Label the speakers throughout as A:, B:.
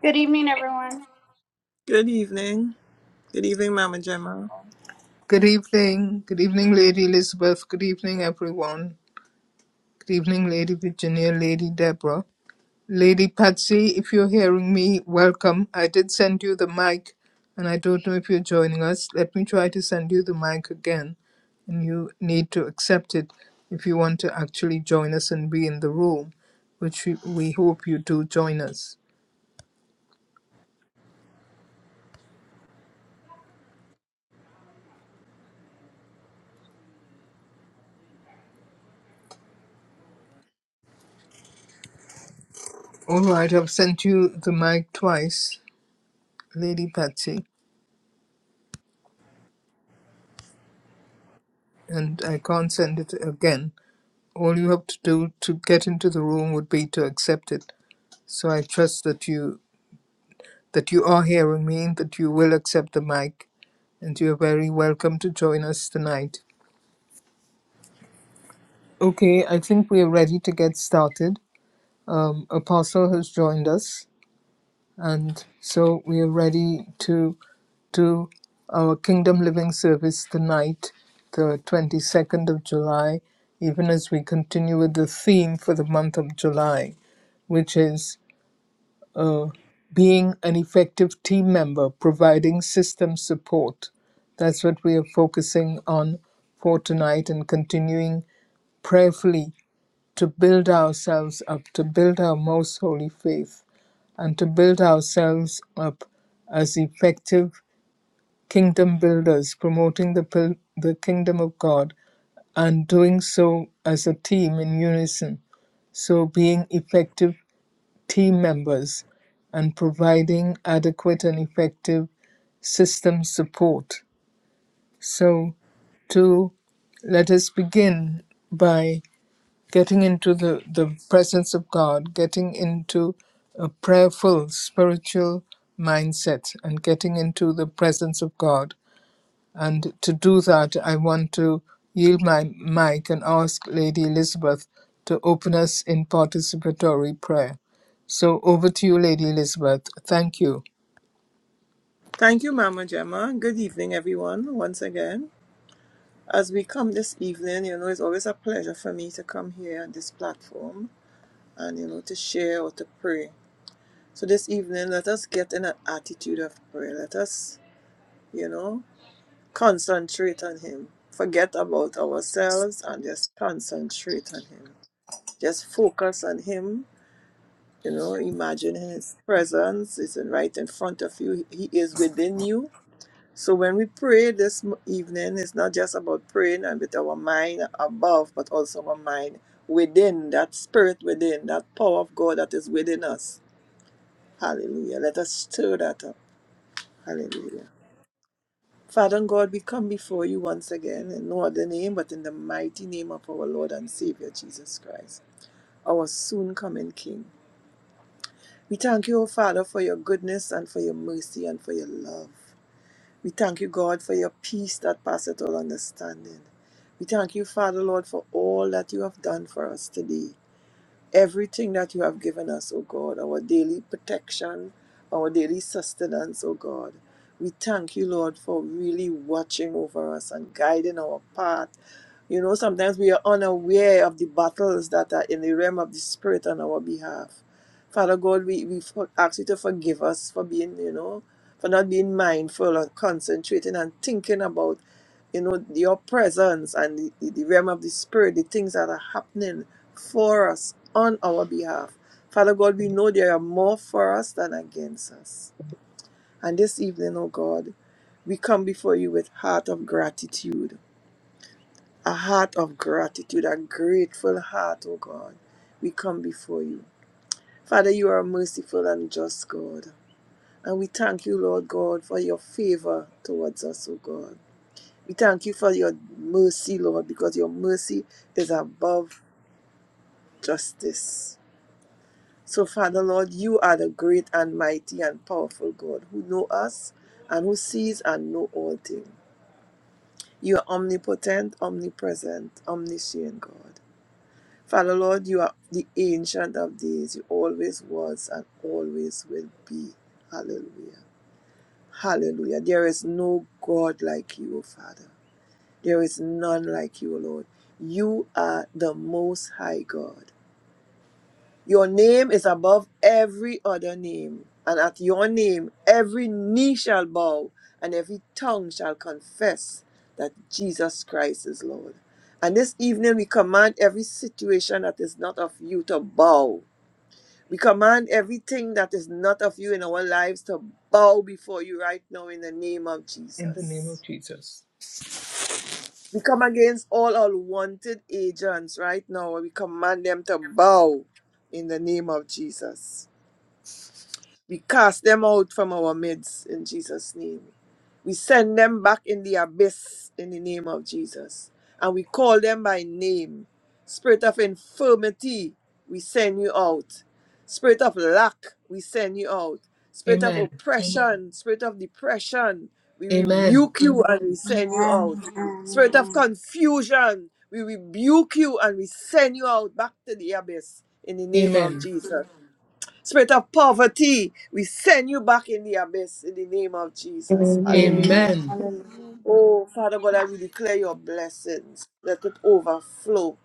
A: Good evening, everyone.
B: Good evening. Good evening, Mama Gemma.
C: Good evening. Good evening, Lady Elizabeth. Good evening, everyone. Good evening, Lady Virginia, Lady Deborah. Lady Patsy, if you're hearing me, welcome. I did send you the mic, and I don't know if you're joining us. Let me try to send you the mic again, and you need to accept it if you want to actually join us and be in the room, which we, we hope you do join us. All right, I've sent you the mic twice, Lady Patsy, and I can't send it again. all you have to do to get into the room would be to accept it. So I trust that you that you are hearing me, that you will accept the mic, and you're very welcome to join us tonight. Okay, I think we are ready to get started. Um, Apostle has joined us, and so we are ready to do our Kingdom Living service tonight, the 22nd of July, even as we continue with the theme for the month of July, which is uh, being an effective team member, providing system support. That's what we are focusing on for tonight and continuing prayerfully to build ourselves up, to build our most holy faith, and to build ourselves up as effective kingdom builders, promoting the, pil- the kingdom of God and doing so as a team in unison. So, being effective team members and providing adequate and effective system support. So, to let us begin by getting into the, the presence of God, getting into a prayerful spiritual mindset, and getting into the presence of God and to do that, I want to yield my mic and ask Lady Elizabeth to open us in participatory prayer. So over to you, Lady Elizabeth. Thank you.
B: Thank you, Mama Gemma. Good evening, everyone, once again. As we come this evening, you know, it's always a pleasure for me to come here on this platform and, you know, to share or to pray. So this evening, let us get in an attitude of prayer. Let us, you know, concentrate on Him. Forget about ourselves and just concentrate on Him. Just focus on Him you know imagine his presence is right in front of you he he is within you So when we pray this m- evening, it's not just about praying and with our mind above, but also our mind within, that spirit within, that power of God that is within us. Hallelujah. Let us stir that up. Hallelujah. Father and God, we come before you once again in no other name but in the mighty name of our Lord and Savior Jesus Christ, our soon coming King. We thank you, O Father, for your goodness and for your mercy and for your love. We thank you, God, for your peace that passeth all understanding. We thank you, Father Lord, for all that you have done for us today. Everything that you have given us, O God, our daily protection, our daily sustenance, O God. We thank you, Lord, for really watching over us and guiding our path. You know, sometimes we are unaware of the battles that are in the realm of the Spirit on our behalf. Father God, we, we for- ask you to forgive us for being, you know, for not being mindful and concentrating and thinking about you know, your presence and the, the the realm of the spirit, the things that are happening for us on our behalf. Father God, we know there are more for us than against us. And this evening, oh God, we come before you with heart of gratitude, a heart of gratitude, a grateful heart, oh God. We come before you. Father, you are a merciful and just God. And we thank you, Lord God, for your favor towards us, O God. We thank you for your mercy, Lord, because your mercy is above justice. So, Father, Lord, you are the great and mighty and powerful God who know us and who sees and know all things. You are omnipotent, omnipresent, omniscient God. Father, Lord, you are the ancient of days. You always was and always will be. Hallelujah. Hallelujah. There is no God like you, O Father. There is none like you, Lord. You are the most high God. Your name is above every other name, and at your name every knee shall bow and every tongue shall confess that Jesus Christ is Lord. And this evening we command every situation that is not of you to bow. We command everything that is not of you in our lives to bow before you right now in the name of
C: In the name
B: Jesus.
C: of Jesus.
B: We come against all unwanted agents right now. We command them to bow in the name of Jesus. We cast them out from our midst in Jesus' name. We send them back in the abyss in the name of Jesus. And we call them by name. Spirit of infirmity, we send you out. Spirit of lack, we send you out. Spirit of
C: Amen.
B: oppression, spirit of depression, we
C: Amen.
B: rebuke you and we send you
A: Amen,
B: out. Spirit of
A: amen,
B: confusion, we rebuke you and we send you out back to the abyss in the name of
C: Amen.
B: Jesus. Spirit of poverty, we send you back in the abyss in the name of Jesus.
D: Amen.
B: Hallelujah.
A: amen,
C: Amen.
A: hallelujah.
B: Oh, Father God, I we declare your blessings. Let it overflow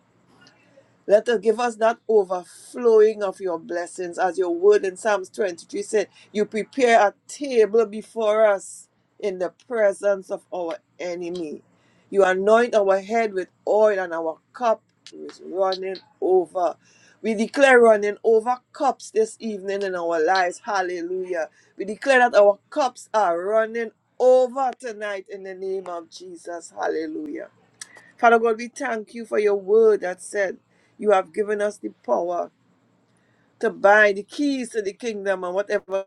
B: let us give us that overflowing of your blessings, as your word in Psalms 23 said, You prepare a table before us in the presence of our enemy. You anoint our head with oil, and our cup is running over. We declare running over cups this evening in our lives. Hallelujah. We declare that our cups are running over tonight in the name of Jesus. Hallelujah. Father God, we thank you for your word that said you have given us the power to buy the keys to the kingdom and whatever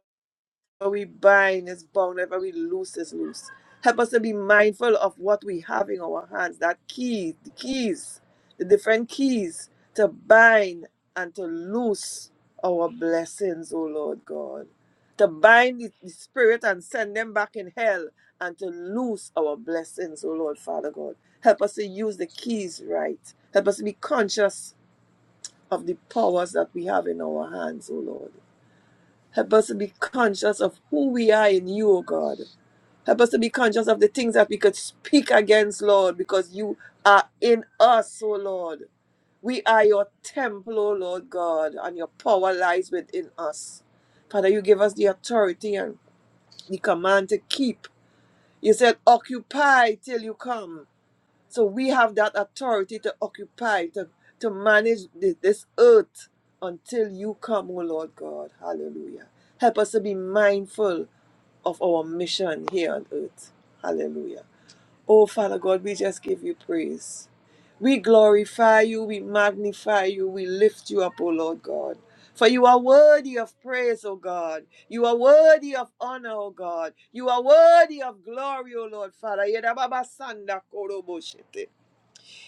B: whatever we bind is bound, whatever we loose is loose. Help us to be mindful of what we have in our hands, that key, the keys, the different keys to bind and to loose our blessings, O Lord God. To bind the, the spirit and send them back in hell and to loose our blessings, O Lord Father God. Help us to use the keys right. Help us to be conscious of the powers that we have in our hands, O Lord. Help us to be conscious of who we are in you, O God. Help us to be conscious of the things that we could speak against, Lord, because you are in us, O Lord. We are your temple, O Lord God, and your power lies within us. Father, you give us the authority and the command to keep. You said, occupy till you come. So we have that authority to occupy, to, to manage thi- this earth until you come, O Lord God. Hallelujah. Help us to be mindful of our mission here on earth. Hallelujah. Oh, Father God, we just give you praise. We glorify you, we magnify you, we lift you up, O Lord God. For you are worthy of praise, O God. You are worthy of honor, O God. You are worthy of glory, O Lord Father. Yedababa sanda korobo shete.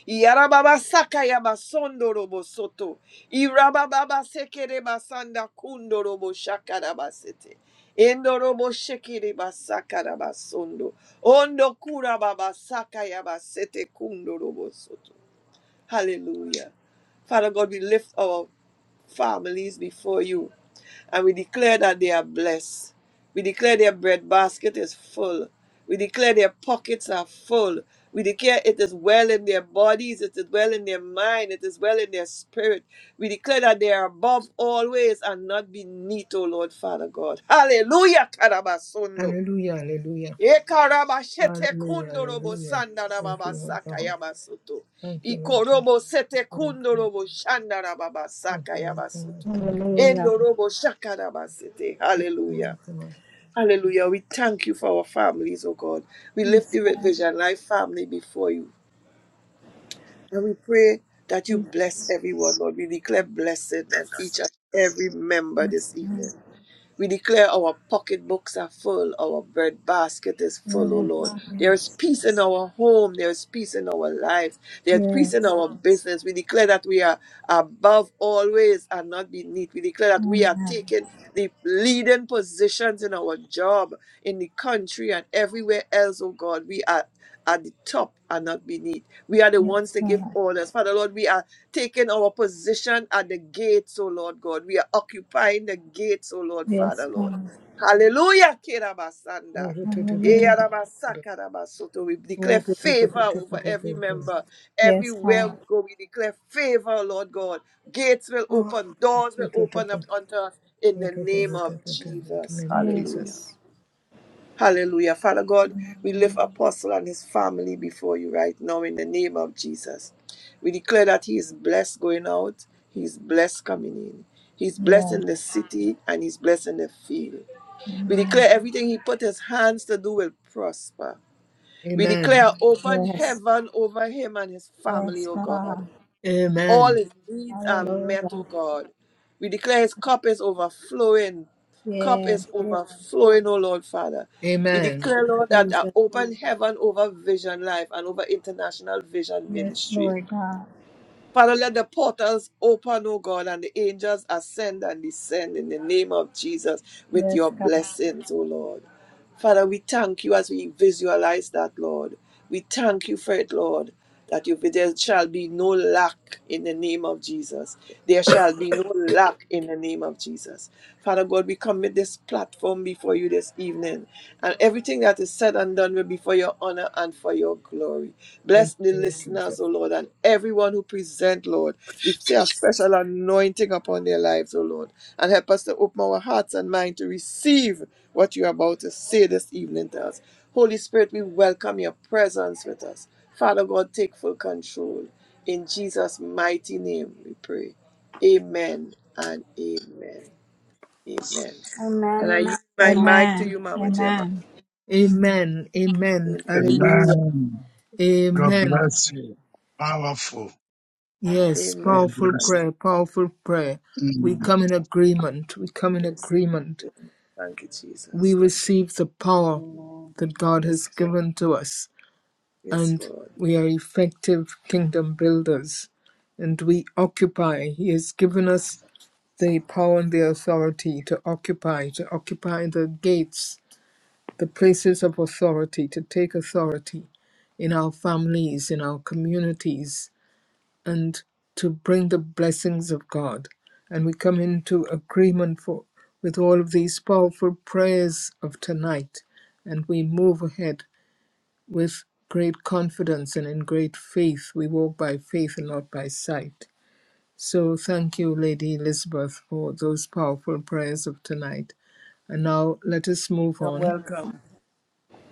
B: Yarababa Sakaya Basondo Robo Soto. Irababa Sekere Basanda Kundo Robo Shakarabasete. Endo Robo Shekere Basakara Basondo. Ondo Kura Baba Sakaya Basete Kundo Robo Soto. Hallelujah. Father God, we lift our families before you. And we declare that they are blessed. We declare their bread basket is full. We declare their pockets are full. We declare it is well in their bodies, it is well in their mind, it is well in their spirit. We declare that they are above always and not beneath, O Lord Father God. Hallelujah, Karabasundo.
C: Hallelujah. Hallelujah.
B: Ekarabashete
C: Hallelujah.
B: kundorobo
C: Hallelujah. Thank you,
B: sandarababa
C: Lord God.
B: sakayabasutu.
C: Thank you, Lord God.
B: Ikorobo sete
C: Thank you, Lord God.
B: kundorobo shandarababa
C: Thank you, Lord God.
B: sakayabasutu.
C: Thank you, Lord
E: Hallelujah.
B: Endorobo shakarabasete.
C: God.
B: Hallelujah. Hallelujah. We thank you for our families, oh God. We lift
E: Yes,
B: the
E: Lord
B: Red Vision Life family before you. And we pray that you bless
E: Jesus.
B: everyone, Lord. We declare blessing on each and every member
E: Yes,
B: this
E: God.
B: evening. We declare our pocketbooks are full, our bread basket is full, O
E: Yes,
B: Lord. There is
E: yes,
B: peace in our home, there is peace in our lives, there is peace in
E: yes.
B: our business. We declare that we are above always and not beneath. We declare that we are
E: Amen.
B: taking the leading positions in our job, in the country, and everywhere else, oh God. We are at the top and not beneath. We are the
E: Yes,
B: ones that give
E: God.
B: orders. Father Lord, we are taking our position at the gates, oh Lord God. We are occupying the gates, oh Lord,
E: Yes,
B: Father Lord.
E: God.
B: Hallelujah. Kerabasanda.
C: Thank you, Lord
E: Hallelujah.
C: God.
B: Eyarabasakarabasoto. We declare
C: Oh, to to to
B: favor
C: to to to
B: over
C: to
B: every
C: to to.
B: member.
E: Yes,
B: Everywhere we
E: God.
B: go, we declare favor, oh Lord God. Gates will
C: oh,
B: open, doors
C: to
B: will
C: to to
B: open
C: to
B: up unto us in
C: to
B: the
C: to to
B: name of
C: to to to to. In the
B: Jesus.
C: name of
E: Yes.
B: Hallelujah.
C: Jesus.
B: Hallelujah. Father God, we lift
E: Amen.
B: Apostle and his family before you right now in the name of Jesus. We declare that he is blessed going out, he is blessed coming in. He's blessed
E: Yes.
B: in the city and he's blessed in the field. We declare
E: Amen.
B: everything he put his hands to do will prosper. We
C: Amen.
B: declare open
E: Yes.
B: heaven over him and his family,
E: Yes,
B: O God.
E: God.
B: All
C: Amen.
B: his needs are met,
E: Hallelujah.
B: O God. We declare his cup is overflowing. Cup
E: Yes.
B: is
E: Yes,
B: overflowing, O Lord Father. We
C: Amen.
B: declare, Lord, that the
E: Jesus.
B: open heaven over Vision Life and over International Vision
E: Yes,
B: Ministry.
E: Lord God.
B: Father, let the portals open, O God, and the angels ascend and descend in the name of Jesus with
E: Yes,
B: your
E: God.
B: blessings, O Lord. Father, we thank you as we visualize that, Lord. We thank you for it, Lord, that you, there shall be no lack in the name of Jesus. There shall be no lack in the name of Jesus. Father God, we commit this platform before you this evening, and everything that is said and done will be for your honor and for your glory.
C: In
B: Bless the
C: the name of Jesus.
B: listeners, O Lord, and everyone who present, Lord. We say a special anointing upon their lives, O Lord, and help us to open our hearts and mind to receive what you're about to say this evening to us. Holy Spirit, we welcome your presence with us. Father God, take full control. In Jesus' mighty name, we pray. Amen and amen. Amen.
A: Amen,
B: And I
A: amen,
B: yield my
A: amen.
B: mic to
E: Amen.
B: you, Mama Gemma.
E: Amen.
C: Amen. Amen.
B: Amen.
C: Hallelujah.
F: Amen. God
C: Amen.
F: bless you. Powerful.
C: Yes,
F: God
B: Amen.
C: powerful
B: Thank
F: bless you.
C: prayer, powerful prayer. We
F: Mm.
C: come in agreement. We come in
B: you. Yes.
C: agreement.
B: Yes. Thank you,
C: We
B: Jesus. Thank you. Lord.
C: receive the power
G: Amen.
C: that God has
B: Yes, Lord.
C: given to us.
B: Yes,
C: and
B: Lord.
C: we are effective kingdom builders and we occupy. He has given us the power and the authority to occupy, to occupy the gates, the places of authority, to take authority in our families, in our communities, and to bring the blessings of God. And we come into agreement for, with all of these powerful prayers of tonight, and we move ahead with great confidence and in great faith. We walk by faith and not by sight. So thank you, Lady Elizabeth, for those powerful prayers of tonight. And now let us move
B: You're
C: on.
B: welcome.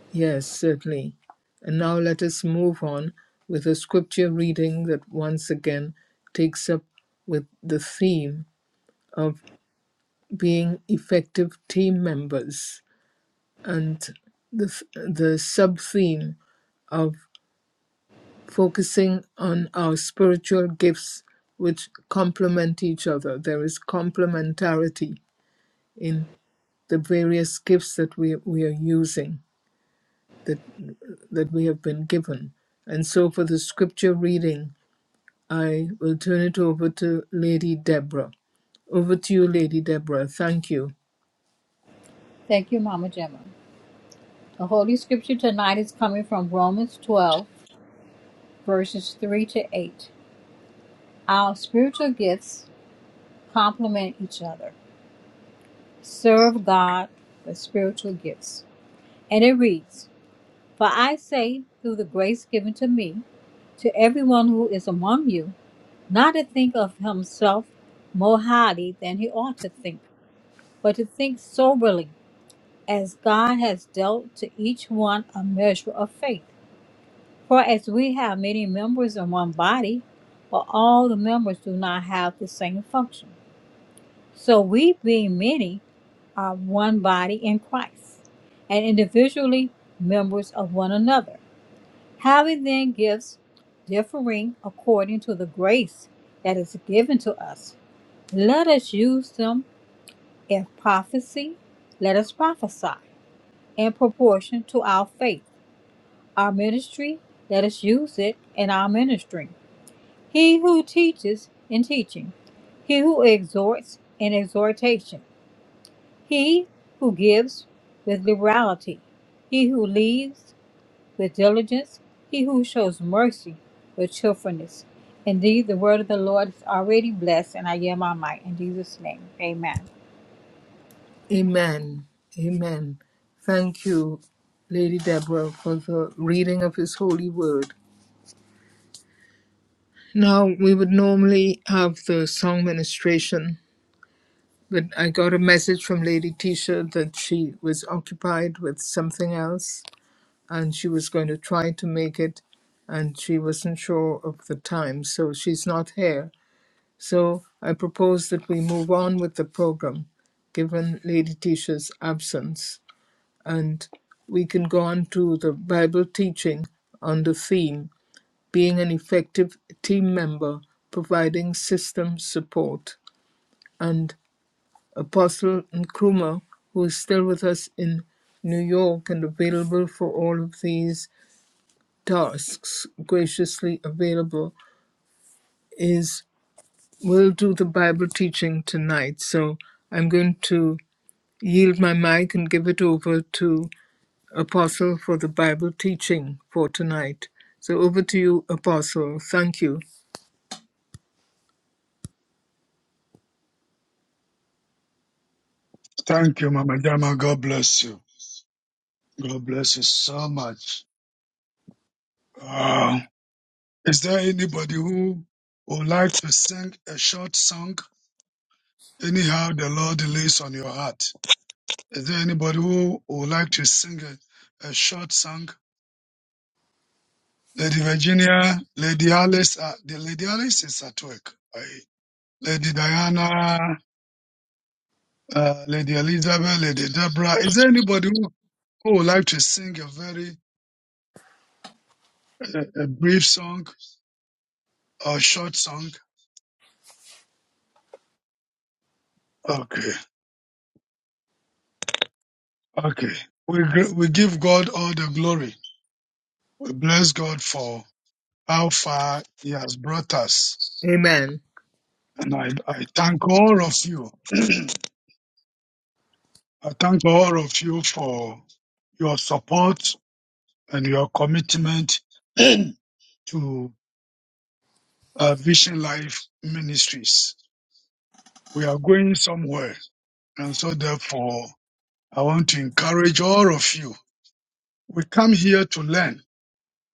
C: Yes, certainly. And now let us move on with a scripture reading that once again takes up with the theme of being effective team members and the, the sub theme of. focusing on our spiritual gifts which complement each other. There is complementarity in the various gifts that we, we are using, that, that we have been given. And so for the scripture reading, I will turn it over to Lady Deborah. Over to you, Lady Deborah. Thank you.
E: Thank you, Mama Gemma. The Holy Scripture tonight is coming from Romans 12. verses 3 to 8. Our spiritual gifts complement each other. Serve God with spiritual gifts. And it reads For I say, through the grace given to me, to everyone who is among you, not to think of himself more highly than he ought to think, but to think soberly, as God has dealt to each one a measure of faith. For as we have many members in one body, but all the members do not have the same function. So we, being many, are one body in Christ, and individually members of one another, having then gifts differing according to the grace that is given to us. Let us use them. If prophecy, let us prophesy in proportion to our faith. Our ministry, let us use it in our ministry. He who teaches in teaching, he who exhorts in exhortation He who gives with liberality, he who leads with diligence, he who shows mercy with cheerfulness. Indeed, the word of the Lord is already blessed, and I yield my might in Jesus' name. Amen.
C: Amen. Amen. Thank you, Lady Deborah, for the reading of His holy word. Now, we would normally have the song ministration, but I got a message from Lady Tisha that she was occupied with something else and she was going to try to make it, and she wasn't sure of the time, so she's not here. So I propose that we move on with the program, given Lady Tisha's absence, and we can go on to the Bible teaching on the theme being an effective team member, providing system support, and Apostle Nkrumah, who is still with us in New York and available for all of these tasks, graciously available, is will do the Bible teaching tonight. So I'm going to yield my mic and give it over to Apostle for the Bible teaching for tonight. So over to you, Apostle. Thank you.
F: Thank you, Mama Jama. God bless you. God bless you so much. Uh, is there anybody who would like to sing a short song? Anyhow, the Lord lays on your heart. Is there anybody who would like to sing a, a short song? Lady Virginia, Lady Alice, uh, the Lady Alice is at work. I- Lady Diana, uh, Lady Elizabeth, Lady Deborah. Is there anybody who, who would like to sing a very uh, a brief song or short song? Okay, okay. We gr- we give God all the glory. We bless God for how far He has brought us,
C: Amen.
F: and I I thank all of you. I thank all of you for your support and your commitment to uh, Vision Life Ministries. We are going somewhere, and so therefore I want to encourage all of you. We come here to learn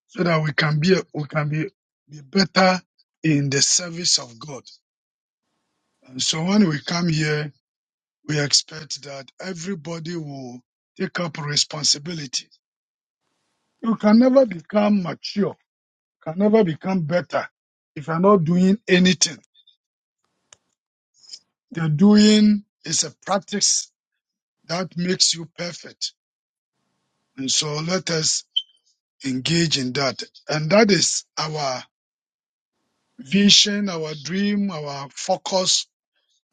F: so that we can be we can be, be better in the service of God. And so when we come here, we expect that everybody will take up responsibility. You can never become mature, can never become better if you're not doing anything. The doing is a practice that makes you perfect. And so let us engage in that. And that is our vision, our dream, our focus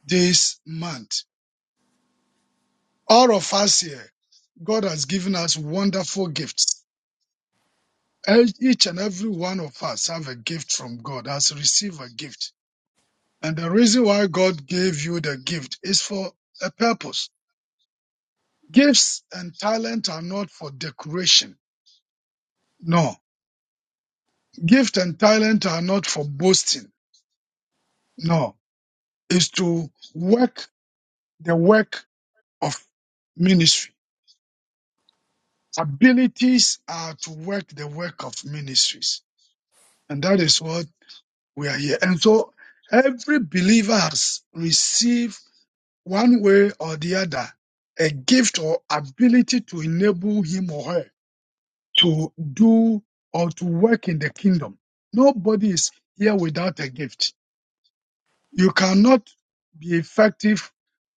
F: this month. All of us here, God has given us wonderful gifts. Each and every one of us have a gift from God, has received a gift. And the reason why God gave you the gift is for a purpose. Gifts and talent are not for decoration. No. Gift and talent are not for boasting. No. It's to work the work of ministry Abilities are to work the work of ministries. And that is what we are here. And so every believer has received one way or the other a gift or ability to enable him or her to do or to work in the kingdom. Nobody is here without a gift. You cannot be effective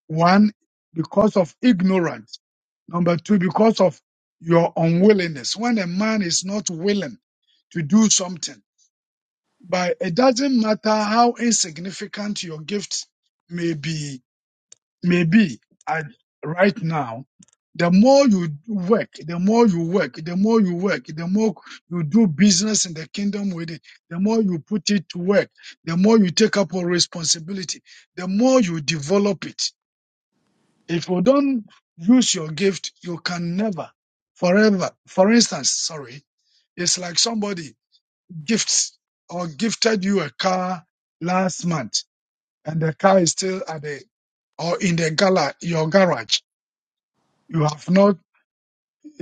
F: One, because of ignorance. Number two, because of your unwillingness. When a man is not willing to do something, but it doesn't matter how insignificant your gift may be, may be at right now, the more you work, the more you work, the more you work, the more you do business in the kingdom with it, the more you put it to work, the more you take up on responsibility, the more you develop it if you don't use your gift, you can never, forever. For instance, sorry, it's like somebody gifts or gifted you a car last month and the car is still at the, or in the gala, your garage. You have not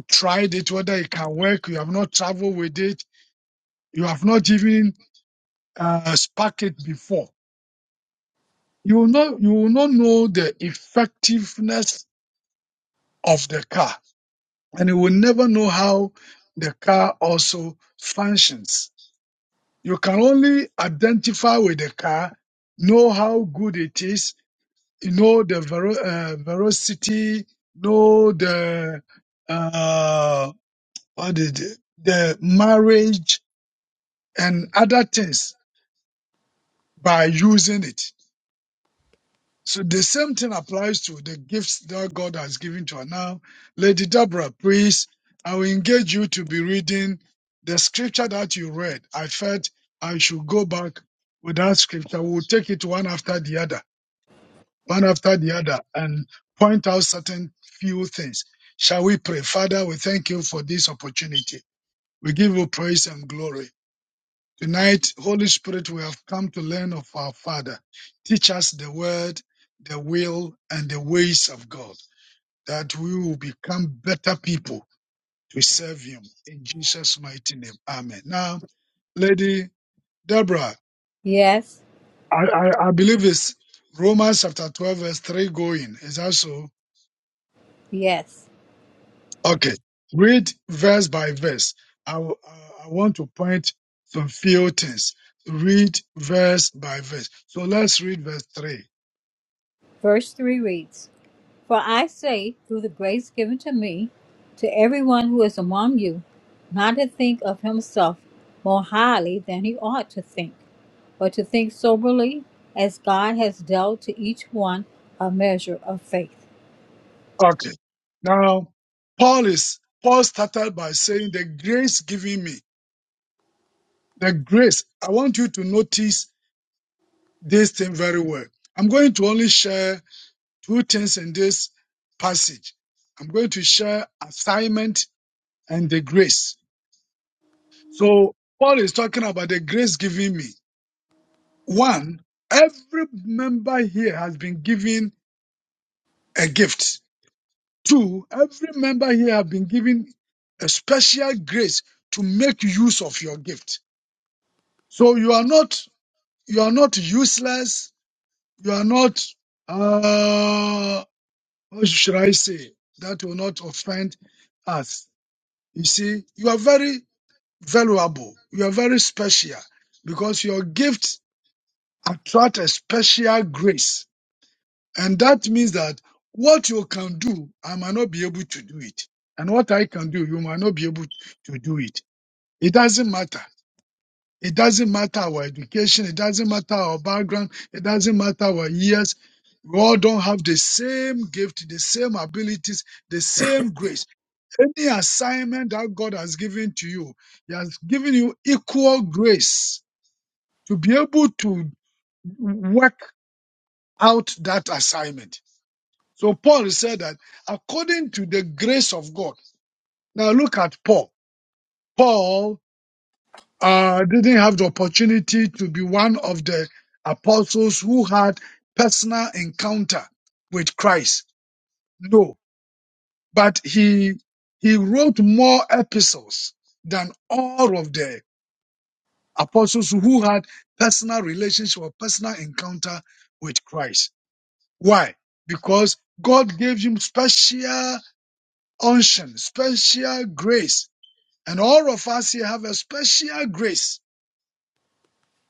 F: tried it, whether it can work. You have not traveled with it. You have not even uh, sparked it before. You will not, you will not know the effectiveness of the car and you will never know how the car also functions. You can only identify with the car, know how good it is, you know the vero- uh, velocity, know the uh, what is it? the marriage and other things by using it. So the same thing applies to the gifts that God has given to us. Now, Lady Deborah, please, I will engage you to be reading the scripture that you read. I felt I should go back with that scripture. We'll take it one after the other, one after the other, and point out certain few things. Shall we pray? Father, we thank you for this opportunity. We give you praise and glory. Tonight, Holy Spirit, we have come to learn of our Father. Teach us the word, the will, and the ways of God, that we will become better people to serve Him. In Jesus' mighty name. Amen. Now, Lady Deborah,
E: Yes,
F: I, I, I believe it's Romans chapter 12, verse 3 going. Is that so?
E: yes.
F: Okay. Read verse by verse. I, w- I I want to point some few things. Read verse by verse. So let's read verse 3.
E: Verse 3 reads For I say, through the grace given to me, to everyone who is among you, not to think of himself more highly than he ought to think, but to think soberly as God has dealt to each one a measure of faith.
F: Okay. Now, Paul is Paul started by saying the grace given me. The grace. I want you to notice this thing very well. I'm going to only share two things in this passage. I'm going to share assignment and the grace. So Paul is talking about the grace given me. One, every member here has been given a gift Two, every member here have been given a special grace to make use of your gift. So you are not, you are not useless. You are not, uh, what should I say? That will not offend us. You see, you are very valuable. You are very special because your gift attract a special grace And that means that what you can do, I might not be able to do it. And what I can do, you might not be able to do it. It doesn't matter. It doesn't matter our education. It doesn't matter our background. It doesn't matter our years. We all don't have the same gift, the same abilities, the same grace. Any assignment that God has given to you, He has given you equal grace to be able to work out that assignment. So Paul said that according to the grace of God. Now look at Paul. Paul uh, didn't have the opportunity to be one of the apostles who had personal encounter with Christ. No, but he he wrote more epistles than all of the apostles who had personal relationship or personal encounter with Christ. Why? Because God gave him special unction, special grace. And all of us here have a special grace.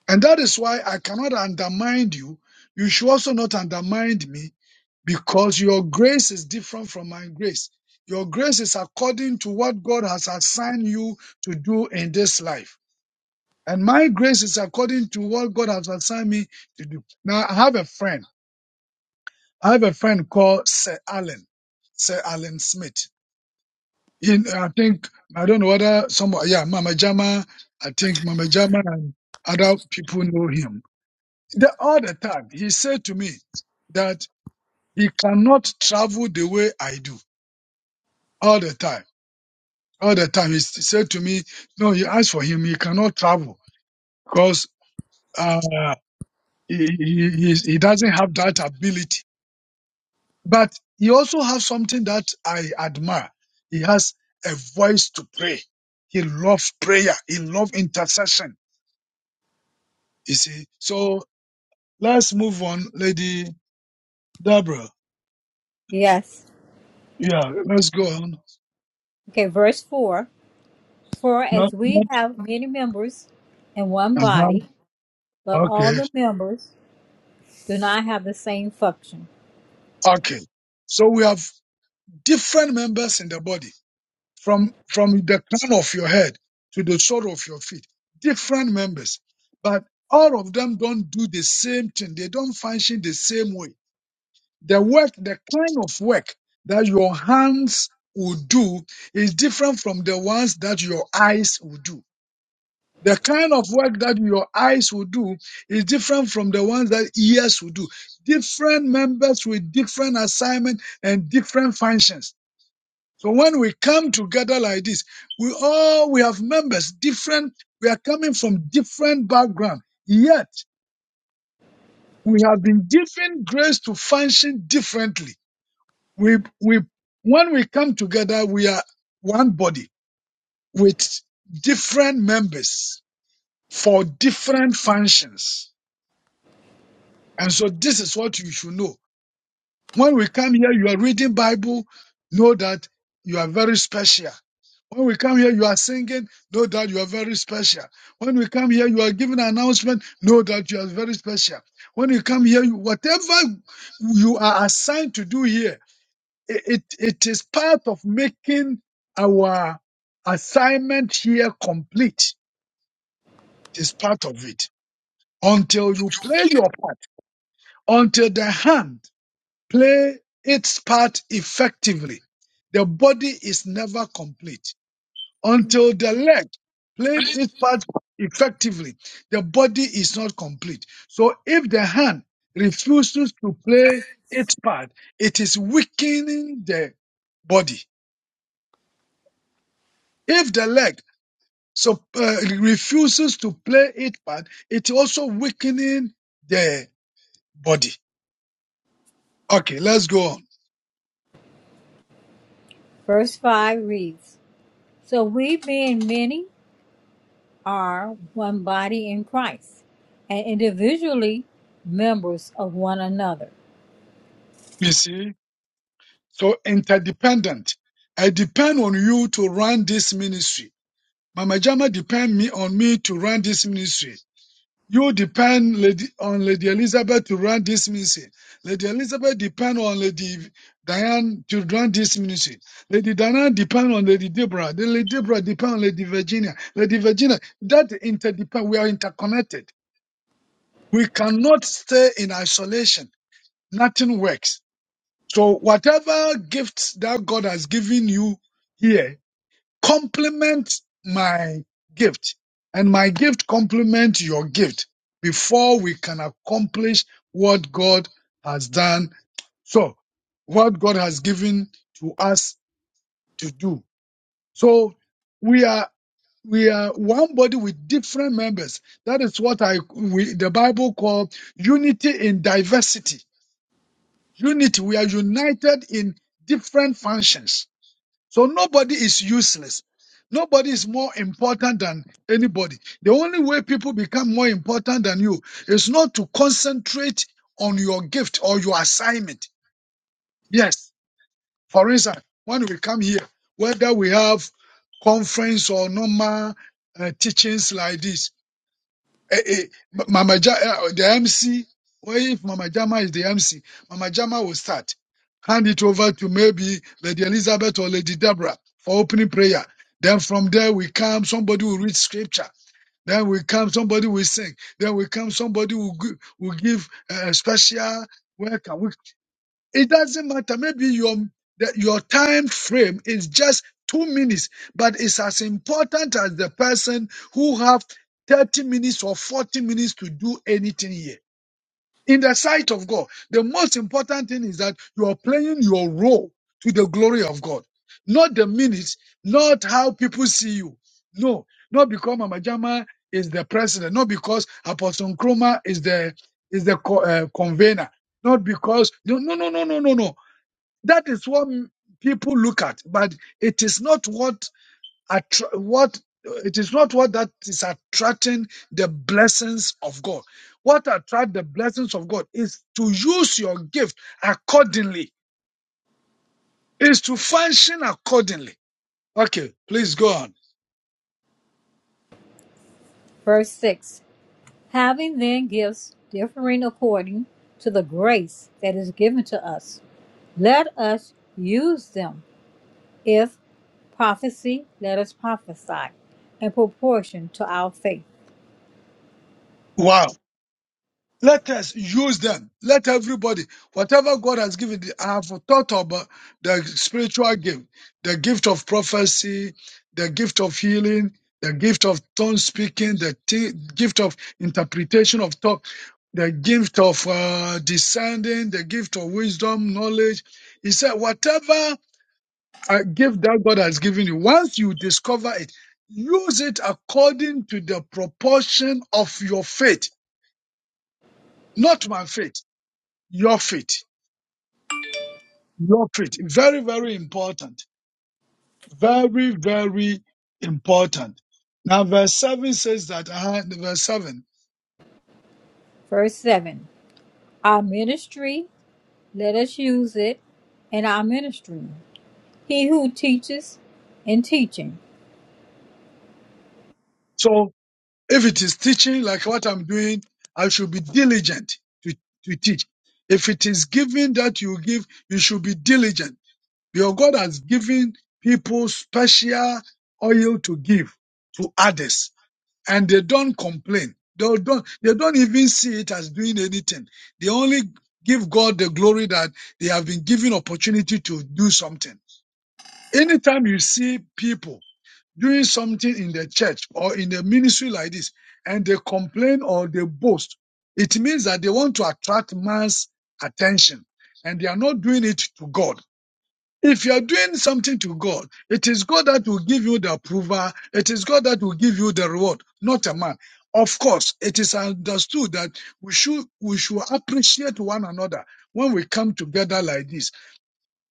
F: And that is why I cannot undermine you. You should also not undermine me because your grace is different from my grace. Your grace is according to what God has assigned you to do in this life. And my grace is according to what God has assigned me to do. Now, I have a friend. I have a friend called Sir Alan, Sir Alan Smith. in I think I don't know whether some yeah Mama Jama I think Mama Jama and other people know him. The, all the time he said to me that he cannot travel the way I do all the time. All the time he s- said to me, no, you asked for him, he cannot travel because uh, he, he he he doesn't have that ability. But he also has something that I admire. He has a voice to pray. He loves prayer. He loves intercession You see, so let's move on, Lady Deborah.
E: Yes.
F: Yeah, let's go on.
E: Okay, verse 4 For as
F: Not,
E: we
F: not,
E: have many members in one
F: uh-huh.
E: body, but all
F: Okay,
E: the members do not have the same function.
F: okay. So we have different members in the body, from from the crown of your head to the sole of your feet. Different members, but all of them don't do the same thing. They don't function the same way. The work, the kind of work that your hands will do is different from the ones that your eyes will do The kind of work that your eyes will do is different from the ones that ears will do. Different members with different assignment and different functions. So when we come together like this, we all we have members different. We are coming from different background, yet we have been given grace to function differently. We we when we come together, we are one body with different members for different functions. And so this is what you should know. When we come here, you are reading Bible, know that you are very special. When we come here, you are singing, know that you are very special. When we come here, you are giving an announcement, know that you are very special. When you come here, you- whatever you are assigned to do here, i- it, it is part of making our assignment here complete. It is part of it. Until you play your part, until the hand play its part effectively. The body is never complete. Until the leg played its part effectively, the body is not complete. So if the hand refuses to play its part, it is weakening the body. If the leg so, uh, refuses to play its part, it's also weakening the body. Okay, let's go on.
E: Verse 5 reads So we, being many, are one body in Christ and individually members of one another.
F: You see. So interdependent. I depend on you to run this ministry. Mama Jama depend me on me to run this ministry. You depend lady, on Lady Elizabeth to run this ministry. Lady Elizabeth depend on Lady Diane to run this ministry. Lady Diane depend on Lady Deborah. Then Lady Deborah depend on Lady Virginia. Lady Virginia, that interdepend. We are interconnected. We cannot stay in isolation. Nothing works. So whatever gifts that God has given you here, complement my gift and my gift complement your gift before we can accomplish what God has done. So what God has given to us to do. So we are we are one body with different members. That is what I we, the Bible call unity in diversity. Unity. We are united in different functions. So nobody is useless. Nobody is more important than anybody. The only way people become more important than you is not to concentrate on your gift or your assignment. Yes. For instance, when we come here, whether we have conference or normal uh, teachings like this, Eh, eh, M- Mama ja- eh, uh, the MC, well, if Mama Jama is the MC, Mama Jama will start. Hand it over to maybe Lady Elizabeth or Lady Deborah for opening prayer. Then from there we come, somebody will read scripture. Then we come, somebody will sing. Then we come, somebody will, gi- will give a special welcome. It doesn't matter. Maybe your the, your time frame is just two minutes, but it's as important as the person who have 30 minutes or 40 minutes to do anything here. In the sight of God, the most important thing is that you are playing your role to the glory of God. Not the minutes, not how people see you. No, not because Mama Jama is the president, not because Apostle Nkrumah is the is the co- uh, convener, not because no no no no no no no. That is what m- people look at, but it is not what attra- what it is not what that is attracting the blessings of God. What attract the blessings of God is to use your gift accordingly, is to function accordingly. Okay, please go on.
E: Verse 6 Having then gifts differing according to the grace that is given to us, let us use them. If prophecy, let us prophesy in proportion to our faith.
F: Wow. Let us use them. Let everybody, whatever God has given, I have thought about the spiritual gift, the gift of prophecy, the gift of healing, the gift of tongue speaking, the t- gift of interpretation of talk, the gift of uh, descending, the gift of wisdom, knowledge. He said, whatever uh, gift that God has given you, once you discover it, use it according to the proportion of your faith, not my faith. Your faith. Your faith. Very, very important. Very, very important. Now, verse 7 says that, uh, verse 7.
E: Verse 7 Our ministry, let us use it in our ministry. He who teaches in teaching.
F: So, if it is teaching like what I'm doing, I should be diligent to, to teach. If it is giving that you give, you should be diligent. Your God has given people special oil to give to others and they don't complain. They don't, they don't even see it as doing anything. They only give God the glory that they have been given opportunity to do something. Anytime you see people doing something in the church or in the ministry like this and they complain or they boast, it means that they want to attract man's attention and they are not doing it to God. If you are doing something to God, it is God that will give you the approval. It is God that will give you the reward, not a man. Of course, it is understood that we should we should appreciate one another when we come together like this.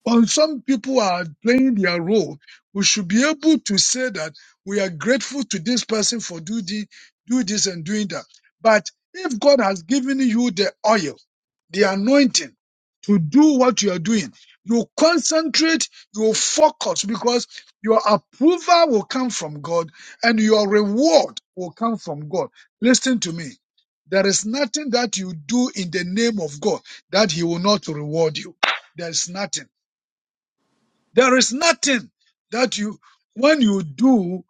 F: When some people are playing their role, we should be able to say that we are grateful to this person for do the, do this and doing that. But if God has given you the oil, the anointing to do what you are doing. You concentrate, you focus because your approval will come from God and your reward will come from God. Listen to me. There is nothing that you do in the name of God that He will not reward you. There is nothing. There is nothing that you, when you do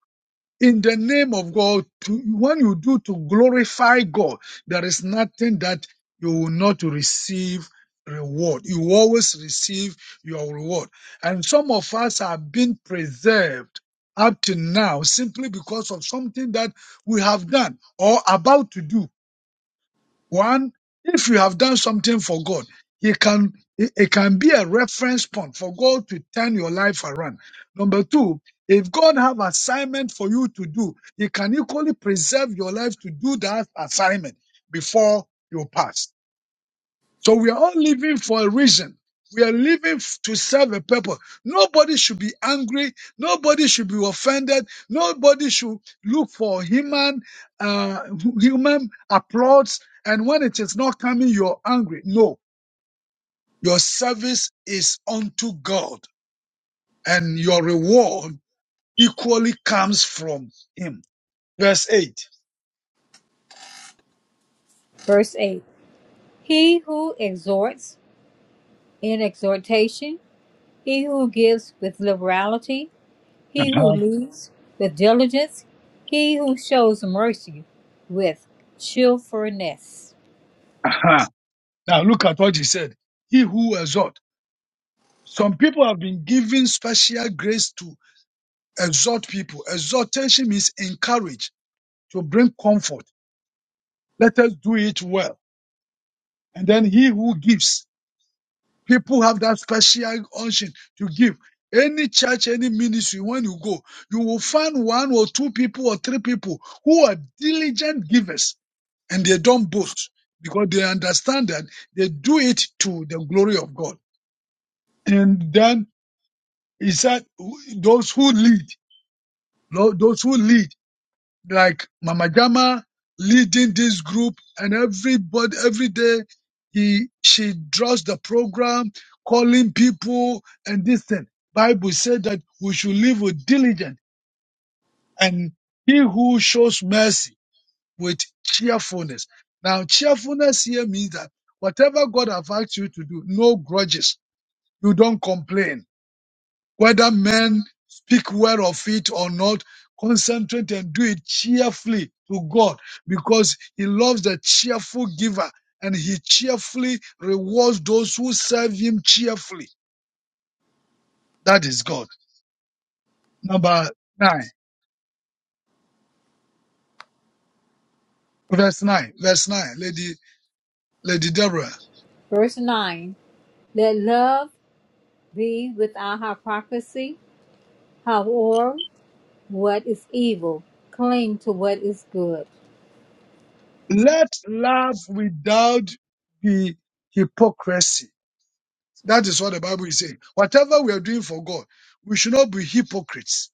F: in the name of God, to, when you do to glorify God, there is nothing that you will not receive reward. You always receive your reward. And some of us have been preserved up to now simply because of something that we have done or about to do. One, if you have done something for God, it can it it can be a reference point for God to turn your life around. Number two, if God have assignment for you to do, He can equally preserve your life to do that assignment before you pass. So we are all living for a reason. We are living f- to serve a purpose. Nobody should be angry. Nobody should be offended. Nobody should look for human, uh, human applause. And when it is not coming, you're angry. No, your service is unto God and your reward equally comes from him. Verse 8.
E: Verse 8 He who exhorts in exhortation, he who gives with liberality, he who
F: Uh-huh.
E: leads with diligence, he who shows mercy with cheerfulness.
F: Uh-huh. Now look at what he said. He who exhort. Some people have been given special grace to exhort people. Exhortation means encourage to bring comfort. Let us do it well. And then he who gives, people have that special unction to give. Any church, any ministry, when you go, you will find one or two people or three people who are diligent givers and they don't boast because they understand that they do it to the glory of God. And then he said, those who lead, Lord, those who lead like Mama Jama leading this group, and everybody every day he she draws the program, calling people and this thing. Bible said that we should live with diligence, and he who shows mercy with cheerfulness. Now, cheerfulness here means that whatever God have asked you to do, no grudges. You don't complain whether men speak well of it or not, concentrate and do it cheerfully to God because He loves the cheerful giver and He cheerfully rewards those who serve Him cheerfully. That is God. Number nine, verse nine, verse nine, Lady, Lady Deborah.
E: Verse 9 Let love be without hypocrisy, however, what is evil, cling to what is good.
F: Let love without be hypocrisy. That is what the Bible is saying. Whatever we are doing for God, we should not be hypocrites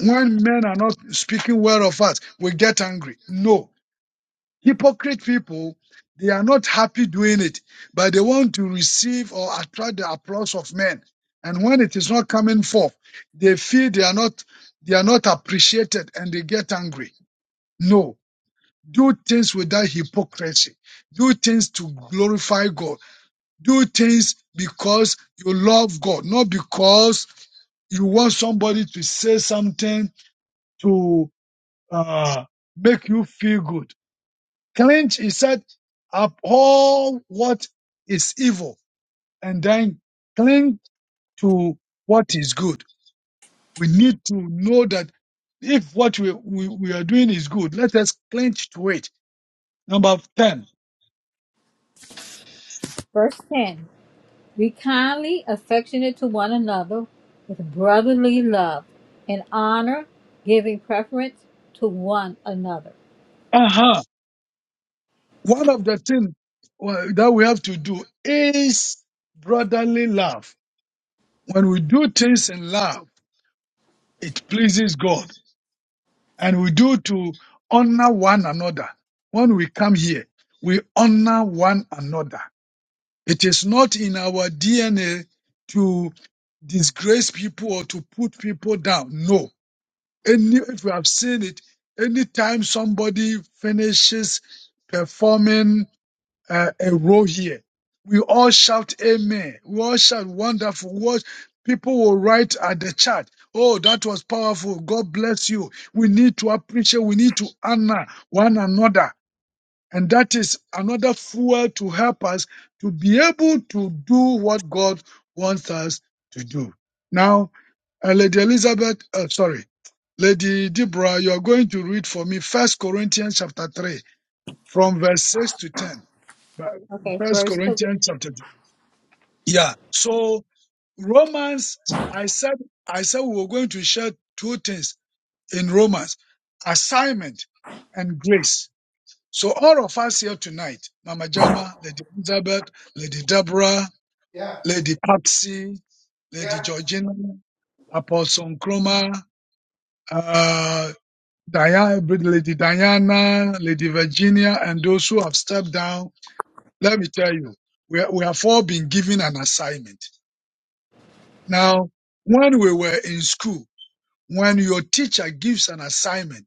F: when men are not speaking well of us, we get angry. No. Hypocrite people, they are not happy doing it, but they want to receive or attract the applause of men. And when it is not coming forth, they feel they are not they are not appreciated and they get angry. No. Do things without hypocrisy. Do things to glorify God. Do things because you love God, not because you want somebody to say something to. uh, make you feel good. Cleanse, he said, abhor what is evil and then cling to what is good. We need to know that if what we, we, we are doing is good, let us clench to it. Number 10.
E: Verse 10 Be kindly affectionate to one another with brotherly love and honor, giving preference to one another.
F: Uh-huh. One of the things well, that we have to do is brotherly love. When we do things in love, it pleases God. and we do to honor one another. When we come here, we honor one another. It is not in our DNA to disgrace people or to put people down. No. Any, if we have seen it, anytime somebody finishes performing uh, a role here. We all shout amen. We all shout wonderful words. People will write at the chat, oh, that was powerful. God bless you. We need to appreciate, we need to honor one another. And that is another fuel to help us to be able to do what God wants us to do. Now, uh, Lady Elizabeth, uh, sorry, Lady Deborah, you are going to read for me First Corinthians chapter 3 from verse 6 to 10. But
E: Okay,
F: First
E: first Cor-
F: Corinthians chapter two. Yeah. So Romans, I said, I said we were going to share two things in Romans: assignment and grace. So all of us here tonight, Mama Jama, Lady Elizabeth, Lady Deborah,
C: Yeah.
F: Lady Patsy, Lady
C: Yeah.
F: Georgina, Apostle Nkrumah, uh, Diana, Lady Diana, Lady Virginia, and those who have stepped down Let me tell you, we, we have all been given an assignment. Now, when we were in school, when your teacher gives an assignment,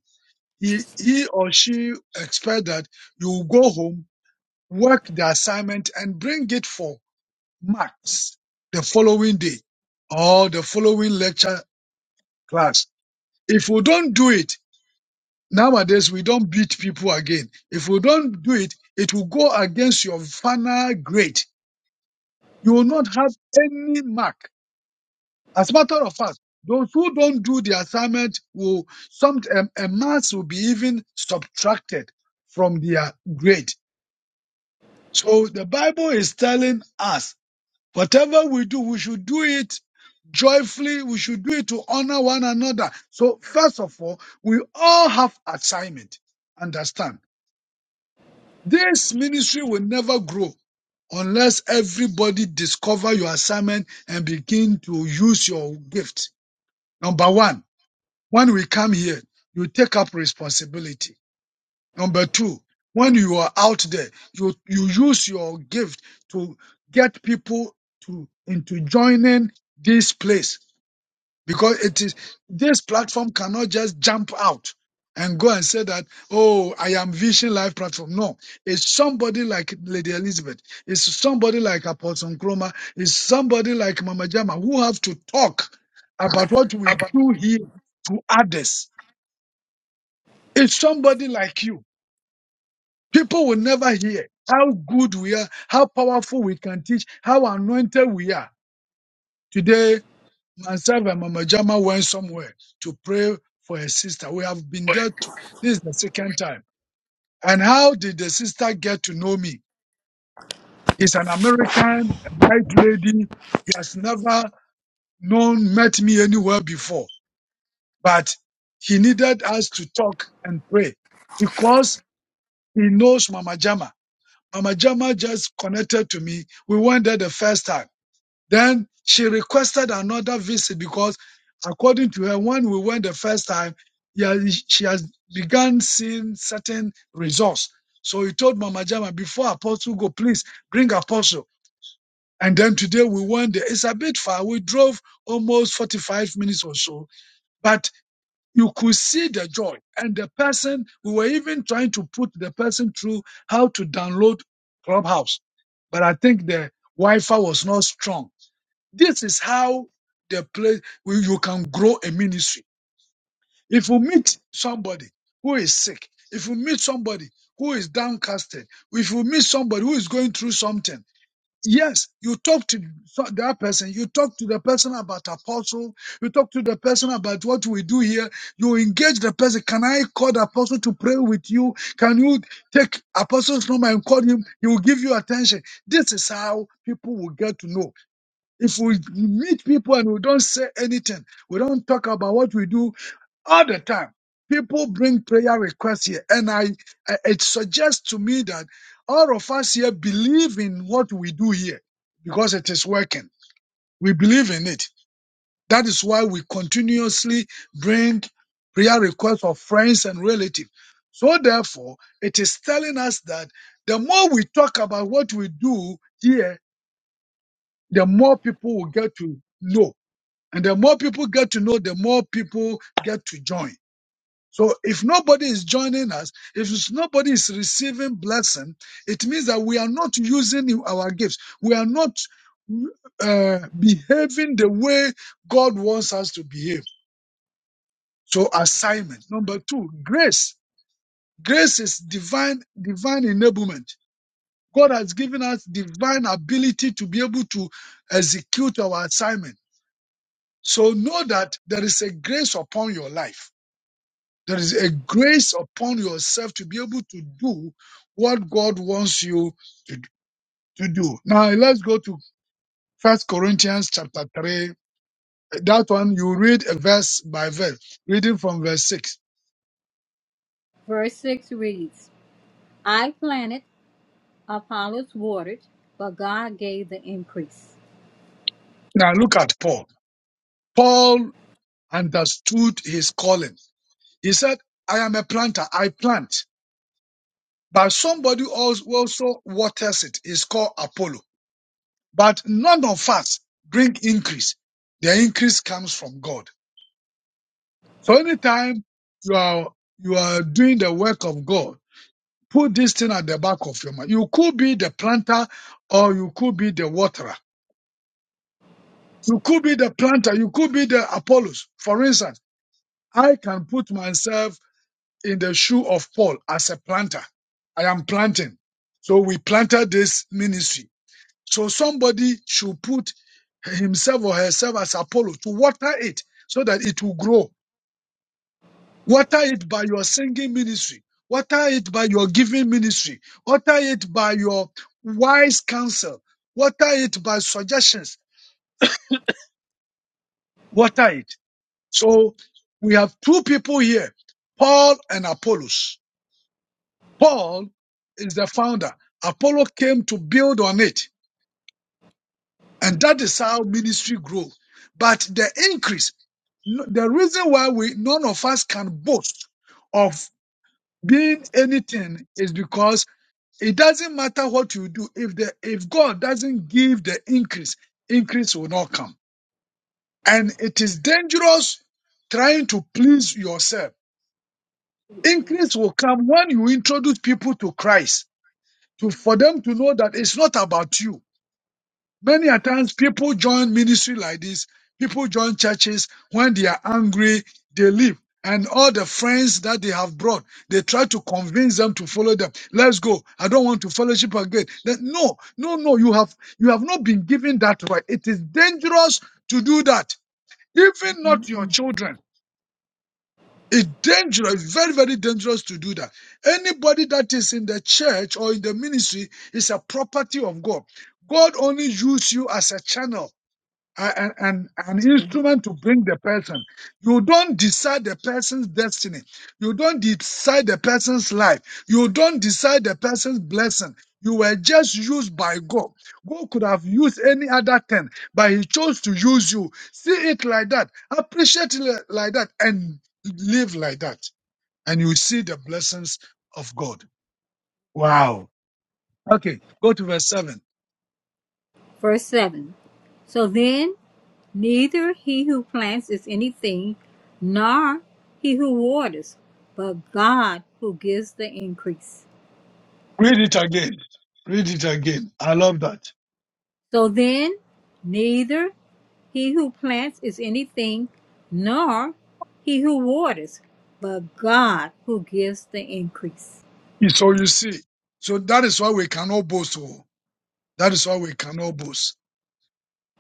F: he, he or she expect that you will go home, work the assignment and bring it for marks the following day or the following lecture class. If we don't do it, nowadays we don't beat people again. If we don't do it, it will go against your final grade. You will not have any mark As a matter of fact, those who don't do the assignment will some um, a mass will be even subtracted from their grade. So the Bible is telling us whatever we do, we should do it joyfully. We should do it to honor one another. So first of all, we all have assignment. Understand? This ministry will never grow unless everybody discover your assignment and begin to use your gift. Number one. When we come here, you take up responsibility. Number two, when you are out there, you, you use your gift to get people to into joining this place because it is this platform cannot just jump out and go and say that oh i am vision life platform no it's somebody like lady elizabeth it's somebody like apostle Nkrumah. it's somebody like mama jama who have to talk about what we do here to others it's somebody like you. People will never hear how good we are, how powerful we can teach, how anointed we are. Today, myself and Mama Jama went somewhere to pray for a sister. We have been there to, this is the second time. And how did the sister get to know me? He's an American, a white lady. He has never known, met me anywhere before, but he needed us to talk and pray because he knows Mama Jama. Mama Jama just connected to me. We went there the first time. Then she requested another visit because, according to her, when we went the first time, yeah, she has begun seeing certain results. So he told Mama Jama, before Apostle go, please bring Apostle. And then today we went there. It's a bit far. We drove almost 45 minutes or so. But you could see the joy and the person we were even trying to put the person through how to download clubhouse but i think the wi-fi was not strong this is how the place where you can grow a ministry if you meet somebody who is sick if you meet somebody who is downcasted if you meet somebody who is going through something Yes, you talk to so- that person. You talk to the person about apostle. You talk to the person about what we do here. You engage the person. Can I call the apostle to pray with you? Can you take apostle's number and call him? He will give you attention. This is how people will get to know. If we meet people and we don't say anything, we don't talk about what we do all the time, people bring prayer requests here. And I, I- it suggests to me that all of us here believe in what we do here because it is working. We believe in it. That is why we continuously bring prayer requests of friends and relatives. So therefore, it is telling us that the more we talk about what we do here, the more people will get to know. And the more people get to know, the more people get to join. So if nobody is joining us, if nobody is receiving blessing, it means that we are not using our gifts. We are not uh, behaving the way God wants us to behave. So assignment. Number two, grace. Grace is divine, divine enablement. God has given us divine ability to be able to execute our assignment. So know that there is a grace upon your life There is a grace upon yourself to be able to do what God wants you to, to do. Now let's go to First Corinthians chapter 3. That one you read a verse by verse, reading from verse 6.
E: verse six reads, I planted, Apollos watered, but God gave the increase.
F: Now look at Paul. Paul understood his calling. He said, I am a planter, I plant, but somebody else also waters it. It's called Apollo. But none of us bring increase. The increase comes from God. So anytime you are you are doing the work of God, put this thing at the back of your mind. You could be the planter or you could be the waterer. You could be the planter, you could be the Apollos. For instance, I can put myself in the shoe of Paul as a planter. I am planting. So we planted this ministry. So somebody should put himself or herself as Apollo to water it so that it will grow Water it by your singing ministry. Water it by your giving ministry. Water it by your wise counsel. Water it by suggestions. Water it. So we have two people here, Paul and Apollos. Paul is the founder. Apollo came to build on it. And that is how ministry grew. But the increase, no, the reason why we, none of us can boast of being anything is because It doesn't matter what you do. If the if God doesn't give the increase, increase will not come. And it is dangerous trying to please yourself. Increase will come when you introduce people to Christ to for them to know that it's not about you. Many a times people join ministry like this, people join churches when they are angry, they leave. And all the friends that they have brought, they try to convince them to follow them. Let's go. I don't want to fellowship again. Then, no, no, no. You have you have not been given that right. It is dangerous to do that. Even not your children. It's dangerous, very, very dangerous to do that. Anybody that is in the church or in the ministry is a property of God. God only uses you as a channel a- a- an, an instrument to bring the person. You don't decide the person's destiny. You don't decide the person's life. You don't decide the person's blessing. You were just used by God. God could have used any other thing, but He chose to use you. See it like that. Appreciate it li- like that and live like that. And you see the blessings of God. Wow. Okay, go to verse 7.
E: Verse seven. So then neither he who plants is anything, nor he who waters, but God who gives the increase.
F: Read it again. Read it again. I love that.
E: So then, neither He who plants is anything, nor he who waters, but God who gives the increase.
F: You- So you see, so that is why we cannot boast. oh. That is why we cannot boast.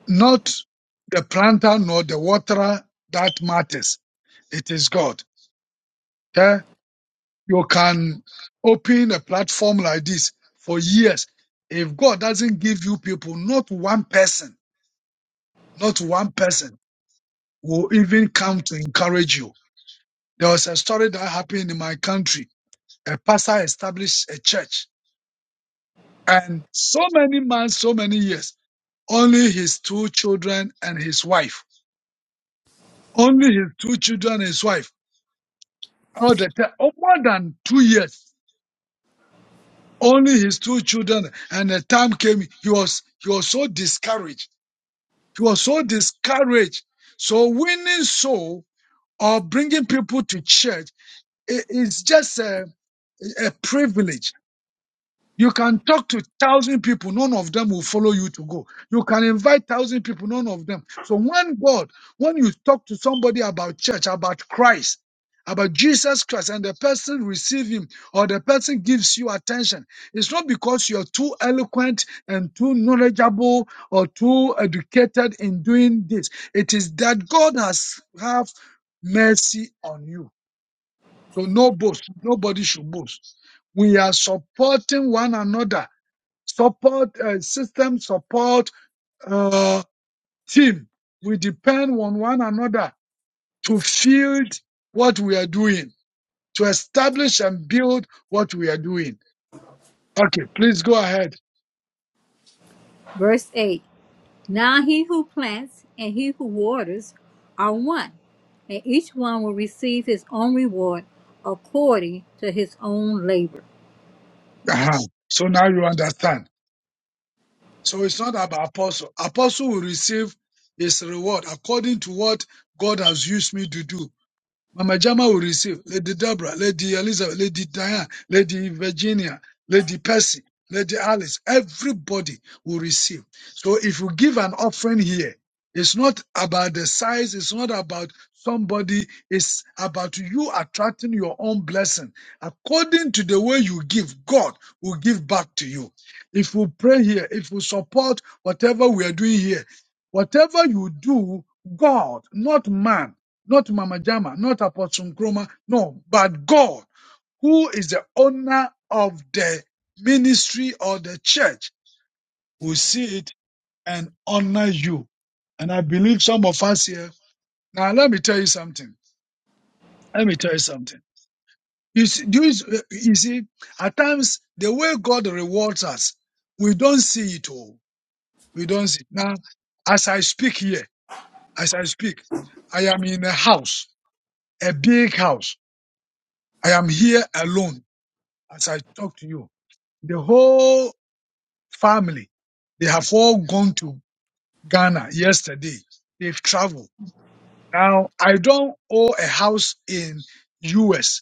F: Not the planter nor the waterer that matters. It is God. Eh? You can open a platform like this for years. If God doesn't give you people, not one person, not one person will even come to encourage you. There was a story that happened in my country. A pastor established a church and so many months, so many years. Only his two children and his wife. Only his two children and his wife. All the time, oh, more than two years. Only his two children. And the time came, he was, he was so discouraged. He was so discouraged. So winning soul or bringing people to church i- is just a, a privilege You can talk to thousand people, none of them will follow you to go. You can invite thousand people, none of them. So when God, when you talk to somebody about church, about Christ, about Jesus Christ, and the person receive him or the person gives you attention, it's not because you're too eloquent and too knowledgeable or too educated in doing this. It is that God has have mercy on you. So no boast. Nobody should boast. We are supporting one another support uh, system, support uh, team. We depend on one another to field what we are doing, to establish and build what we are doing. Okay, please go ahead.
E: Verse 8 Now he who plants and he who waters are one, and each one will receive his own reward according to his own labor.
F: Uh-huh. So now you understand. So it's not about apostle. Apostle will receive his reward according to what God has used me to do. Mama Jama will receive. Lady Deborah, Lady Elizabeth, Lady Diane, Lady Virginia, Lady Percy, Lady Alice. Everybody will receive. So if you give an offering here, it's not about the size, it's not about somebody, it's about you attracting your own blessing. According to the way you give, God will give back to you. If we pray here, if we support whatever we are doing here, whatever you do, God, not man not Mama Jama, not Apostle Nkrumah, no, but God, who is the owner of the ministry or the church, will see it and honor you. And I believe some of us here. Now, let me tell you something. Let me tell you something. You see, do you, you see, at times, the way God rewards us, we don't see it all. We don't see it. Now, as I speak here, as I speak, I am in a house, a big house. I am here alone as I talk to you, the whole family, they have all gone to Ghana yesterday. They've traveled. Now, I don't own a house in US,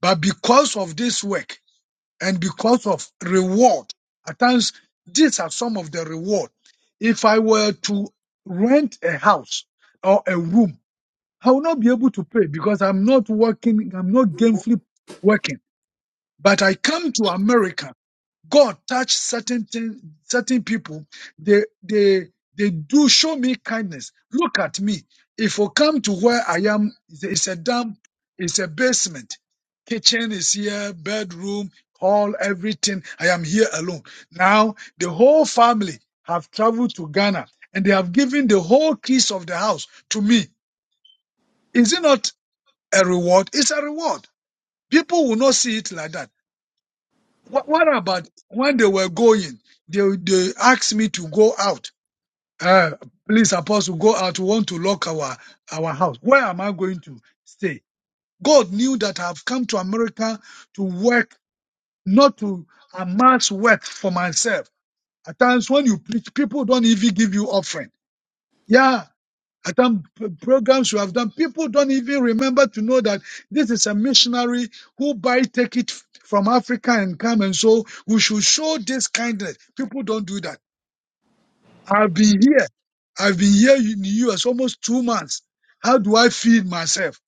F: but because of this work and because of reward, at times, these are some of the reward. If I were to rent a house or a room, I will not be able to pay because I'm not working, I'm not gainfully working. But I come to America God touch certain things, certain people. They they they do show me kindness. Look at me. If I come to where I am, it's a it's a dump, it's a basement. Kitchen is here, bedroom, hall, everything. I am here alone. Now the whole family have traveled to Ghana and they have given the whole keys of the house to me. Is it not a reward? It's a reward. People will not see it like that. What, what about when they were going? They they asked me to go out. Uh, please, apostle, go out. We want to lock our our house. Where am I going to stay? God knew that I've come to America to work, not to amass wealth for myself. At times, when you preach, people don't even give you offering. Yeah, I've done p- programs we have done. People don't even remember to know that this is a missionary who buy ticket f- from Africa and come. And so we should show this kindness. People don't do that. I've been here. I've been here in the US almost two months. How do I feed myself?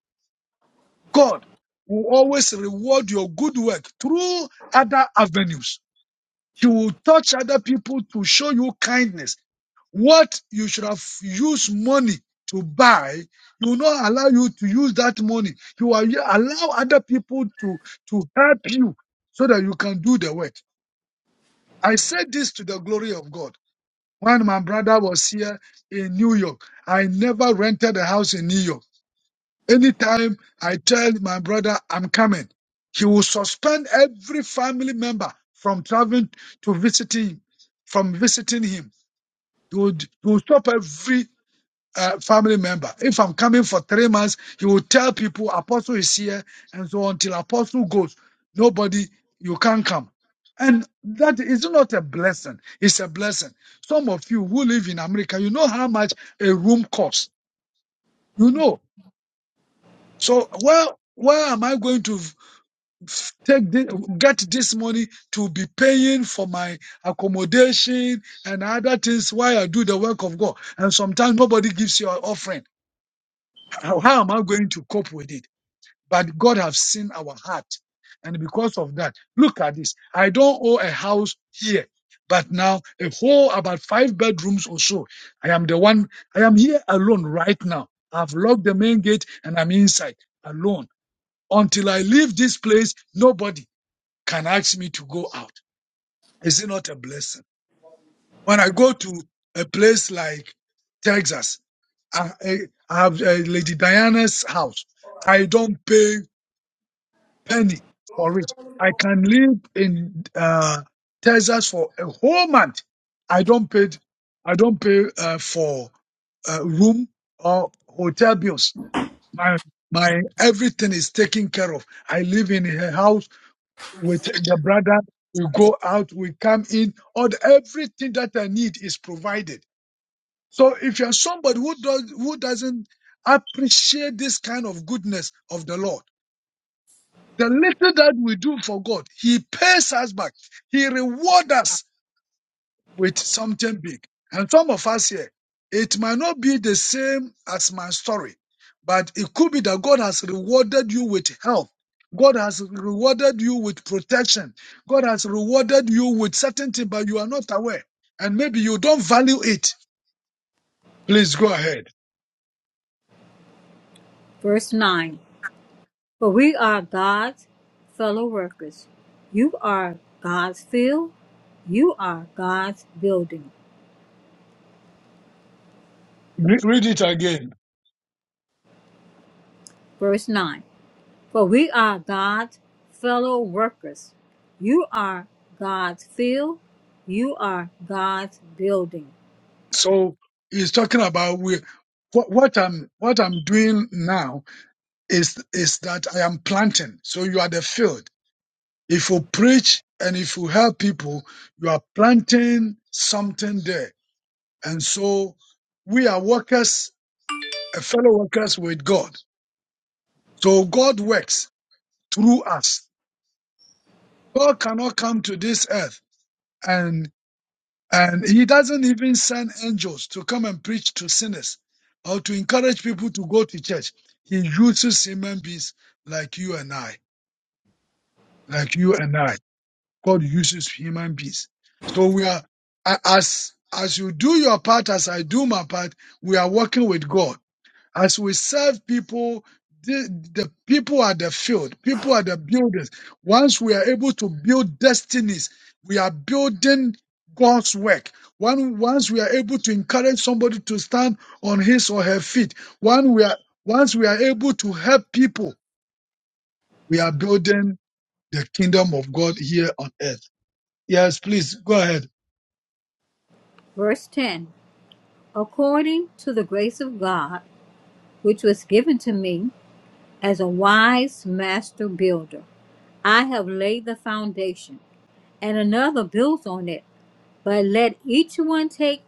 F: God will always reward your good work through other avenues. He will touch other people to show you kindness what you should have used money to buy, you will not allow you to use that money. You are allow other people to, to help you so that you can do the work. I said this to the glory of God. When my brother was here in New York, I never rented a house in New York. Anytime I tell my brother I'm coming, he will suspend every family member from traveling to visiting, from visiting him. He will, he will stop every uh, family member. If I'm coming for three months, he will tell people apostle is here, and so until apostle goes, nobody you can't come. And that is not a blessing. It's a blessing. Some of you who live in America, you know how much a room costs. You know. So where where am I going to take this, get this money to be paying for my accommodation and other things while I do the work of God? And sometimes nobody gives you an offering. How how am I going to cope with it? But God has seen our heart. And because of that, look at this. I don't own a house here, but now a whole about five bedrooms or so. I am the one, I am here alone right now. I've locked the main gate and I'm inside alone. Until I leave this place, nobody can ask me to go out. Is it not a blessing? When I go to a place like Texas, I, I I have uh, Lady Diana's house. I don't pay. penny for it. I can live in uh, Texas for a whole month. I don't pay. I don't pay uh, for uh, room or hotel bills. My my everything is taken care of. I live in a house with the brother. We go out. We come in. All the, everything that I need is provided. So if you're somebody who does who doesn't appreciate this kind of goodness of the Lord the little that we do for God, He pays us back. He rewards us with something big. And some of us here, it might not be the same as my story, but it could be that God has rewarded you with help. God has rewarded you with protection. God has rewarded you with certainty, but you are not aware. And maybe you don't value it. Please go ahead.
E: Verse 9 For we are God's fellow workers. You are God's field, you are God's building.
F: Re- Read it again.
E: Verse 9 For we are God's fellow workers. You are God's field. You are God's building.
F: So he's talking about we, what, what I'm what I'm doing now is is that I am planting. So you are the field. If you preach and if you help people, you are planting something there. And so we are workers, uh, fellow workers with God. So God works through us. God cannot come to this earth and and he doesn't even send angels to come and preach to sinners or to encourage people to go to church. He uses human beings like you and I, like you and I. God uses human beings. So we are a- as as you do your part, as I do my part, we are working with God. As we serve people, the, the people are the field, people are the builders. Once we are able to build destinies, we are building God's work. One, once we are able to encourage somebody to stand on his or her feet, one we are once we are able to help people, we are building the kingdom of God here on earth. Yes, please go ahead.
E: Verse 10 According to the grace of God, which was given to me as a wise master builder, I have laid the foundation, and another builds on it. But let each one take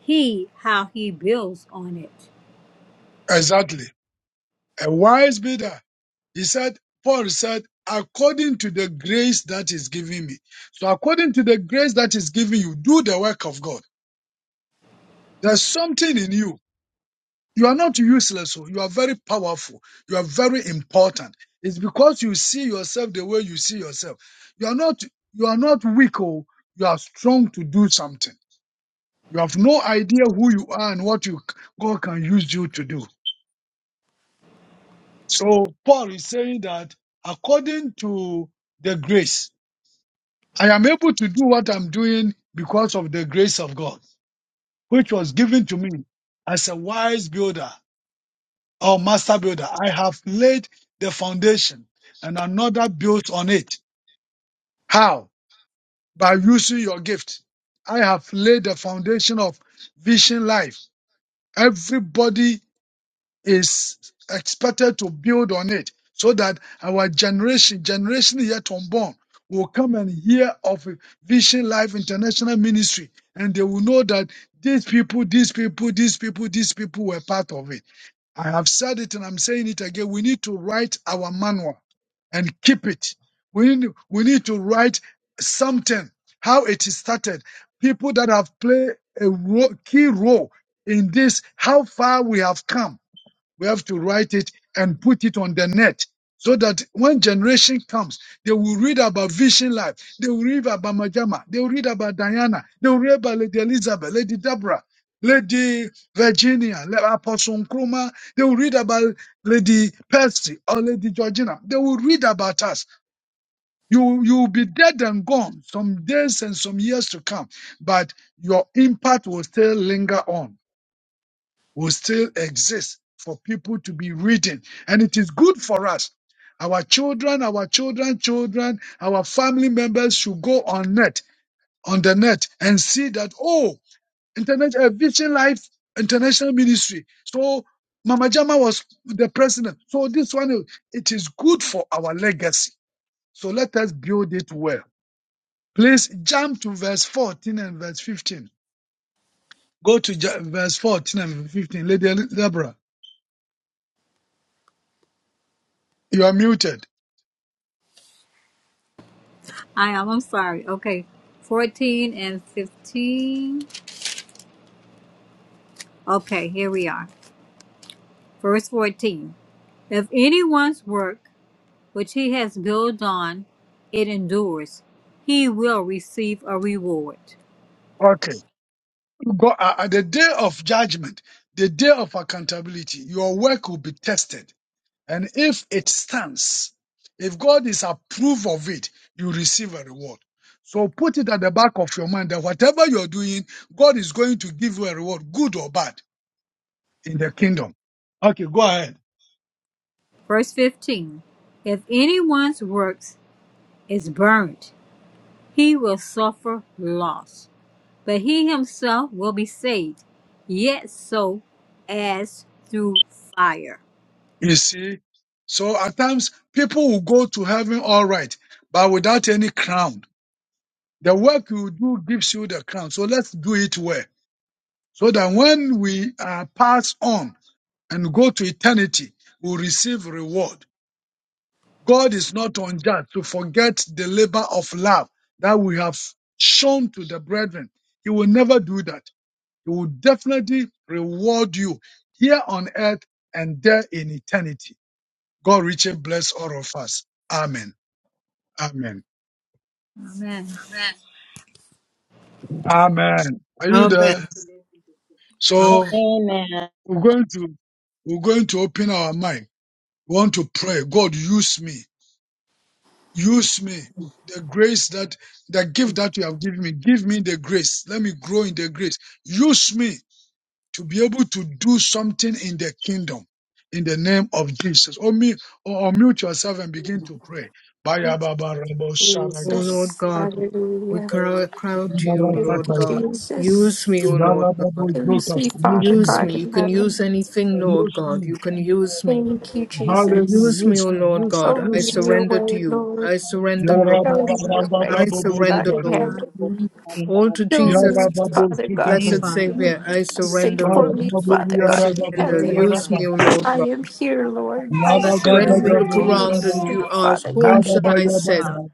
E: heed how he builds on it.
F: Exactly. A wise builder. He said, Paul said, according to the grace that is given me. So according to the grace that is given you, do the work of God. There's something in you. You are not useless. oh. You are very powerful. You are very important. It's because you see yourself the way you see yourself. You are not, you are not weak. Oh, you are strong to do something. You have no idea who you are and what you, God can use you to do. So Paul is saying that according to the grace, I am able to do what I'm doing because of the grace of God, which was given to me as a wise builder or master builder. I have laid the foundation and another built on it. How? By using your gift. I have laid the foundation of vision life. Everybody is expected to build on it so that our generation, generation yet unborn, will come and hear of Vision Life International Ministry and they will know that these people, these people, these people, these people were part of it. I have said it and I'm saying it again. We need to write our manual and keep it. We need, we need to write something, how it is started. People that have played a ro- key role in this, how far we have come we have to write it and put it on the net so that when generation comes, they will read about Vision Life. They will read about Majama. They will read about Diana. They will read about Lady Elizabeth, Lady Deborah, Lady Virginia, Le- Apostle Nkrumah. They will read about Lady Percy or Lady Georgina. They will read about us. You, you will be dead and gone some days and some years to come, but your impact will still linger on will still exist for people to be reading. And it is good for us. Our children, our children, children, our family members should go on net, on the net and see that, oh, internet, uh, Vision Life International Ministry. So Mama Jama was the president. So this one, is- it is good for our legacy. So let us build it well. Please jump to verse 14 and verse 15. Go to ju- verse 14 and 15. Lady Deborah, you are muted.
E: I am, I'm sorry. Okay, 14 and 15. Okay, here we are. Verse 14 If anyone's work which he has built on it endures, he will receive a reward.
F: Okay. God, uh, at the day of judgment, the day of accountability, your work will be tested. And if it stands, if God is approved of it, you receive a reward. So put it at the back of your mind that whatever you're doing, God is going to give you a reward, good or bad, in the kingdom. Okay, go ahead.
E: Verse 15 If anyone's works is burnt, he will suffer loss, but he himself will be saved, yet so as through fire.
F: You see? So at times, people will go to heaven all right, but without any crown. The work you do gives you the crown. So let's do it well. so that when we are passed on and go to eternity, we will receive reward. God is not unjust to forget the labor of love that we have shown to the brethren. He will never do that. He will definitely reward you here on earth and there in eternity. God richly bless all of us. Amen. Amen.
E: Amen.
F: Amen. Are you there?
C: Amen.
F: So
C: Amen.
F: we're going to we're going to open our mind. We want to pray. God use me. Use me. The grace that, the gift that you have given me, give me the grace. Let me grow in the grace. Use me to be able to do something in the kingdom. In the name of Jesus. Or me, or mute yourself and begin to pray. Baya baba rabo shara
C: O
F: gada.
C: Lord
D: Jesus.
C: God, we
D: Hallelujah.
C: cry, cry out to you,
F: Yara
C: O
D: Thank
C: Lord
D: you,
F: tata ya.
C: God. Use
D: Jesus.
C: me, O Lord
F: Yara babo
C: God.
D: Thank
F: zokata.
D: you,
F: Use
D: Father
F: me.
C: Use
D: God
C: me. You
D: in
C: can use
D: heaven.
C: anything, Lord
F: Use
C: God.
F: me.
C: You can use me.
D: Thank you,
F: Hallelujah.
C: Use
D: Jesus.
C: me,
F: Use
C: O
F: me.
C: Lord
F: Use me.
C: God.
D: Show
C: I
D: me
F: Use me.
D: your
C: surrender to
D: way,
C: you.
D: Lord.
C: I surrender,
E: Thank
F: Yara
C: Lord.
E: you, Father
D: Show
F: baba
D: me
E: God.
D: your
F: rabo
D: way,
F: da
C: I
D: Father
F: bobo do
D: God
C: surrender,
D: in
F: gada.
C: Lord.
E: God,
D: heaven.
E: we need
C: All to
D: Show
C: Jesus,
F: Yara
D: me,
F: babo
D: Father God.
E: me,
F: zokata.
C: blessed
E: Father
C: Savior.
E: God.
C: I
E: We need
D: Send
C: surrender,
D: for
F: Father,
D: me,
C: Lord.
D: Father
C: I
E: Your
D: God
F: Baburiara,
E: will,
D: in
E: your
C: surrender.
D: heaven.
E: way,
F: Baburiara,
C: Use
E: Father
C: me, O Lord
E: God.
D: I
C: God.
D: am here,
E: God,
D: Lord. I
E: my
F: Lava
E: life,
C: When
F: Gada,
E: where
C: you
D: surrender
E: you
C: look
D: to
E: want
F: Gabu
D: you,
E: me to
C: around
F: Gada,
E: be
C: and
E: in
C: you
D: sweet
E: my
C: ask,
D: Father
C: Whom
D: God in
F: Yaba
C: shall I
D: heaven.
F: Baya
C: send?
E: heart.
F: Baba.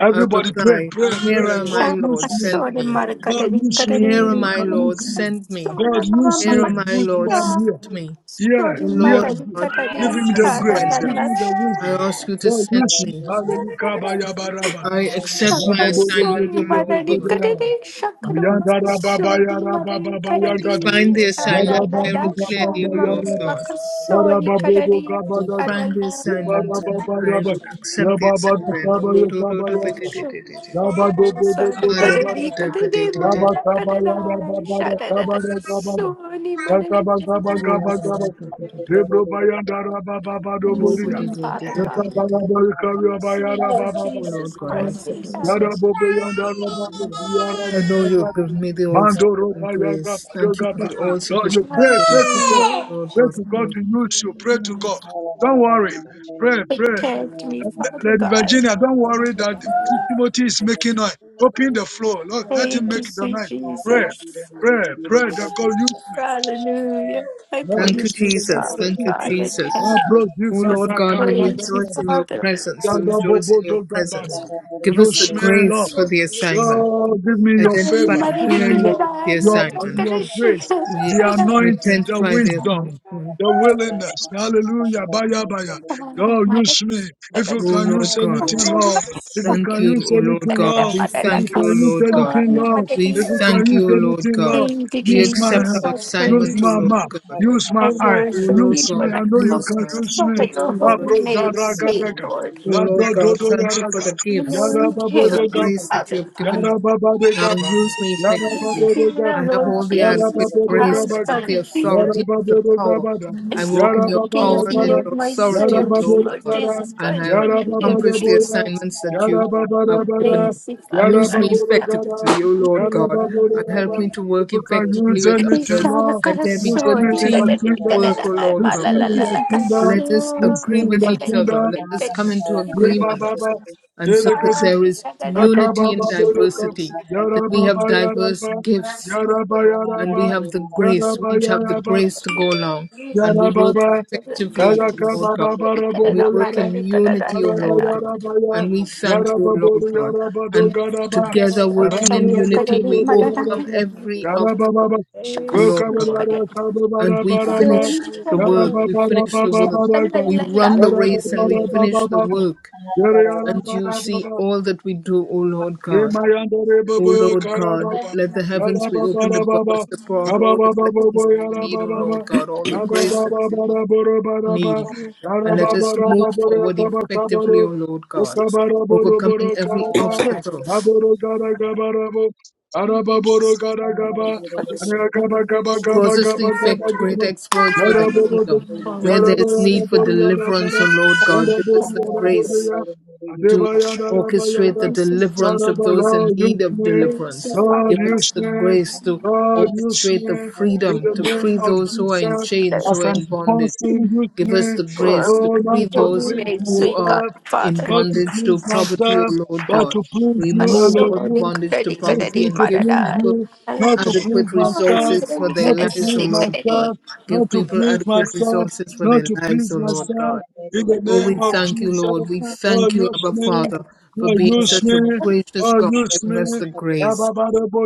F: Everybody pray,
G: Um,
F: pray, pray.
E: Hallelujah.
F: God
D: Shaba
F: use me.
D: kasora
G: you know,
E: Thank
F: God
D: marakarari
E: you
F: use
E: for
F: me.
E: your will,
F: You
D: karari.
F: can use me.
D: Kasora
F: God
D: mama
F: use me.
D: mama
F: Use me. I'm
D: shara.
F: here. Yeah,
D: Kasori
F: yeah.
D: marari karari.
F: Give
A: Yes,
F: him the
A: Lord,
D: Shara la
F: grace. Give
D: la
F: him the wisdom.
D: shara.
F: God use me. Hallelujah. Baya Baba.
D: Shaka sori marari karari. Shakara mama
E: Jesus.
D: sori marari karari. Shara la la shara mama mama kasori karari.
H: Amen.
D: Yes, me,
H: Thank
D: Father
F: Yabba Gaba gaba yada baba da gaba da gaba da. Ya gaba gaba gaba gaba. Debro bayanda raba baba do
C: Oh, what
F: boria.
C: a
E: Hallelujah.
C: great day,
F: Ya
C: day, day,
D: God.
C: day,
F: gaba
C: day.
F: gaba kavi
D: Yes, me,
F: bayara
D: Lord
F: baba da.
C: Oh, Lord
D: Jesus
C: God, I
F: Yaba
D: Christ in
C: accept
D: heaven.
C: myself.
F: yada bobo yanda raba bo yara
C: I
F: da
C: know you
F: yaba.
C: have given me the all
F: Mando
C: sufficient
F: roba yaga
C: grace.
F: do
C: Thank you
E: Thank
C: for
E: you,
F: gaba.
C: the all
E: Father.
F: Lord, you
C: sufficient
D: I'm
F: pray, pray
C: grace,
D: here,
F: to God.
D: Lord.
C: Lord
F: Pray
C: God of
F: to God
C: all.
F: to use
G: Jesus,
F: you.
G: the
F: Pray to
G: Lord,
F: God. Don't worry.
G: what you
F: Pray, pray.
D: Protect me, Father
F: Lady
D: God.
F: Virginia, don't
E: Glory
F: worry
E: to
F: that
E: God.
F: Timothy is making noise. Open the floor. Lord, let him
D: Thank
F: make
D: you,
F: the
D: sweet
F: noise. Pray,
D: Jesus.
F: pray, pray that God use me.
D: Hallelujah. I
F: God
C: Thank you,
F: use
D: praise
F: me
D: you,
F: in the name
C: Jesus.
D: Father
F: of
C: Thank you,
D: God.
F: Jesus.
D: I thank
C: Jesus.
D: you,
F: God
H: you.
C: Oh,
D: Jesus.
C: Lord
D: I
C: God, we
F: bless
D: praise you,
C: rejoice
F: you.
C: in your
D: Father.
C: presence. We rejoice in your
F: Yandabobodogabara.
C: presence. Give
F: You
C: us the
F: smell
C: grace for
F: Lord,
C: the assignment.
F: Yo, give me your
C: Identify
F: favor.
D: Thank
F: Give
D: you,
F: me
C: clearly
D: Jesus,
F: your
C: the
D: I
F: your
C: assignment.
F: your grace, the
C: We
F: anointing, the
C: identify the
F: wisdom,
C: assignment.
F: the willingness. Hallelujah. Baya baya. Lord, use me. If you
C: Oh,
F: can
C: Lord
F: use
C: God.
F: anything, Lord. If you
C: Thank
F: can
C: you,
F: use
C: O Lord
F: anything,
C: God.
F: Lord.
C: We
F: If you
C: thank you,
F: can
C: O
F: use
C: Lord God.
F: anything,
E: Thank you,
F: Lord.
C: We
F: If
E: Jesus.
F: you can
C: thank
F: use
C: you, O Lord
F: anything,
C: God.
F: Lord.
C: We
F: Use my
C: accept our
F: hand. Use
C: assignment, O
D: praise
F: my
D: you
C: Lord
F: mouth.
C: God.
F: Use my
D: and
F: eye.
C: O
D: worship
C: Lord
D: you
F: Use me.
C: God,
D: when I
F: I know you
C: use
F: can
C: me.
F: use
E: Thank
D: glorify
F: me.
C: O
E: you,
D: your
C: Lord God,
D: holy
E: Jesus.
D: name,
C: use me.
D: say,
F: Labro
D: Lord.
C: O Lord
F: Labra
C: God,
F: dodo
H: Thank
C: thank you for
F: yaraka.
C: the
D: You
C: gifts.
F: Yara
D: know,
C: Thank you for the
F: babodo
D: hear me,
C: grace
F: gabaka.
C: that you
D: Father
C: have given
D: God.
C: me.
F: Yara babade
C: Now
F: gaba.
C: use me
F: Yara
C: effectively.
D: Hear,
F: babodo
C: I
F: gada.
C: have
D: Lord
C: all the
F: Yara
C: adequate
D: Jesus
F: babodo
C: grace. I
D: Christ,
F: gabaka.
C: have
D: I'm
C: the
D: here.
F: Yara
C: authority and the
F: babodo
C: power.
F: gabada.
C: I walk
F: Yara
C: in your
F: babada
D: Forgive
C: power and
D: me
C: in
F: gada.
D: of
C: your
D: my
C: authority,
F: Yara
C: O
E: Thank
D: sins,
C: Lord
F: babodo
E: you,
D: Lord
C: God,
F: gada.
D: Jesus
C: and
D: Christ.
C: I
F: Yara
D: Forgive
F: babada
C: accomplish
D: me.
C: the
F: boya.
C: assignments that you
F: Yara babada
C: have
F: bada.
C: given me.
D: Lazy Father
F: Yara
C: Use me
D: God.
F: babodo gada.
H: you.
C: effectively, O Lord
E: glory,
F: Yara
C: God,
H: Thank
E: Lord.
F: babodo
C: and help
F: gada.
C: me to
F: If
C: work
F: you can
C: effectively
F: use
C: with
F: anything,
C: others.
D: Ishara
F: Lord,
C: Let there be
F: use me
C: good
D: karasoni
F: in the
D: kada
C: team
D: kada
F: kingdom.
C: work,
D: da
C: O Lord
F: Use
C: God
D: mala
F: me
D: la
F: in
D: la
F: the
D: la
F: kingdom.
C: let us
F: Use me
C: agree
D: kasoni
F: in
C: with
F: the
D: kada
C: each
D: kada
C: other.
F: kingdom.
C: Let us
D: kada
C: come into
D: shina
C: agreement.
F: Rebababa,
C: And so that
F: Erekasi,
C: there is
D: kada da da
C: unity in
F: Rakababa, Boreka,
D: kasoni
C: diversity, that we
F: Yarababa,
C: have diverse
F: Yaraba,
C: gifts
A: Whatever it
C: and we
F: Yaraba,
C: have the
F: Yaraba,
C: grace. We
F: Yaraba,
C: each have the
F: Yaraba,
C: grace to go along
A: is,
C: and we
F: Yara
C: work
F: Baba,
C: effectively,
F: Yara
C: O Lord
F: Kaba
C: God.
F: Baba
D: kada
C: And
D: kada
C: we
F: Rabobo
D: da
C: work
D: mala
F: Yara,
C: in
D: kada da
C: unity, O
F: Yara
D: da
F: Ba
C: Lord
D: da
C: God.
F: Yara Ba
C: And we
F: Ya,
C: thank
F: Yara
C: you, O
F: Babo
C: Lord God.
F: Yara Bado
C: And
F: Gada Ba,
C: together,
F: Yara
D: Sorry,
C: working in
F: Baba
D: sorry,
F: Bodo
C: unity,
D: sorry,
C: we
F: Bodo
D: sorry,
F: Yara
C: overcome
F: Ba,
C: every
F: Yara Baba
C: obstacle.
F: Ba,
D: Sweet God,
C: O
E: Hey,
F: Go
C: Lord
F: Kaba
C: God
F: Yara Kaba
C: and
F: Bara
C: we
F: Bara Ba,
C: finish the
F: Yara
C: work.
E: Lord,
C: We
F: Baba
C: finish the
F: Baba
C: work.
F: Bara Ba,
C: We run the
F: Yara
C: race and we
F: Baba Baba
C: finish the
F: Baba
C: work.
F: Yara Yara
C: And
E: Jesus.
C: you
F: Baba
C: see
F: Baba,
C: all that we do, O Lord God.
F: Remayandere
C: O Lord God,
F: Karababa,
C: let the heavens be opened
E: Jesus.
C: above us
F: Yarababa,
C: to pour out all the
F: Kabababa,
C: blessings that we need, O
F: Yarababa,
C: Lord
E: Hey,
C: God, all the
E: Jesus.
C: grace that we
F: Abababa, Borobaraba,
C: need.
E: Yes,
C: And let us
F: Yarababa,
C: move forward effectively, O
F: Borokabakabaro,
C: Lord God,
E: God, I
F: Ukabaraboro,
E: you.
C: overcoming every
F: Borokaraba,
C: obstacle
H: you.
F: Aboro Garagabarabo, Arababoro Garagaba, Arakaba Gaba Gaba
C: causes to
F: Gaba Gaba
C: effect great
F: Gaba,
C: exploits for the
F: Yarababo,
C: kingdom. Where there is
F: Yarabara,
C: need for deliverance, O
F: Yarabara,
C: Lord God,
F: Yarabara,
C: give us the
F: Yarabara,
C: grace
F: Yarabara,
C: to orchestrate
F: Adebaya,
C: the deliverance of
F: Saraba
C: those in
F: Lord, use
C: need of
F: me,
C: deliverance.
F: Lord,
C: Give us
F: use
C: the
F: me,
C: grace to
F: Lord, use
C: orchestrate
F: me.
C: the
F: In
C: freedom
F: the
C: to
F: name
C: free
F: of
C: those who are
F: Jesus,
C: in chains,
F: as
C: who are
F: an
C: in bondage.
F: apostle, use
C: Give us
F: me.
C: the grace to
F: Oh, not
C: free
F: to
C: those
F: please
C: who are
F: myself,
C: in
D: Father,
F: not to
C: bondage to
F: please
C: poverty, O
F: myself,
C: Lord
F: but
C: God.
F: to please you
C: Remove all the
F: alone.
C: bondage to
F: Use
C: poverty
F: me
C: and
F: to
C: give
F: please
C: people
F: you, not to please
C: adequate
F: myself,
C: resources for their
F: not to
C: lives, O
F: please
C: Lord God.
F: myself,
C: Give
F: not to
C: people
F: please
C: adequate
F: myself,
C: resources for
F: not
C: their
F: to
C: lives,
F: please
C: O Lord
F: myself.
C: God.
F: In the
C: Oh, we
F: name of
C: thank you,
F: Jesus,
C: Lord. We
F: Lord,
C: thank you,
G: do,
F: use
C: Abba
F: me,
G: Lord,
C: Father, for
F: Lord,
C: being
F: use
C: such
F: me,
C: a gracious
F: Lord,
C: God,
F: use
C: giving
F: me.
C: us the
H: Thank you.
C: grace.
F: Yababadabo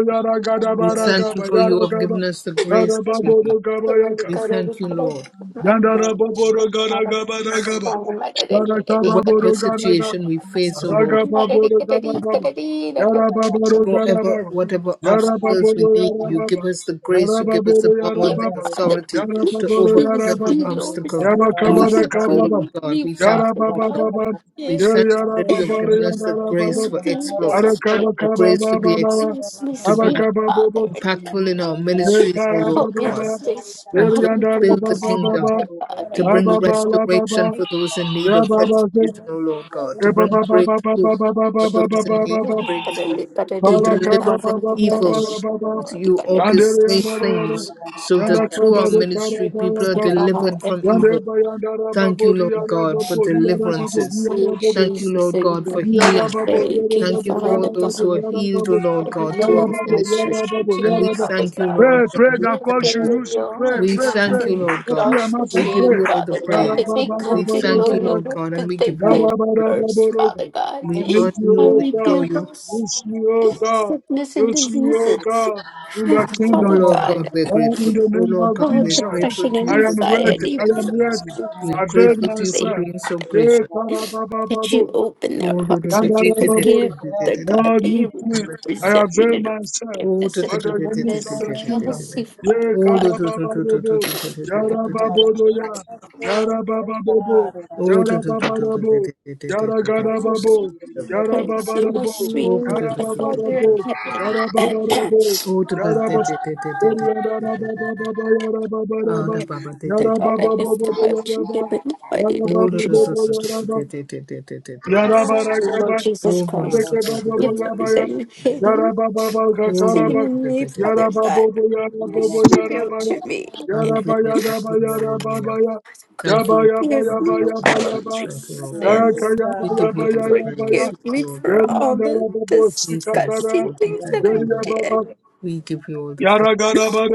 G: in the
C: We
G: name
C: thank you
F: yaragadabaragaba
C: for you have
F: yaragaba,
C: given us the grace. that
D: Dear
C: We need.
D: Father,
F: yarababodogaba yaka,
C: we
D: he
C: thank you, Lord,
F: yandarababodogaragadagaba. Yara
C: for whatever situation we face, O Lord. whatever whatever obstacles we need. You give us the grace, you give us the power and the authority to overcome
D: is
C: every
D: glorious.
C: obstacle. And we
D: You're
C: thank you, Lord
D: with
C: God.
D: me,
C: We thank
D: Father
C: you, Lord
D: God.
C: God. We
D: Yeah.
C: thank you that you have
E: Father,
C: given us the grace
D: you
C: for
D: being
E: Thank you.
C: exploits, the
D: disobedient.
C: grace to be ex-
D: Use me,
C: to
D: sweet
C: be
D: Father. and
C: impactful in our ministries, O Lord
D: Help me to
C: God
D: stay
C: and
D: strong
C: to
D: and
C: build the
D: focused.
C: kingdom,
D: God,
C: to bring restoration for those in need of
H: I'm
C: restoration, O Lord God, to
F: Pray, pray
C: bring
F: that
C: breakthrough for those in need of breakthrough,
D: Kadadi,
C: to deliver from evil. You orchestrate things so that through our
D: Yes,
C: ministry, people are delivered
D: Father,
C: from evil. Thank you, Lord God, for deliverances.
D: sweet
C: Thank you,
D: Jesus
C: Lord
D: in
C: God, for
D: heaven, I
C: healing.
D: thank you,
C: Thank you for all
D: Father
C: those
D: God.
C: who are healed, O Lord
D: I
C: God, through our
D: live my
C: ministry.
D: children to
C: And
D: you,
C: we
D: Father
C: thank you,
D: God.
C: Lord God.
D: I
C: We
D: live
F: God
C: thank
F: should
C: you.
F: use you.
D: Daniel
F: Pray,
D: and
C: We
F: pray, pray.
C: thank you,
D: Matthew, and
C: Lord
F: Open
C: God.
F: your
D: Joshua,
F: mouth
C: We
F: and
C: give
D: Jean,
F: pray.
C: you all the
D: Father God, that
C: praise.
D: they
C: We thank you,
D: continue
C: Lord
D: to
C: God, and
D: that
C: we
D: they
C: give you all
D: put you
C: the praise.
D: first,
F: Ba-da-ba-da-ba-ba-da-ba.
D: Father God.
F: I
C: We
F: need
C: honor
F: you,
D: I
C: you,
F: O
C: we
F: God.
C: adore
D: rebuke
C: you.
D: those
F: Use you, O God.
D: sickness and
F: Use you, O
D: diseases,
F: God, in the
C: Oh
D: Father
F: kingdom of
C: Lord
H: Thank
D: God.
C: God, we're
F: God.
C: grateful.
F: In the
C: Oh
F: name
C: Lord
F: of
C: God,
D: Oh,
C: we're
F: Jesus,
C: grateful
D: depression
C: to
D: and
F: I
H: you.
C: you
F: am
C: for your
F: ready.
D: anxiety.
F: I am
D: brings
C: interventions.
F: ready.
H: Thank
C: We're
F: Avail
C: grateful
D: the
C: to you for
D: faith
F: myself.
C: being so
F: Yeah,
C: gracious.
D: That
F: ba-da-ba-ba-ba-ba.
D: you open their hearts or to forgive
F: Yandarababorika.
D: their God,
F: Lord,
D: that you
F: use me.
D: remove
F: I
C: Oh,
D: resentment
F: avail
D: and
F: myself
C: Oh, do
D: unforgiveness and
F: for
C: do do
F: the
C: do do
F: use
C: do
F: of
D: bitterness
C: do
F: the
D: and
C: do
E: Thank
C: do do
F: kingdom.
D: jealousy,
C: do.
F: Ye
D: Father
C: Oh,
D: God.
C: do do do do do do
F: kadabababobo.
C: do do do do do
E: Hallelujah,
C: do.
F: Yarababodoya. Yarabababobo.
C: Oh, do do do do do do
F: Yarababarabo.
D: We
F: Yaragadababo.
D: pray to see my
F: Yarababarabo.
D: sweet God, the
C: do do
D: Father
C: do do do
F: Yarababarabo.
D: in
C: do do do.
D: heaven.
F: Yarababarabo.
C: Oh, do do do
F: Yarabas.
C: do do do do do do do. Oh, do do do do do do do do do do do.
F: Yarababababa.
A: we do.
C: Ah,
F: Yarababaraba.
C: da ba ba do
D: The
C: do do
D: God,
C: do.
D: I lift them
F: Yarabababobo.
D: up to you
F: Yaraba.
D: in the mighty name
C: Oh,
D: of
C: do do
F: Yarababobo.
C: do do
D: Jesus.
C: do do
F: Yaraba.
C: do do do do do do do.
F: yarabaragaba,
D: Lord Jesus
C: Oh, do do do do
D: Christ,
C: do do
D: if
C: do
D: there
C: do
D: is
F: Lekebababaya,
C: do
D: any
C: do do do.
D: hidden
C: Oh, do
D: seen
C: do
F: yarabababagataraba,
C: do
D: in
C: do do do do
D: me,
C: do do do.
D: Father God,
F: yarababobo, yarabobo,
D: is revealed
F: yarabaya,
D: to me.
C: Hallelujah,
F: yarabayadaba,
C: hallelujah, hallelujah.
F: yarababaya,
D: give
C: Thank you, Lord God.
D: me
C: Thank
D: of
C: you,
D: all
C: Lord
D: of
C: God.
F: yabayabayabayabayaba,
D: my
C: Thank you, Lord God.
D: sins.
E: God.
C: We give you all the
F: yakayabayabayabaya,
C: praise.
D: Forgive
C: We give
D: me
C: you all the
D: for
C: praise.
D: all the
F: yeriyadarabobo,
C: We thank you,
D: disgusting
C: Lord. We
D: things that
C: thank you,
D: I
C: Lord.
F: sikatara,
D: did.
C: We give you all the praise.
F: Yara Yara Yara yara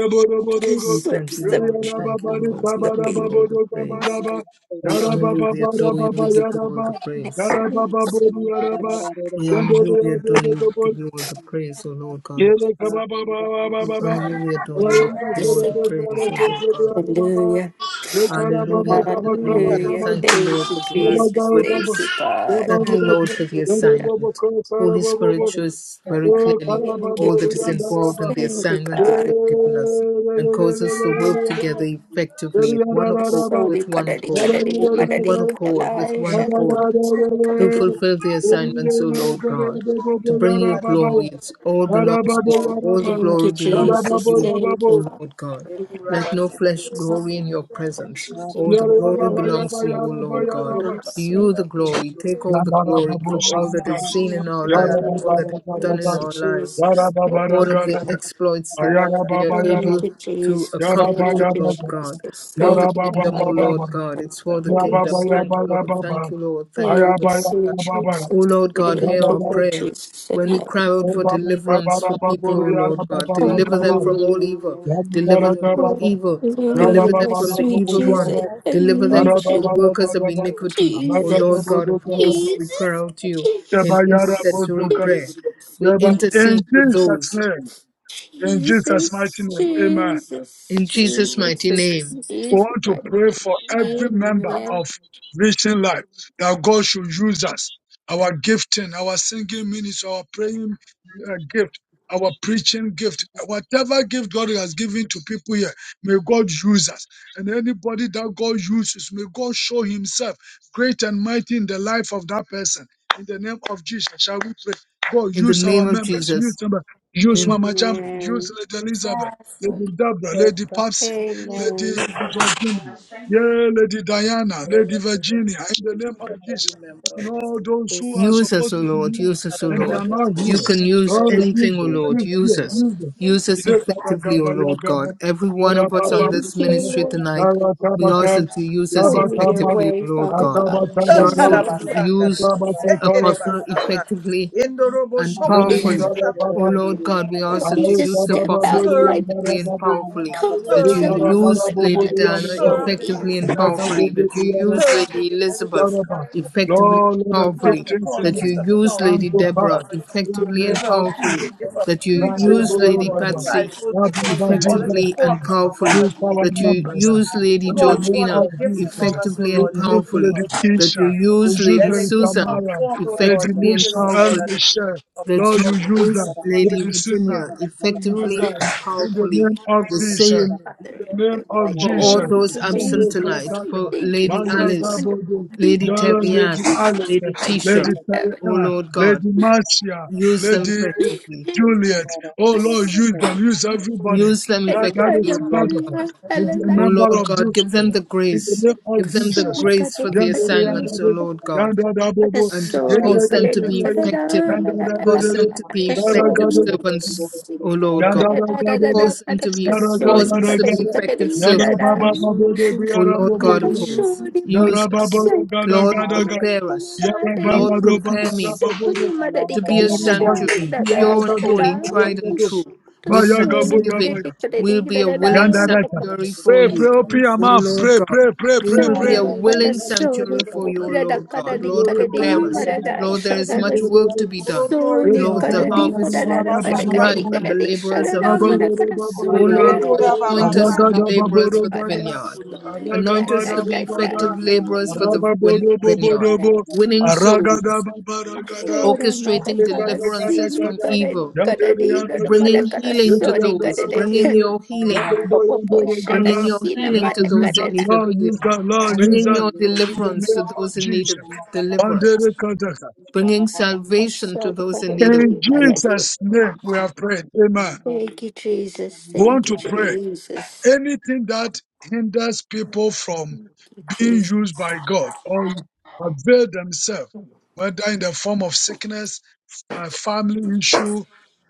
D: The
F: Yara
C: We thank
D: slips
C: you,
D: that were
C: Lord. We
F: yara
C: thank you,
F: baba di
H: you.
C: Lord. We give
F: sabara
C: you
D: gossiping,
C: all
F: babo
C: the
F: do sabara
C: praise.
H: Thank
F: ba.
C: We
F: Yara
C: honor you.
F: baba
C: We
F: baba
C: adore you.
F: baba
C: We give you
F: yara
C: all the
F: ba.
C: praise.
F: Yara baba
D: necklace.
F: bodo yara ba.
C: We honor
F: Yando do
C: you. We
F: yando
C: adore
F: do
C: you.
F: do
C: We give
F: bodo.
C: you all the praise, O Lord God.
F: Yere kaba baba baba
C: We honor
F: baba
C: you.
B: Hallelujah.
C: We adore you. We
F: Yara ba
C: give you
D: Jesus,
C: all
F: sere
C: the
D: thank
F: do
D: you.
F: sere
C: praise, O
F: se
C: Lord
F: se do yara
C: God.
F: baba
D: Hallelujah.
F: Yekara baba
C: Hallelujah.
F: baba kaba
C: Hallelujah.
D: Hallelujah.
F: baba
C: Thank
F: do.
B: Hallelujah.
C: you,
D: Thank
C: Lord,
D: you,
C: for giving us
F: Yaba
D: Jesus.
C: the
F: baba bodo
D: Thank you,
C: grace.
D: God.
C: Thank you, Lord, for the
F: bodo
D: Hallelujah.
F: bodo
C: assignment. Holy
F: bodo
C: Spirit
F: go Yaragadabadabadabodogo. Yarababadisabadababodogabadaba. baba Yaba baba Yarabababodi baba Yandodeyazodobobod. Yelekababababababa. Abayarabaserebesaresesebearababa. baba Yababababa. Yabababa. baba
C: shows very
F: Oh,
B: Hallelujah.
C: clearly
D: Thank you,
C: all that
F: karababori
C: is
D: Jesus.
C: involved in
F: yandaraba.
C: the
D: Thank you,
F: Yara baba yara,
C: assignment that
D: God.
C: you have given us
F: yara
C: and causes to work together effectively in one accord,
D: Sorry,
C: with one
D: kadadi
C: accord,
D: kadadi
C: with
D: madadi
C: one accord, with
D: kadalai
C: one
D: shada
C: accord,
D: kadasa
C: to
D: kadadi.
C: fulfill the assignments, O Lord God, to bring you
B: Hallelujah.
C: glory. It all belongs to you. All the
D: Thank you,
C: glory belongs to
D: Jesus.
C: you,
D: Thank you,
C: O
D: Father.
C: Lord God.
D: in heaven.
C: Let no
B: Ekurabasete.
D: We
C: flesh
D: receive
C: glory in your presence.
D: Worship you
C: All the
D: and
C: glory belongs to
D: glorify
C: you, O
D: your
C: Lord God.
B: that
D: name,
C: To
D: sweet
C: you the glory. Take
D: Jesus.
C: all the glory for all that is seen in our lives,
H: you.
C: all that
D: Hallelujah.
C: is done in
D: Praise you,
C: our lives,
D: Jesus.
C: for
D: Thank
C: all
D: you,
C: of the
D: Father.
C: exploits that we are
F: baba
H: Thank
F: yara,
D: Thank
C: able
D: you,
C: to
D: Jesus.
C: accomplish, O
D: Thank you,
C: Lord God.
D: Jesus.
C: For
F: yara
C: the
D: Thank you,
F: baba
C: kingdom, O
D: God. in
F: baba.
C: Lord God, it's for the
F: In Jesus'
C: kingdom.
D: Praise you,
C: Thank you, Lord. Thank you, Lord. Thank you,
D: Thank
C: Lord.
D: you, sweet Jesus.
C: O Lord God,
D: Thank
C: hear our
D: you, Lord
C: prayer.
D: Jesus in
C: When we cry
D: heaven.
C: out for deliverance for people, O Lord God, deliver them from all evil.
D: Hallelujah.
C: Deliver them from evil.
D: Hallelujah,
C: Deliver them
D: my
C: from the
D: sweet
C: evil one.
D: Jesus. I
C: Deliver them from
D: need
C: the
D: you.
C: workers of iniquity. O Lord
D: Jesus.
C: God of hosts, we cry
D: Jesus.
C: out to you in
D: Jesus.
C: intercessory prayer.
D: Jesus.
C: We intercede for those
F: name, in
D: Jesus.
F: Jesus' mighty
D: Jesus.
F: name, amen.
C: in Jesus' mighty
D: Jesus.
C: name,
F: We
D: Jesus.
F: want to
D: My
F: pray for every
D: name.
F: member
D: Amen.
F: of Vision Life that God should use us, our gifting, our singing ministry, our praying uh, gift, our preaching gift, whatever gift God has given to people here, may God use us. And anybody that God uses, may God show Himself great and mighty in the life of that person. In the name of Jesus, shall we pray? God,
C: in the
F: use our
C: name of
F: members, use
C: Jesus.
F: them, use Mama Jam,
D: Amen.
F: use Lady Elizabeth,
A: Yes, Lord.
F: Lady Deborah, Lady Papsi.
A: You
F: Lady
D: Amen.
F: Virginia, yeah, Lady Diana, Lady Virginia, in the name of Jesus,
B: every member
F: and
B: of this
F: all
B: meeting.
F: those who are
C: Use us,
F: supposed
C: O
F: to be
C: Lord,
F: here
C: use us, O
B: Father
F: and
B: God,
F: they
B: I
F: are
C: Lord.
B: just
F: not
C: You
F: here.
C: can use
B: pray
F: Lord,
B: that you
F: use
C: anything, O
F: them,
B: are
C: Lord,
F: use them,
C: use us.
B: going
F: use
B: to
F: them.
C: Use us
B: all
F: Ide
B: about
F: gaba
C: effectively, O
B: it.
F: gaba ya
C: Lord
F: gaba,
C: God. Every one
F: bara
C: of
B: And
C: us
B: you are
C: on
F: baba
B: going
C: this
D: Thank you,
F: gaba,
C: ministry
B: to
D: Lord
C: tonight,
F: bara
C: we
F: kaba
C: ask
F: kaba,
C: that you use us
D: Show
F: yaba
B: this
D: me your
F: kaba,
C: effectively, O
D: way,
C: Lord
D: Father
C: God.
F: akaba
D: God.
C: We
F: kaba
D: Show
C: ask
E: For
F: kaba,
C: that
D: me
E: your
C: you
D: your way.
B: that we
C: use
B: will
F: akaba kaba
B: take any of
F: kaba,
C: Apostle
B: us after.
C: effectively
B: Indorobo
C: and
F: yende
C: powerfully.
F: yanda
B: sata
C: O
F: baba,
B: karabato.
C: Lord God, we ask
D: Help me
C: that you
F: ayo
D: to
C: use the
F: kaba
D: step
C: apostle
F: babu
D: out of
B: Stir up
D: my
B: the
C: effectively
B: gifts,
C: and
B: O
F: yanda
C: powerfully,
B: Lord.
D: comfort
C: that
B: Stir
F: Lord,
B: up the
C: you
D: zone,
B: gifts, O
D: Father
C: use Lady
B: Lord.
D: God, and
C: Diana
B: Stir
D: show
B: up the
D: me.
C: effectively
B: gifts in
C: and
B: us, O
C: powerfully,
B: Lord.
C: that you use
B: Stir up the
C: Lady
B: gifts. Let the
C: Elizabeth
B: gifts come forth, Lord.
C: effectively and
F: let the
B: called,
C: powerfully,
B: it's
F: giftings
B: called
F: in
C: that you
B: gift
F: us
B: of
C: use
B: tongues,
F: come
C: Lady
B: gift
F: to
B: of
F: pass
C: Deborah
B: prophecy,
F: in the
C: effectively
F: name
B: gift
C: and
B: of
F: of Jesus.
C: powerfully,
B: teaching, gift of
C: that you
F: Yahweh
B: preaching, oh
C: use
B: Lord
C: Lady
B: God, the
C: Patsy
B: fivefold ministry. We
F: Rabbi
B: call it
F: Jesus,
C: effectively
B: forth
C: and
B: from among
C: powerfully,
F: use
B: us in the
F: our
C: that
B: name of
C: you
F: numbers uh,
C: use
B: Jesus.
C: Lady
F: in the
B: Call
F: name
B: forth the
C: Georgina
F: of
B: gifts among
F: Jesus.
B: us, O
C: effectively
F: You
C: and
B: Lord, in the
F: use
B: name
C: powerfully,
B: of
F: Lady
B: Jesus.
C: that you
F: Isha, you
C: use
F: use
C: Lady
B: Let the
F: Lady
B: gift come
C: Susan
F: Tamara,
B: forth, O
F: Lady
B: Lord. We
C: effectively
B: pray,
C: and
F: Michelle,
B: O
F: El
B: Lord, that the
C: powerfully,
B: gift
F: Michelle.
B: come
C: that
F: Lord,
C: you
F: you
B: forth.
F: use us,
C: used Lady
F: Lady
C: Virginia
F: Susan, you use
C: effectively
F: us
C: and
F: in the
C: powerfully.
F: name of
C: The
F: Jesus.
C: same
H: you.
F: In
D: Father
F: the
D: in
F: name
D: heaven,
F: of
D: I
C: for all
F: Jesus,
D: thank
C: those
D: you,
F: Monday
C: absent tonight,
D: Jesus.
F: Kataya,
C: for
D: Thank you for
C: Lady
F: Maya
D: these
C: Alice,
D: wonderful
F: Zabode,
C: Lady
D: people,
F: Yara
C: Terry-Ann,
F: Lady Alex,
D: Jesus
C: Lady
D: Christ
C: Tisha.
D: in
F: Lady
D: heaven.
C: O
F: Taria,
H: Thank
C: Lord God,
F: Lady Marcia,
C: use them
F: Lady
C: effectively.
F: Juliet. Oh Lord, use and use everybody
C: Use them
D: And
F: that, that
D: God,
C: effectively,
F: is
C: O
D: I'm
F: part
C: Lord
F: of
C: God.
D: alive.
F: us, is a
C: O
D: Hallelujah.
F: member
C: Lord
F: of
C: God,
F: this
C: give them
F: church.
C: the
F: In the
C: grace.
F: name of
C: Give them the
F: Jesus.
C: grace for the
F: Yandere,
C: assignments, O
F: yandere,
C: Lord God,
F: yandere,
D: Sony,
F: bobo,
C: and
F: yandere,
C: cause
F: yandere,
C: them to be
F: yandere, yandere,
C: effective. Cause
F: yandere,
C: them to be effective
F: yandere,
C: servants, O Lord
F: yandere, yandere,
C: God.
F: yandere,
C: Cause them to be cause us
E: blessings,
F: yandere,
C: to be
F: yandere,
C: effective
F: yandere,
C: servants,
F: baba,
E: we shall
F: baba,
E: not
F: baby,
C: O
F: yara,
C: Lord
E: we
F: bobo,
C: God
E: shall
C: of
E: not
C: hosts. Use
F: yara,
C: us.
F: baba, yara, yara,
C: Lord,
F: yara,
C: prepare us.
F: yara,
C: Lord,
F: baba, do,
C: prepare
F: baba,
C: me
F: baba,
C: to be a
F: Yaragado,
C: sanctuary, pure and
F: Yaragado,
C: holy, tried and
F: Yaragado,
C: true. With
F: Baya Gaboya
C: thanksgiving,
F: Baya,
C: we'll be a willing
F: Yandaraka.
C: sanctuary for
F: Pray,
C: you,
F: pray, open
E: we
F: your
E: shall
C: O
F: mouth,
C: Lord
F: pray,
C: God.
F: pray, pray,
C: We
F: pray,
C: will be
F: pray.
C: a
D: Shara para
C: willing
E: not we
D: soni
C: sanctuary
E: shall
C: for you,
F: Yakabakabuku,
C: O
D: kapra da
C: Lord
D: kada
C: God.
D: di
C: Lord,
D: kada
C: prepare
D: di
C: us.
F: Yandorogadagadada,
D: da
C: Lord, there is
D: shara da
C: much work to
F: Yandorogado,
C: be
B: Oh,
C: done.
B: glory to
D: soni
B: you.
C: Lord, the
D: kada di
H: Thank
D: pada
C: harvest
D: da da
B: Baba
C: is
B: Sanda
D: kada di
C: ripe
F: Yabakababababababababa,
C: and
D: kada
C: the
B: Koro.
C: laborers
D: shara
C: are
D: da
B: Mutanda.
C: few.
D: mara kada
C: O
D: soni
F: Rababaraga,
D: da
C: Lord
D: da
C: God,
D: di
B: Ekura
C: anoint
B: Baba
D: da
C: us
D: da
C: to be
B: Sanda
F: aragada
B: Koro.
C: laborers for the
D: para
F: Baborogada,
C: vineyard.
D: soni da
C: Anoint us
D: da
F: aragabada
C: to be
D: da da
F: Rababarabaga,
C: effective
F: Aragadababorogada, Aragabarababada,
C: laborers for the vin- vineyard,
F: Arababorobobobo,
C: winning souls,
F: Aragadababaragada,
D: shara mara
C: orchestrating
D: kada
C: deliverances
D: sini
C: from
F: Aragadagadagada,
D: kada di
C: evil,
D: kada
F: Yandere
D: di da da
F: Yandere,
C: bringing
F: Yandere
D: kada
C: healing to
D: soni kada
C: those,
D: da
C: bringing
F: Yandere,
C: your healing,
D: popo shara
C: bringing
F: Yandabaragada.
C: your
D: sini
C: healing to
D: mara
F: Lord, use
C: those in
D: kada
F: that,
D: da
C: need of
F: Lord, use
C: healing,
F: that, Lord, use
C: bringing
F: that
C: your
F: in the
C: deliverance
F: name
C: to
F: of
C: those in need of
F: Jesus.
C: deliverance,
F: Andere Kadaka.
C: bringing salvation to
D: shara
C: those in
D: kada
C: need of
F: In
D: di
C: salvation.
D: mara
F: Jesus' name we have prayed. Amen.
D: Thank you, Jesus.
F: We want
D: Thank you,
F: to pray.
D: Jesus.
F: anything that hinders people from
D: Thank you,
F: being used
D: Jesus.
F: by God or avail themselves, whether in the form of sickness, uh, family issue,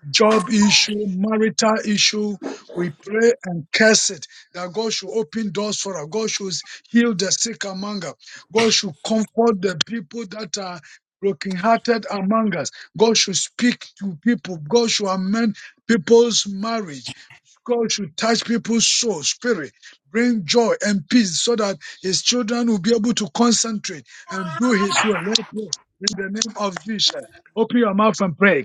F: job issue, marital issue, we pray and curse it that God should open doors for us. God should heal the sick among us. God should comfort the people that are brokenhearted among us. God should speak to people. God should amend people's marriage. God should touch people's soul, spirit, bring joy and peace so that his children will be able to concentrate and do his will. Let's pray in the name of Jesus. Open your mouth and pray.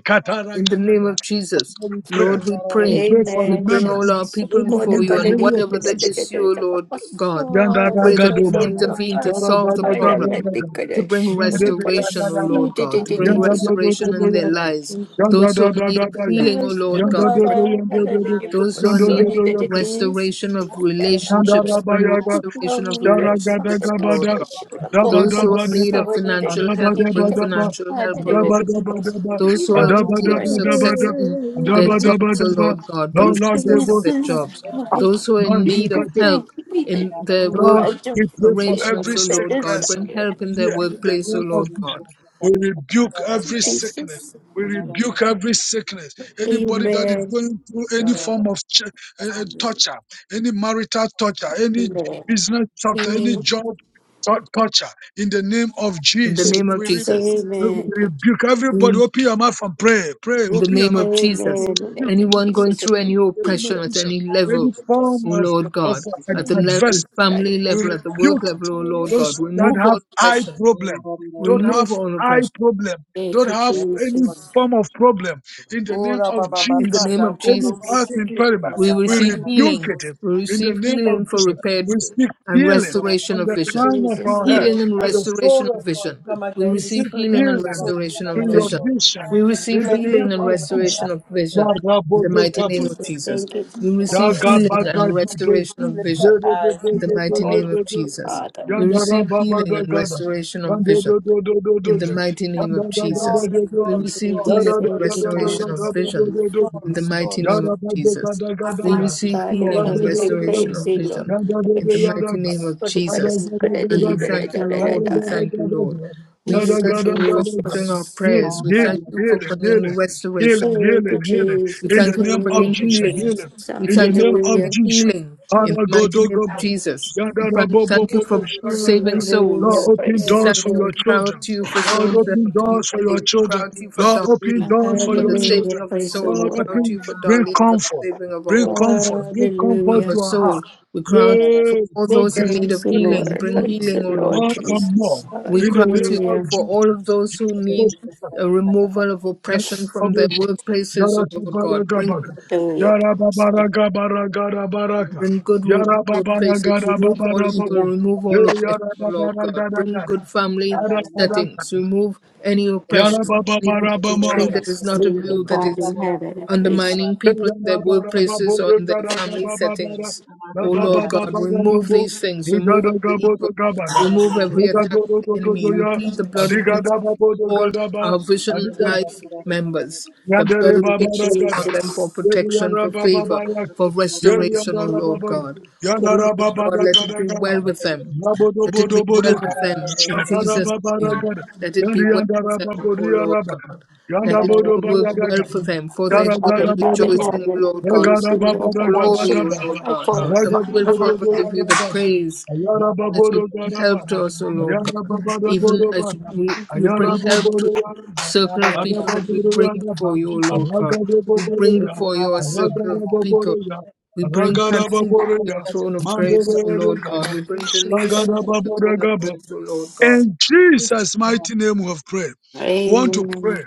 C: In the name
F: Kataragadaga.
C: of Jesus,
F: Father, we pray.
C: Lord, we
F: We
C: pray.
F: pray for our
C: We
D: Amen.
C: bring
D: Shout.
F: members.
C: all our people
F: Any
D: God,
C: before
F: hinder,
C: you,
D: God, the-
C: and
D: the-
F: any
E: not
C: whatever
D: the- the-
C: the
D: the-
F: opposition.
C: issue,
D: the- the- Oh, the- the- the-
C: Lord God, we
D: apostle,
C: pray that you
F: Yandaragadoba.
D: the-
E: Hallelujah,
C: intervene to
H: you.
D: apostle.
C: solve the
D: I love
C: problem.
D: that the
F: Yaragadagadaga.
C: to bring
D: goddess. When you gotta
C: restoration, O
F: Yandadadadada.
D: see
C: Lord
D: the- the-
C: God, to
D: the-
H: Thank
D: the-
C: bring
D: the-
C: restoration
E: hallelujah.
C: in their
F: Yandadadadadada.
C: lives.
E: We shall not
C: Those who are in
F: Yandadadadadada.
C: need of healing,
D: Oh,
C: O
E: we shall
C: Lord
D: the
C: God, bring
D: mother, and
C: healing.
D: I
F: Yandadadadadada.
D: think it
C: Those
D: was
C: who are in
D: so
C: need of
D: neat that it
F: Yandadadadadada.
D: is.
C: restoration of
D: That
C: relationships, bring
F: Nandarabayaga,
C: restoration of
D: loneliness of the
C: relationships, O Lord
D: gospel
F: Sharagadagabada,
C: God.
D: showed up.
C: Those who
D: Oh,
C: are in need
F: Dabadabadaba,
D: so
C: of
D: neat that
C: financial
D: it is
C: help, bring
D: difficult.
F: Andabadabadaba,
C: financial
D: And
C: help, O
D: then the
C: Lord
D: book of so
F: Andabadabadaba,
C: those
D: neat,
C: who
D: I
C: are in
D: want
C: need
D: to
C: of
D: understand.
C: success
F: Andabadabadabada,
C: in their
D: This
C: jobs, O
F: Andabadabadaba,
C: Lord God, bring
F: no,
C: success in their
D: is
C: jobs.
D: why
C: Those who are in need of
D: people
F: Lord,
D: think
C: help
D: that
C: in their work
F: Lord,
D: I
F: we
D: don't
F: pray for
D: fulfill
F: every
C: arrangements, O
D: the
F: sick
C: Lord God,
F: person
C: bring
D: desire
C: help in their
F: here in the
C: workplace, O
F: name of
C: Lord
F: Jesus.
C: God.
F: We rebuke
D: of
F: every sickness.
D: Jesus.
F: We rebuke every sickness. Anybody that is
D: Amen.
F: going through any
B: Mutanda.
F: form of ch- uh, uh, torture, any marital torture, any
D: Amen.
F: business torture, any
D: Amen.
F: job tor- torture, in the name of
C: In the
F: Jesus,
C: name of
F: we
D: Jesus.
F: rebuke.
C: Jesus.
F: We we
D: Amen.
F: rebuke everybody.
C: In,
F: Open your mouth and pray. Pray.
C: in
F: Open
C: the
F: your
C: name
F: mouth.
C: of
D: Amen.
C: Jesus.
F: We
D: And Amen.
F: rebuke
C: Anyone going
D: Jesus. I
C: through any
F: in the
D: believe
F: name of
C: oppression at
D: that's
F: Jesus.
C: any
F: Any
C: level,
D: the
F: form
D: desire
C: O
F: of,
C: Lord
F: of
C: God,
D: of
F: ad-
C: at
D: God.
C: the le-
F: adversity,
C: family
F: we
C: level,
D: Hallelujah.
C: at the work
F: rebuke it.
C: level, O Lord God,
F: Those that
C: remove
F: have
C: all
F: eye
C: oppression.
F: problem, don't have
C: Remove all
F: eye
C: oppression.
F: problem,
D: Thank
F: don't
D: you,
F: have
B: Yes,
F: any
B: Lord.
D: Jesus.
F: form of problem in the name
B: Ora
F: of
B: Baba
C: In the
F: Jesus.
C: name of
B: Sanda
F: Any
B: Koro.
C: Jesus.
F: health
B: Boseke
F: impairment,
B: Baba
C: We
F: we
B: Sanda
C: receive
B: Koro.
F: rebuke
C: healing.
F: it
C: We
F: in the
C: receive
F: name of
C: healing for
F: Jesus.
C: repaired
F: We speak
C: and
F: healing
C: restoration
F: from
C: of
F: the
D: Thank you,
C: vision.
F: crown of
D: Jesus.
F: our
B: Musiki.
D: Thank
F: head
C: Healing
D: you,
C: and
D: God.
F: to the sole
C: restoration of
F: of our
C: vision.
F: feet.
B: Come
C: We
F: We
B: against the
C: receive
F: seek
B: spirit of
C: healing and
F: healing
B: infirmity,
C: restoration
B: O
F: to
C: of
B: Lord
F: your
C: vision.
B: God.
F: vision
C: We
B: We
F: in
C: receive
F: the
B: declare
C: healing
F: name
B: healing
C: and
F: of
B: in our
C: restoration
F: Jesus.
B: lives,
C: of
B: O Lord.
C: vision. In the
D: Thank
B: We
C: mighty
B: declare
D: you,
C: name of
D: Jesus.
B: healing,
C: Jesus.
D: Thank you,
C: We
B: healing, healing,
D: God,
B: O
C: receive
B: Lord
F: Yaga
B: God.
C: healing
F: baga
C: and
H: you.
F: dudu.
C: restoration of
B: Healing for
C: vision.
F: Yede de
B: eyes,
F: de
C: In the
F: de
B: healing for
F: de
C: mighty
F: de
B: all the
C: name
F: de
C: of
F: de.
C: Jesus.
B: sickness
D: Father.
B: and
C: We
B: disease.
F: Yandara
C: receive
F: baba
C: healing
F: da
C: and
F: gada.
C: restoration of
F: Yande
C: vision
F: do do do do
C: in
F: do
C: the
F: de.
C: mighty name
H: Thank
F: Yanda
C: of
F: da da da
C: Jesus.
B: Restore,
F: da da
C: We
B: restore,
F: de.
D: Thank you,
C: receive
B: restore. We
D: Jesus.
C: healing
B: pray
F: Yada da
C: and
B: for
F: da
D: Thank you,
F: da da da da
C: restoration
B: restoration,
C: of
D: God.
B: O
F: da
B: God.
F: da
C: vision
F: da da
B: Restore,
C: in
F: da.
C: the
B: restore,
C: mighty name of
F: Yada
B: restore,
F: da da
C: Jesus.
F: da da da da
C: We
D: Father
F: ya.
C: receive
D: God in
B: restore,
C: healing
F: Healing,
C: and
D: heaven,
F: healing,
B: restore.
D: I
C: restoration
D: praise
C: of
D: thee, Lord.
C: vision
F: healing,
D: Thank you,
C: in the mighty name
D: Jesus.
C: of
D: Thank
C: Jesus. And we thank you, Lord. We thank you, Lord. We thank you for answering our prayers. We thank you for bringing
F: healing,
C: restoration.
F: healing,
D: you,
F: healing, healing.
C: We
F: In
D: Jesus. Thank
F: the
C: thank you for
F: name of
D: you,
C: bringing
F: Jesus,
C: healing.
F: healing.
D: Jesus.
C: We
F: In the
C: thank you
F: name
C: for
F: of
C: bringing
D: Hallelujah.
F: Jesus.
C: healing in the mighty name of
F: Paragodogobo.
C: Jesus. We pran- thank you
F: Yadarabobobobo.
C: for saving
F: Shagadaka. Lord,
D: Hallelujah.
C: souls.
F: open
D: Praise
C: We
D: the
C: thank
F: doors for
C: you.
F: your
C: We
D: Lord.
C: cry
F: children.
C: out to you for
F: Lord,
C: souls that
F: open
C: have to be
F: doors for your
C: saved. We cry
F: children.
C: out to you for
F: Lord, open
C: Darlene,
F: doors for
C: for
F: your
C: the
E: Hallelujah.
D: Hallelujah.
C: saving
F: children.
C: of her
D: Praise the
C: soul. We
F: Lord,
C: cry
D: Lord.
C: out to
F: open,
C: you for
F: bring
C: Darlene, for the
F: comfort.
C: saving of her
F: Bring
C: whole
F: comfort. Bring comfort
C: of her
D: Hallelujah.
F: to our
C: soul.
F: heart.
C: We cry out to you for
F: Yay,
C: all those in
F: progress.
C: need
D: Praise
C: of
D: the
F: Let us
C: healing.
D: Lord.
C: Bring
F: know
D: Praise
F: you
D: the
C: healing, O
D: Lord,
C: Lord
F: more
C: God.
F: and
D: Jesus.
F: more.
C: We
F: In the
C: cry out to
F: name of
C: you
D: Hallelujah.
C: for
F: Jesus.
C: all of those who
F: Jesus,
C: need a removal of
F: Christ.
C: oppression from their
F: Abu,
C: workplaces, O
F: Yara
C: Lord
F: Kubara
C: God. Bring,
F: Gabaga.
D: Hallelujah.
F: Yara
D: Praise the
F: Babara
D: Lord,
F: Gabara Baraka.
C: bring good wo-
F: Yara Babara
C: workplaces,
F: Gara
C: remove all evil,
F: Babu.
C: remove
F: Yara
C: all oppression,
F: Yara
C: O
H: you.
C: Lord
F: Babara
C: God. Bring good family
F: Yara Gara
C: settings,
F: Gara.
C: remove any oppression,
F: Yara
C: anything
D: Thank you,
C: that is
D: Jesus.
C: not of
D: Thank you,
C: you that
D: God
C: is
D: in heaven. I praise.
C: undermining people
F: Yanda
C: in their workplaces or in their family settings. O Lord God, remove these things, remove every evil, remove every attack of the enemy. We plead the blood of Jesus all our Vision Life members. The blood of
D: Thank you,
C: Jesus upon them for
D: Jesus.
C: protection, for favor, for restoration, O Lord God. O Lord God, let it be well with them. Let it be well with them in Jesus' name. Let it be well with them, O Lord God. Let it
F: bodo
C: all
F: ba
C: work
H: Thank
C: well
H: you.
F: yada
C: for them, for
F: Gara
D: Thank you,
C: their good
D: Father
F: gara
C: and
F: gara
D: God in
C: rejoicing, O
D: heaven. I
C: Lord God.
D: praise
F: gara,
D: you,
C: For
F: baba
D: Lord. I
F: gara
C: your
H: Thank
D: worship
C: glory,
F: baba,
C: O
D: you.
C: Lord
D: I
C: God. And
D: glorify
F: raga
C: we will
D: you.
F: boro
C: forever give
F: boro
C: you the
F: baba,
C: praise
F: ayara
C: as you
F: boro
C: bring
F: gara
C: help
F: baba,
C: to us, O Lord God,
F: ayara baba
C: even
F: boro
C: as
F: baba,
C: we,
F: ayara Garagadabodoba, Negarababadagadabada, Ayagadabodobarabada,
C: you
F: Ayarababodogarabada,
C: bring help to the circle of people that we bring before you, O
F: Ayarababadabodobada, Ayarababodobaraba,
C: Lord God. We bring
F: Arababodobaraba, Aragadabobodoya,
C: before you a circle of people.
F: Aragadabobodoya,
C: We bring Patsy before your
F: Aragadabobodoya,
C: throne of grace, O Lord God.
F: Mandobodoya,
C: We bring Denise before your throne of
F: Shagadababodagaba.
C: grace, O Lord God.
F: In Jesus' mighty name we have prayed. We want to pray.
D: Amen.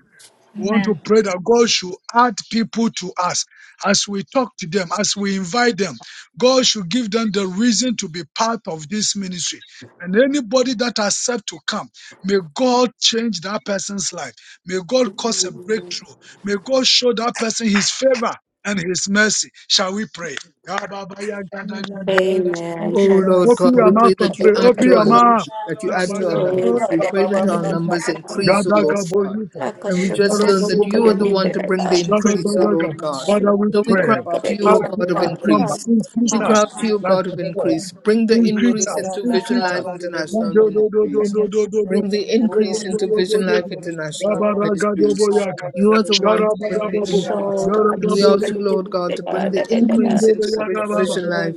F: We want to
E: Amen.
F: pray that God should add people to us as we talk to them, as we invite them. God should give them the reason to be part of this ministry. And anybody that accepts to come, may God change that person's life. May God cause a breakthrough. May God show that person his favor and his mercy. Shall we pray? Open
E: Hallelujah. Thank
D: Amen.
C: Oh
E: you,
D: Shad-
C: Lord
E: Lord.
C: God,
F: your
C: we
D: so-
F: mouth
C: pray
F: and
C: that you
F: pray.
C: add to
F: Open
E: Thank
C: our
F: your
E: you, Lord.
D: kadadi-
F: mouth.
C: numbers, that you
A: Lord,
E: Thank
C: add
E: you,
C: to our
D: so-
E: Jesus.
B: Ora
C: numbers. We pray
D: kadadi-
B: baba
C: that our
E: Amen.
D: kadadi-
B: basanda
C: numbers
D: kadadi.
B: koro.
E: Praise
C: increase, O Lord God.
D: Shaka-
C: And
E: the
C: we just
E: Lord.
D: shaka-
C: learned that
D: suka-
C: you are
D: da-
C: the
D: da-
C: one
D: da-
E: The
C: to
D: da-
C: bring the
D: da.
E: builders were
C: increase, O
E: built
F: Shabbat-dabba-ga.
C: Lord
E: around that
C: God.
F: Father,
D: So-
F: we
C: So we
D: da-
C: cry
F: pray.
C: out
B: Ora
D: da-
B: baba
C: to
D: da-
C: you,
E: conflict.
F: Add
D: da-
C: O
D: da-
E: They
F: to
C: God of
F: our
E: were built
D: da.
F: number,
C: increase.
F: increase
C: We
D: So-
A: kingdom
C: cry
B: sondo
F: us
C: out to
A: mind
B: kuro.
C: you, O
F: like
C: God
E: to
F: a
C: of
E: get
F: flood.
E: rid
C: increase.
E: of
C: Bring the
F: Increase
B: Yere
C: increase
E: faith
F: us,
C: into
B: sanda
E: and
C: Vision
F: increase us.
C: Life
B: karaba.
F: Do,
E: anger.
C: International
F: do, do, do, do,
C: Ministries.
E: And
F: do,
E: if
F: do,
E: there
F: do,
E: was
F: do.
C: Bring the
B: Oro
F: Do, do,
C: increase into
F: do,
B: bobo
F: do,
C: Vision
F: do,
C: Life
F: do,
B: sondo.
C: International
B: Baba.
F: Rabaraga do.
C: Ministries.
G: of God,
F: Rabba-raga-dobo-yaka.
C: You are the one to bring the
B: Ora
C: increase.
D: da- da-
B: baba.
C: And we
F: Sharabba-dabba-bo.
D: suka-
C: ask you,
D: da- da- da-
C: Lord God,
H: you.
C: to
G: you
D: da-
C: bring
G: have
D: da-
C: the
D: da-
G: been
C: increase into
D: da-
G: the Lord, and
C: Bridge Vision
D: da.
C: Life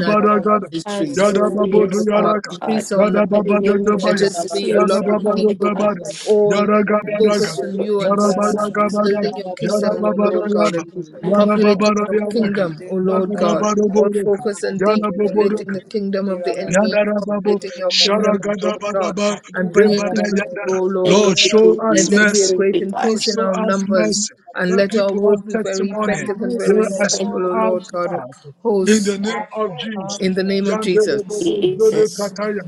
G: you have been the Lord,
C: Ministries.
D: Absolutely,
C: Oh,
D: yes,
C: Lord God,
D: Father
C: increase
G: and you have been the Lord, and you have
D: God.
C: our
G: been
D: In the
C: numbers.
D: name of
C: Let us
D: Jesus,
C: be a
D: yes,
C: lot
D: we
C: of
D: call the
C: people
D: God.
G: the Lord, you have been the Lord, and you have
C: all focus
D: Thank
C: on
D: you,
C: you and
D: Jesus.
C: focus
D: Thank
C: on
D: you,
C: building
G: been
C: your kingdom, O Lord God, and populating your kingdom, O Lord God. All focus on
G: the Lord, and
C: depopulating the kingdom of the
G: that
C: enemy and
F: Yadarababo,
C: populating your kingdom, O Lord God,
G: this
F: Sharagadabadaba,
G: is
C: and
G: the
C: bringing
G: true
C: people to
F: Debadayada.
C: you, O Lord God.
F: Lord, show us
C: Let there be a
F: mercy.
C: great
D: God.
F: Lord,
C: increase in
F: show
C: our
F: us
C: numbers,
F: mercy.
C: and
F: Let
C: let our
F: people have
C: work be very
F: testimony
C: effective and
E: no
C: very
F: here
D: Jesus.
E: equivalent,
F: as
D: Thank
C: impactful,
F: you
C: O
F: are
C: Lord God
F: to
C: of
F: us. In the
E: communion
C: hosts,
E: with
F: name of
A: advocate.
H: Thank
E: God
H: you.
F: Jesus.
C: in
E: and
C: the
E: with
C: name of
E: God.
C: Jesus.
H: Hallelujah,
F: Yandarabobo
D: you, Jesus.
F: Zode
H: hallelujah.
F: Kataya.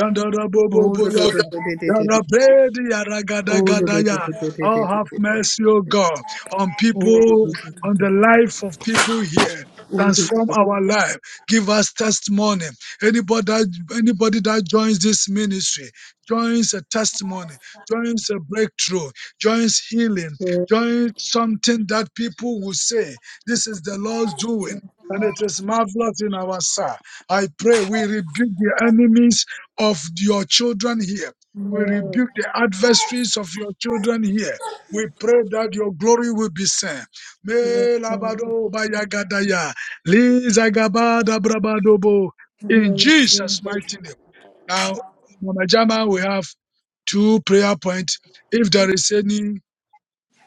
F: Yandarabobo
C: Oh,
F: Boyaka. Yarabedi Yaragadagadaya. Oh, have mercy, O God, on
C: Oh, do-
F: people,
C: do- do- do-
F: on
C: do-
F: the
C: do- do.
F: life of people here.
C: Oh, do- do-
F: Transform
C: do.
F: our life. Give us testimony Anybody that, anybody that joins this ministry, joins a testimony, joins a breakthrough, joins healing,
E: Good
F: joins something that people will say, this is the Lord's doing. And it is marvelous in our sight. I pray we rebuke the enemies of your children here. We rebuke the adversaries of your children here. We pray that your glory will be seen. Me labado bayagadaya, li zagabada brabadobo. In Jesus' mighty name. Now, Mama Jama, we have two prayer points. If there
D: Thank
F: is any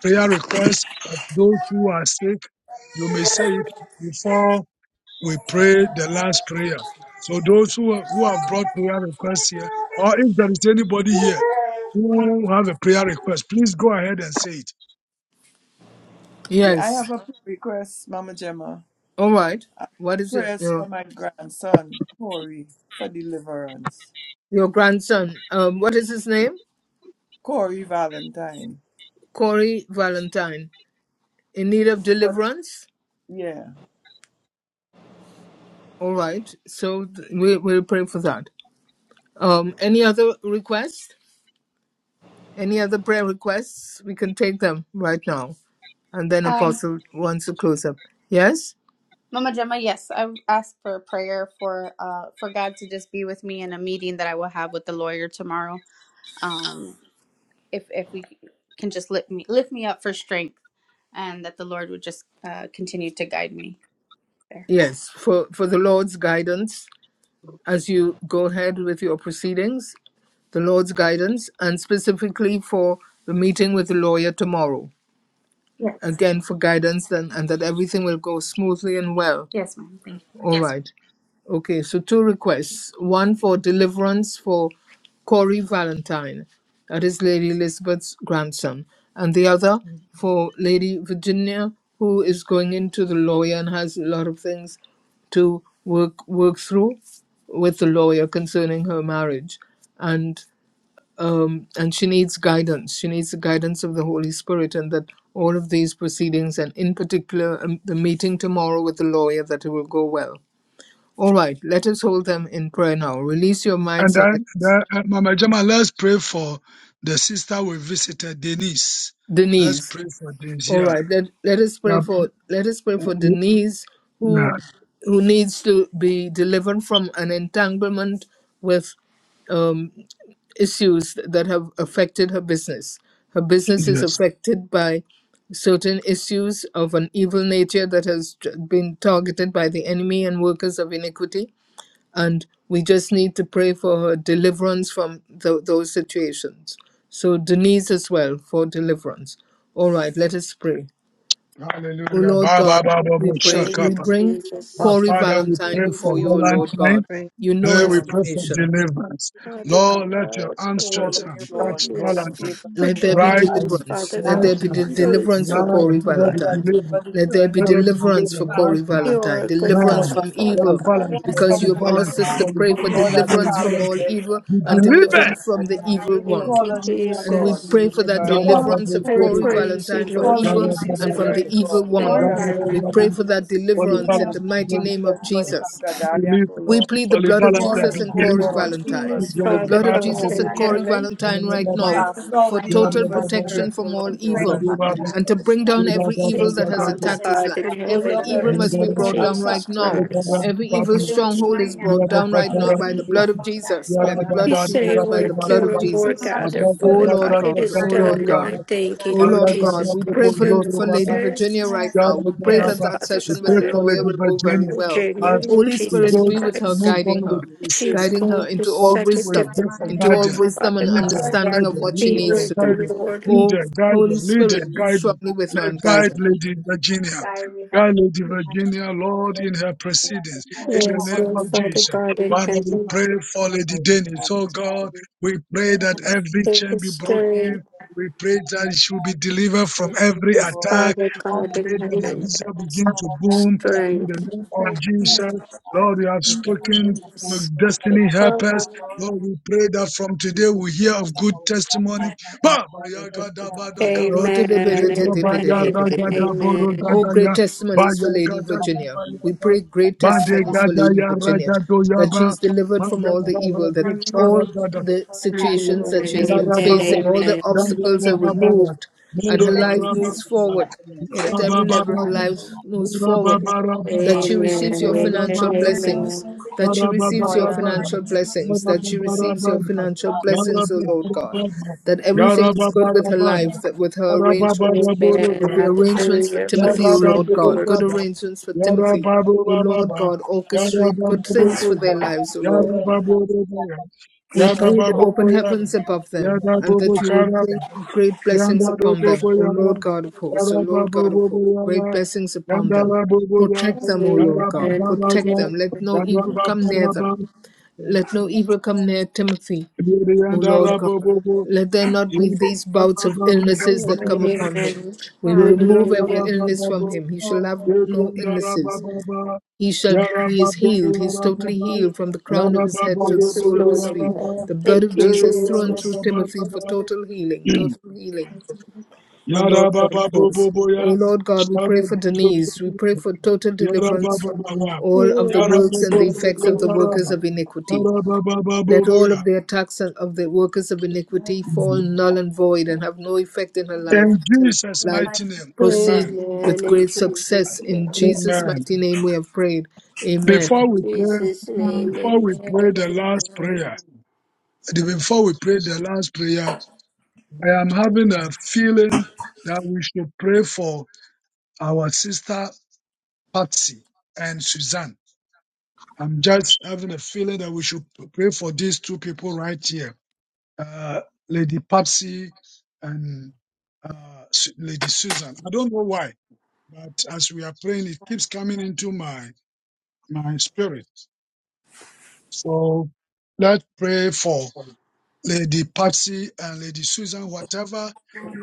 F: prayer request of those who are sick, you may say it before we pray the last prayer. So those who, who have brought prayer requests here, or if there is anybody here who have a prayer request, please go ahead and say it.
B: Yeah, I
C: Yes.
B: have a prayer request, Mama Gemma.
C: All right. What is your
B: Prayers for
C: your,
B: my grandson, Corey, for deliverance.
C: your grandson? Um, what is his name?
B: Corey Valentine.
C: Corey Valentine in need of
B: For,
C: deliverance.
B: yeah,
C: All right. So th- we we'll pray for that. Um, any other requests? Any other prayer requests? We can take them right now, and then
A: Um,
C: Apostle wants to close up. Yes.
A: Mama Gemma, yes, I would ask for a prayer for uh for God to just be with me in a meeting that I will have with the lawyer tomorrow. Um, if if we can just lift me lift me up for strength, and that the Lord would just uh, continue to guide me there.
C: Yes. For for the Lord's guidance as you go ahead with your proceedings the Lord's guidance, and specifically for the meeting with the lawyer tomorrow.
A: Yes,
C: Again, for guidance then, and that everything will go smoothly and well.
A: yes, ma'am. Thank
C: All Yes. right. Okay, so two requests. One for deliverance for Corey Valentine, that is Lady Elizabeth's grandson, and the other for Lady Virginia, who is going into the lawyer and has a lot of things to work work through with the lawyer concerning her marriage. and um, and she needs guidance. She needs the guidance of the Holy Spirit, and that all of these proceedings, and in particular um, the meeting tomorrow with the lawyer, that it will go well. All right, let us hold them in prayer now. Release your
F: And
C: mics and let
F: then, then uh, Mama Jama, let's pray for the sister we visited, Denise. Let's
C: Denise.
F: pray for Denise.
C: All right,
F: Yeah.
C: let let us pray for let us pray
F: Yeah,
C: for Denise, who who needs to be delivered from an entanglement with. um, issues that have affected her business. Her business is
F: Yes.
C: affected by certain issues of an evil nature that has t- been targeted by the enemy and workers of iniquity. And we just need to pray for her deliverance from tho- those situations. So, Denise as well for deliverance. All right, let us pray. O
F: Hallelujah.
C: Lord
F: Ba, ba,
C: God,
F: ba, ba,
C: we
F: ba,
C: pray.
F: shaka,
C: We
D: you,
F: ba.
C: bring
F: Now,
D: Jesus.
C: Corey
F: Father, we
C: Valentine
F: pray
D: Thank
H: We
F: for
C: before you,
H: thank
D: you,
C: O
H: God.
C: Lord
F: Valentine.
C: God.
G: praise of
H: We
C: You know
H: thank
F: Hey,
C: his
H: you
F: we
B: Lord.
F: pray for
C: situation.
F: deliverance.
H: We pray
D: Father
H: for you.
D: God,
F: Lord, let your
D: I pray
B: Call
F: outstretched
B: on
D: that
B: you,
F: hand
H: We
D: you
B: Lord,
F: touch
B: the God of
H: pray for
F: Valentine
D: just
H: you.
B: Abraham,
C: Let
B: the
D: put your
C: there
B: God
C: be
B: of
F: right
B: Isaac,
F: now,
D: hands,
C: deliverance.
B: the
D: Father
B: God
C: Let
B: of
F: right
D: God,
C: there be
F: now.
C: de-
B: Jacob.
D: on
H: Get
D: those,
C: deliverance for
F: Right,
D: Father
F: let
C: Corey
B: Lord,
F: there be
D: God.
B: that
C: Valentine.
B: deliver
F: deliverance.
B: the
C: Let there
B: children
C: be
F: Let
B: from
F: there
B: the
F: be
H: back to
C: deliverance
H: the
C: for
F: deliverance
B: hands
C: Corey
B: of
F: right
H: time.
B: the
F: now.
D: You are
C: Valentine.
D: a
B: enemy,
D: good
H: Yes,
C: Deliverance
B: cause
F: Now,
D: God,
B: them
C: from
H: but
B: to
D: Father
B: pass
F: Holy
C: evil.
D: God.
B: through
A: you.
B: the
A: Yes,
F: Valentine,
B: Red
C: Because
A: Father
F: Holy
C: you
H: you
A: God.
C: have
B: Sea,
H: make
B: O
H: it
C: asked
B: Lord.
F: Valentine,
C: us
H: all
C: to
F: Holy
C: pray
H: correct.
C: for
B: God
A: Yes.
F: Valentine,
A: Father
B: that
F: Holy
A: God.
C: deliverance
B: part
C: from
B: the
C: all
F: Valentine.
B: Red
C: evil
H: And
B: Sea,
F: Be
A: Yes,
C: and
A: Father
B: Father, Lord,
H: to
F: delivered
B: and
C: deliverance
H: get
C: from
A: God.
C: the
A: In
B: deliver.
A: the
F: in the
A: mighty
C: evil
A: name
F: name
B: We
A: of
F: of
C: one.
D: Thank
B: call
D: you,
F: Jesus.
B: on you, O
G: the
A: Father
C: And
H: You're
A: God,
C: we
B: God, the
H: the
D: Jesus.
H: one
C: pray
G: Lord, and
C: for
H: that's
C: that
A: we
B: delivering
A: call
F: Darababa,
B: God.
A: out
C: deliverance of
D: I
A: Corey's
C: Corey
A: name
H: done.
D: praise
A: right
D: you,
C: Valentine
A: now.
C: from
A: God.
D: Lord
B: Call on
A: In
C: evil
A: the
H: You
B: you,
A: mighty
D: Jesus
H: just
C: and
A: name
C: from
F: Darababa,
A: of
C: the
B: delivering
H: make
C: evil
D: Christ
B: God,
D: in
B: God
C: one.
A: Corey,
H: to
B: that
H: get
F: Holy
A: God,
B: cast
C: We
B: out
D: heaven.
C: pray
A: Father
F: Valentine,
C: for
H: You know
A: God.
B: evil
C: that
B: spirits
F: Holy
A: You
B: from
C: deliverance
B: the
C: in
A: know
F: Valentine,
H: steps
C: the
A: him,
H: in
C: mighty
A: Father
C: name of
A: God.
B: demonic
H: how
B: of
C: Jesus.
H: to get it.
C: In-
B: Gadara,
F: believe,
B: O
C: We
B: Lord.
C: plead the
H: And
F: Holy
C: blood
A: You
G: that
C: of
H: really
G: you
H: so
B: Call
A: know
F: Valentine,
A: your
B: on
C: Jesus
F: be
B: you,
C: and
B: O
A: Father
C: Corey
F: believed.
A: God, he
B: God,
A: fears
B: call
C: Valentine.
A: from
F: Be
B: on
A: his
D: Yes,
H: to
B: you, O
C: The
H: get
A: mother's
F: believed.
D: Father
C: blood
B: God,
C: of
B: right
F: Father,
H: you
F: do
D: God
A: Father
B: now.
C: Jesus
D: in
C: and
A: God.
F: this.
A: You
C: Corey
A: know
H: know,
A: the
D: heaven.
C: Valentine
A: purpose
F: Yada,
A: and
C: right
A: the
F: baba,
C: now
H: so
A: plans for
B: Cast
A: his
H: that
C: for
B: out the
A: life, Father
C: total
F: yada,
B: evil
A: God.
H: everything
A: Lord.
F: baba,
C: protection
B: spirit, O
C: from all
A: You
B: Lord
F: yada,
H: will
B: God,
A: pray,
C: evil
B: that
F: baba, yada,
B: you
A: Father
F: baba,
B: deliver
A: God,
C: and to
A: for the
B: them,
C: bring
B: O
C: down
A: strength
B: Lord.
A: of
F: yada,
C: every
H: all
F: baba,
C: evil
D: Yes,
C: that
A: Samuel, his
C: has
D: Father
F: yada,
C: attacked
A: mother, and
C: his
A: his
D: God in
C: life.
B: Pull
A: grandmother,
C: Every
B: down
D: heaven.
C: evil
B: every
D: Yes,
C: must be
D: Lord
B: evil
C: brought down
A: God.
C: right
D: Jesus
B: attack
C: now.
B: against them
D: Christ.
C: Every
A: We
C: evil
F: baba,
B: in
A: pray
B: the
A: over
B: name
A: him
B: of
C: stronghold
A: right
C: is
F: yada, baba,
A: now,
C: brought
F: yada,
A: God,
C: down
A: that
C: right
A: you
C: now
F: satara,
A: would
C: by
F: do
C: the
A: lead
C: blood
A: him,
C: of
F: this.
A: Father God, and
C: Jesus,
A: take
C: by
F: Yada,
A: him
C: the
A: out of
C: blood
D: We
A: the,
C: of
F: baba,
D: say
C: Jesus,
F: yada,
C: by
D: where
C: the
F: baba,
C: blood
D: two or
C: of
F: baba.
D: more
A: take him
C: Jesus.
A: out of the
D: gather,
F: Allah,
C: O
F: yada,
D: Father God,
C: Lord
A: situations
F: yada,
A: that
D: it
F: yada,
C: God,
A: are
F: yada,
D: is
C: O
A: not
C: Lord
D: done.
A: involved,
D: And
F: yada,
C: God,
D: I
A: Father
D: thank
A: God.
D: you,
C: O
A: And
D: Lord
C: Lord
F: yada,
C: God,
D: Jesus
C: we pray
D: Christ.
C: for,
D: Your
F: yada, yada,
C: for
D: word
C: Lady
F: yada,
D: says,
C: Virginia right
A: Yes,
C: now. We pray
D: yes,
C: that
F: Yarabba,
C: that
D: Father
F: we
C: session with
D: God,
F: pray
C: the
D: in
F: for
C: lawyer
F: Lady
C: will go very
F: Virginia
C: well.
D: Virginia,
F: as
D: Lord
C: Holy
F: we
D: Jesus
C: Spirit
F: go
C: be with her,
D: Christ.
F: move
C: guiding
F: on with
C: her,
D: She's
A: Lord,
F: proceeding.
C: guiding her
D: going through
C: into all
F: Lord,
D: such
A: speak
D: a
F: we
A: to my
C: wisdom,
F: pray for
D: difficult
A: mind and
C: into
A: my
C: all
D: time,
F: guidance,
A: heart,
C: wisdom
A: Father
C: and
D: Father
A: God,
F: leader,
D: God.
A: and I
C: understanding of
F: guidance,
A: pray
C: what she
D: Be
A: for
F: leader,
C: needs
D: with
C: to do.
D: her,
F: guidance,
D: Lord.
C: Oh,
F: leader,
C: Holy
F: guidance,
C: Spirit,
F: leader,
C: be
F: guidance.
C: strongly with her
F: Let
C: and guide
F: guide
C: her.
F: Lady Virginia.
A: guide me, Father
F: Guide Lady
A: God. Guide me,
F: Virginia, Lord, in her proceedings. In the
D: Yes,
F: name
G: have been
D: Lord,
F: of
D: Father
F: Jesus.
D: God in
F: Father, we
D: heaven.
F: pray for Lady Dennis. Oh God,
G: the
F: we pray
A: Yeah,
F: that
G: Lord,
F: every
D: Give
F: chain
D: her
F: be
G: and
F: broken.
D: strength,
F: We pray
G: the
F: that
G: Lord
F: she will be delivered from every
D: yes,
F: attack
D: Father God
F: Pray
D: in
F: that the
H: ministries
D: heaven.
F: visa
D: Yes,
F: begin
H: and
F: to
A: Father
H: that
F: boom
A: God.
H: against
F: in
H: them
F: the
D: strength,
F: name of
A: Praise
H: and
A: in
H: them
A: the
F: Jesus.
A: Lord
H: and
A: of
H: God.
A: God.
F: Lord, you have
A: In
G: of
A: the
G: the
A: lift of
F: spoken
A: the name
H: So
F: your
D: yes,
H: that
A: of
H: we're
D: Father
H: getting
F: destiny
A: God,
H: on
A: and
H: the
F: help
D: God.
F: us.
A: our
H: path of
A: Lord,
H: righteousness,
F: Lord, we pray that from today
G: truth,
F: we
H: that
F: hear
H: we're
F: of
H: getting
F: good
H: on the
F: testimony.
H: platform
A: and
H: of the
F: Ba ba
H: path
F: ya
H: of
G: and
F: ga
G: the
F: da
H: meekness
F: ba
H: on the
F: da
G: testimony
F: ga
H: ground. And
F: ba.
C: Oh, to
D: Amen,
C: the bit- bit-
F: Lebra
C: bit-
F: ba
D: amen, amen,
C: bit-
F: ya
C: bit- bit-
F: ra
C: bit-
F: ga
C: bit-
F: da
C: bit.
F: bo ro
D: amen.
A: the
F: ga
A: Lord,
C: Oh,
F: da ya.
C: great
F: Ba
C: testimonies
F: ya
C: for
H: we're going to
F: ga
H: be
C: Lady
F: da
H: by
F: ga
H: my
F: ba
C: Virginia.
H: name,
F: ya
C: We
F: ba.
C: pray
H: that
C: great
F: Ba
H: all
A: our
H: the
F: de ga
C: testimonies
A: Lord,
C: for
F: da
H: guidance
C: Lady
F: ya ra ga
C: Virginia
H: in
F: do ya
A: our
C: that
F: ba.
C: she's
H: knowledge,
F: Ma
C: delivered
A: King,
C: from
F: ya
C: all the
F: ga ra
C: evil,
F: de
C: that
A: our
F: sa
A: ministry,
F: ra
C: all
F: ga da.
A: Jesus,
C: the
A: Father God.
H: back
G: of
C: situations
H: through
A: Lord,
C: that
H: the
D: Amen,
C: she
H: audio,
C: has
D: amen,
C: been
F: Baba,
C: facing,
A: that
C: all the
A: the
D: amen.
F: Yandu
A: ministry,
C: obstacles are
A: Father God.
F: Baba,
C: removed, and
A: We
F: Mudo
C: her
A: pray
H: maybe
A: for
G: the
C: life
A: the
F: Yaraba,
C: moves
G: Lord,
A: ministry,
G: and the Lord
C: forward.
G: of the Lord, and the
H: testing,
G: Lord
A: we
C: And
G: of the Lord,
A: pray
C: at
F: Vishna
A: for
H: that
A: the
H: the
C: every
F: Baba
H: very
A: people
C: level,
H: thing
C: her
A: on
F: Baba,
A: the
C: life
A: road, we
C: moves
F: Bura
A: pray
G: and
C: forward
A: that
F: Baba
A: you will continue to
C: that
F: Baba,
C: she
A: walk with
C: receives
D: Amen,
C: your
F: Bura
A: us,
D: amen,
F: Baba
C: financial
A: and
F: Baba,
A: our
H: that
A: known
C: blessings,
D: amen.
A: ones that you
C: that she
F: Bura
G: the
A: can,
F: Baba
C: receives
G: Lord of the
C: your
A: and our known
F: Baba,
C: financial
A: ones walk with you, Father God.
F: Bura
C: blessings, that
F: Baba
C: she
G: Lord.
C: receives your
F: Baba,
C: financial
H: helps us
F: Yara
C: blessings, O Lord
F: Baba
H: have
C: God,
F: Baba,
C: that everything
F: Yara
C: is
H: the
C: good with
H: shield
F: Baba
H: and
C: her
F: Baba,
H: the
C: life, that
H: guidance,
C: with her
F: Yara Baba
H: and
C: arrangements,
H: it's your judgment
C: with
D: Amen,
F: Baba,
H: from
C: the
H: the divine.
C: arrangements for
D: hallelujah.
C: Timothy, O
F: Yada
D: Praise the
C: Lord
F: babu
C: God,
D: Lord.
C: good
F: daba,
C: arrangements for
F: yada
H: Give
C: Timothy,
H: me
F: babu
H: thanks
C: O
F: baba
C: Lord
F: ba,
H: you.
C: God,
H: Thank
F: yada
H: you
C: orchestrate
H: for
C: good
H: the
F: babu
C: things
H: lives
C: for
H: of
C: their
F: boja,
C: lives, O
H: everybody
C: Lord
F: yada
H: that is
C: God.
F: babu
H: blessed in this
F: daba,
H: lesson. I
C: We
F: yada
H: pray
C: pray the
F: babu
H: all of us
C: open
H: to
F: boja,
H: the
C: heavens
H: family
C: above
H: who is
C: them,
F: yada
H: in
C: and
H: the
F: babu
C: that you will
H: platform and
F: karaba,
H: to
C: bring
H: the
C: great blessings
F: yada
C: upon
H: high
F: babu
C: them,
H: school
C: O
H: and
F: boja,
C: Lord God of hosts, O
F: yada
C: Lord
F: babu
C: God of hosts, great
F: boja,
C: blessings upon
F: yada
C: them.
F: babu boja,
C: Protect them, O
D: Amen.
C: Lord
F: yada
H: some
C: God,
H: of
F: babu
D: Amen.
C: protect
F: raja,
C: them. Let no
F: yada
C: evil
H: the
C: come
F: babu
C: near
F: raba,
C: them. Let no evil come near Timothy,
F: yada
C: O
F: yada
C: Lord God.
F: rabu
C: Let there not be
F: yada
C: these bouts of
F: babu babu
C: illnesses that come upon him.
D: Amen.
C: We will
F: yada
C: remove
F: yada
C: every
D: Hallelujah.
C: illness from him. He shall have no illnesses.
F: Yarababa,
C: He
F: Yarababa,
C: shall he is
F: Yarababa,
C: healed, he is totally
F: Yarababa,
C: healed from the
F: Yarababa,
C: crown of his head
F: Yarababa,
C: to the
D: Yes,
C: sole of
D: Lord.
C: his
D: of
C: feet.
D: God.
C: The blood of
D: Thank you,
C: Jesus
A: Walk
C: thrown
A: with the
D: Jesus.
C: through
A: head
C: Timothy for
F: Boboya,
C: total healing, total healing. O Lord God of hosts. O Lord God, we pray for Denise. We pray for total deliverance from
F: Yarababa,
C: all of the works
D: Yes,
C: and
F: Yarababa,
C: the effects of the
D: hallelujah.
C: workers
F: Sukataraba,
C: of iniquity.
F: Yarababa,
C: Let all
F: Boboya.
C: of the attacks on- of the workers of iniquity fall
F: in
C: null and void and have no effect in her life. Let her
F: Jesus'
C: life
F: mighty name,
C: proceed
F: amen.
C: with
D: Amen.
C: great
D: In
C: success.
D: Jesus'
C: In
D: name.
C: Jesus'
F: Amen.
C: mighty name we have prayed. Amen.
F: Before
B: Amen.
F: we pray,
D: Jesus'
E: man,
D: name.
F: before we
D: Amen.
F: pray the last
D: Amen.
F: prayer, before we pray the last prayer, I am having a feeling that we should pray for our sister Patsy and Suzanne. I'm just having a feeling that we should pray for these two people right here, uh, Lady Patsy and uh, Su- Lady Susan. I don't know why, but as we are praying, it keeps coming into my my spirit. So let's pray for Lady Patsy and Lady Susan, whatever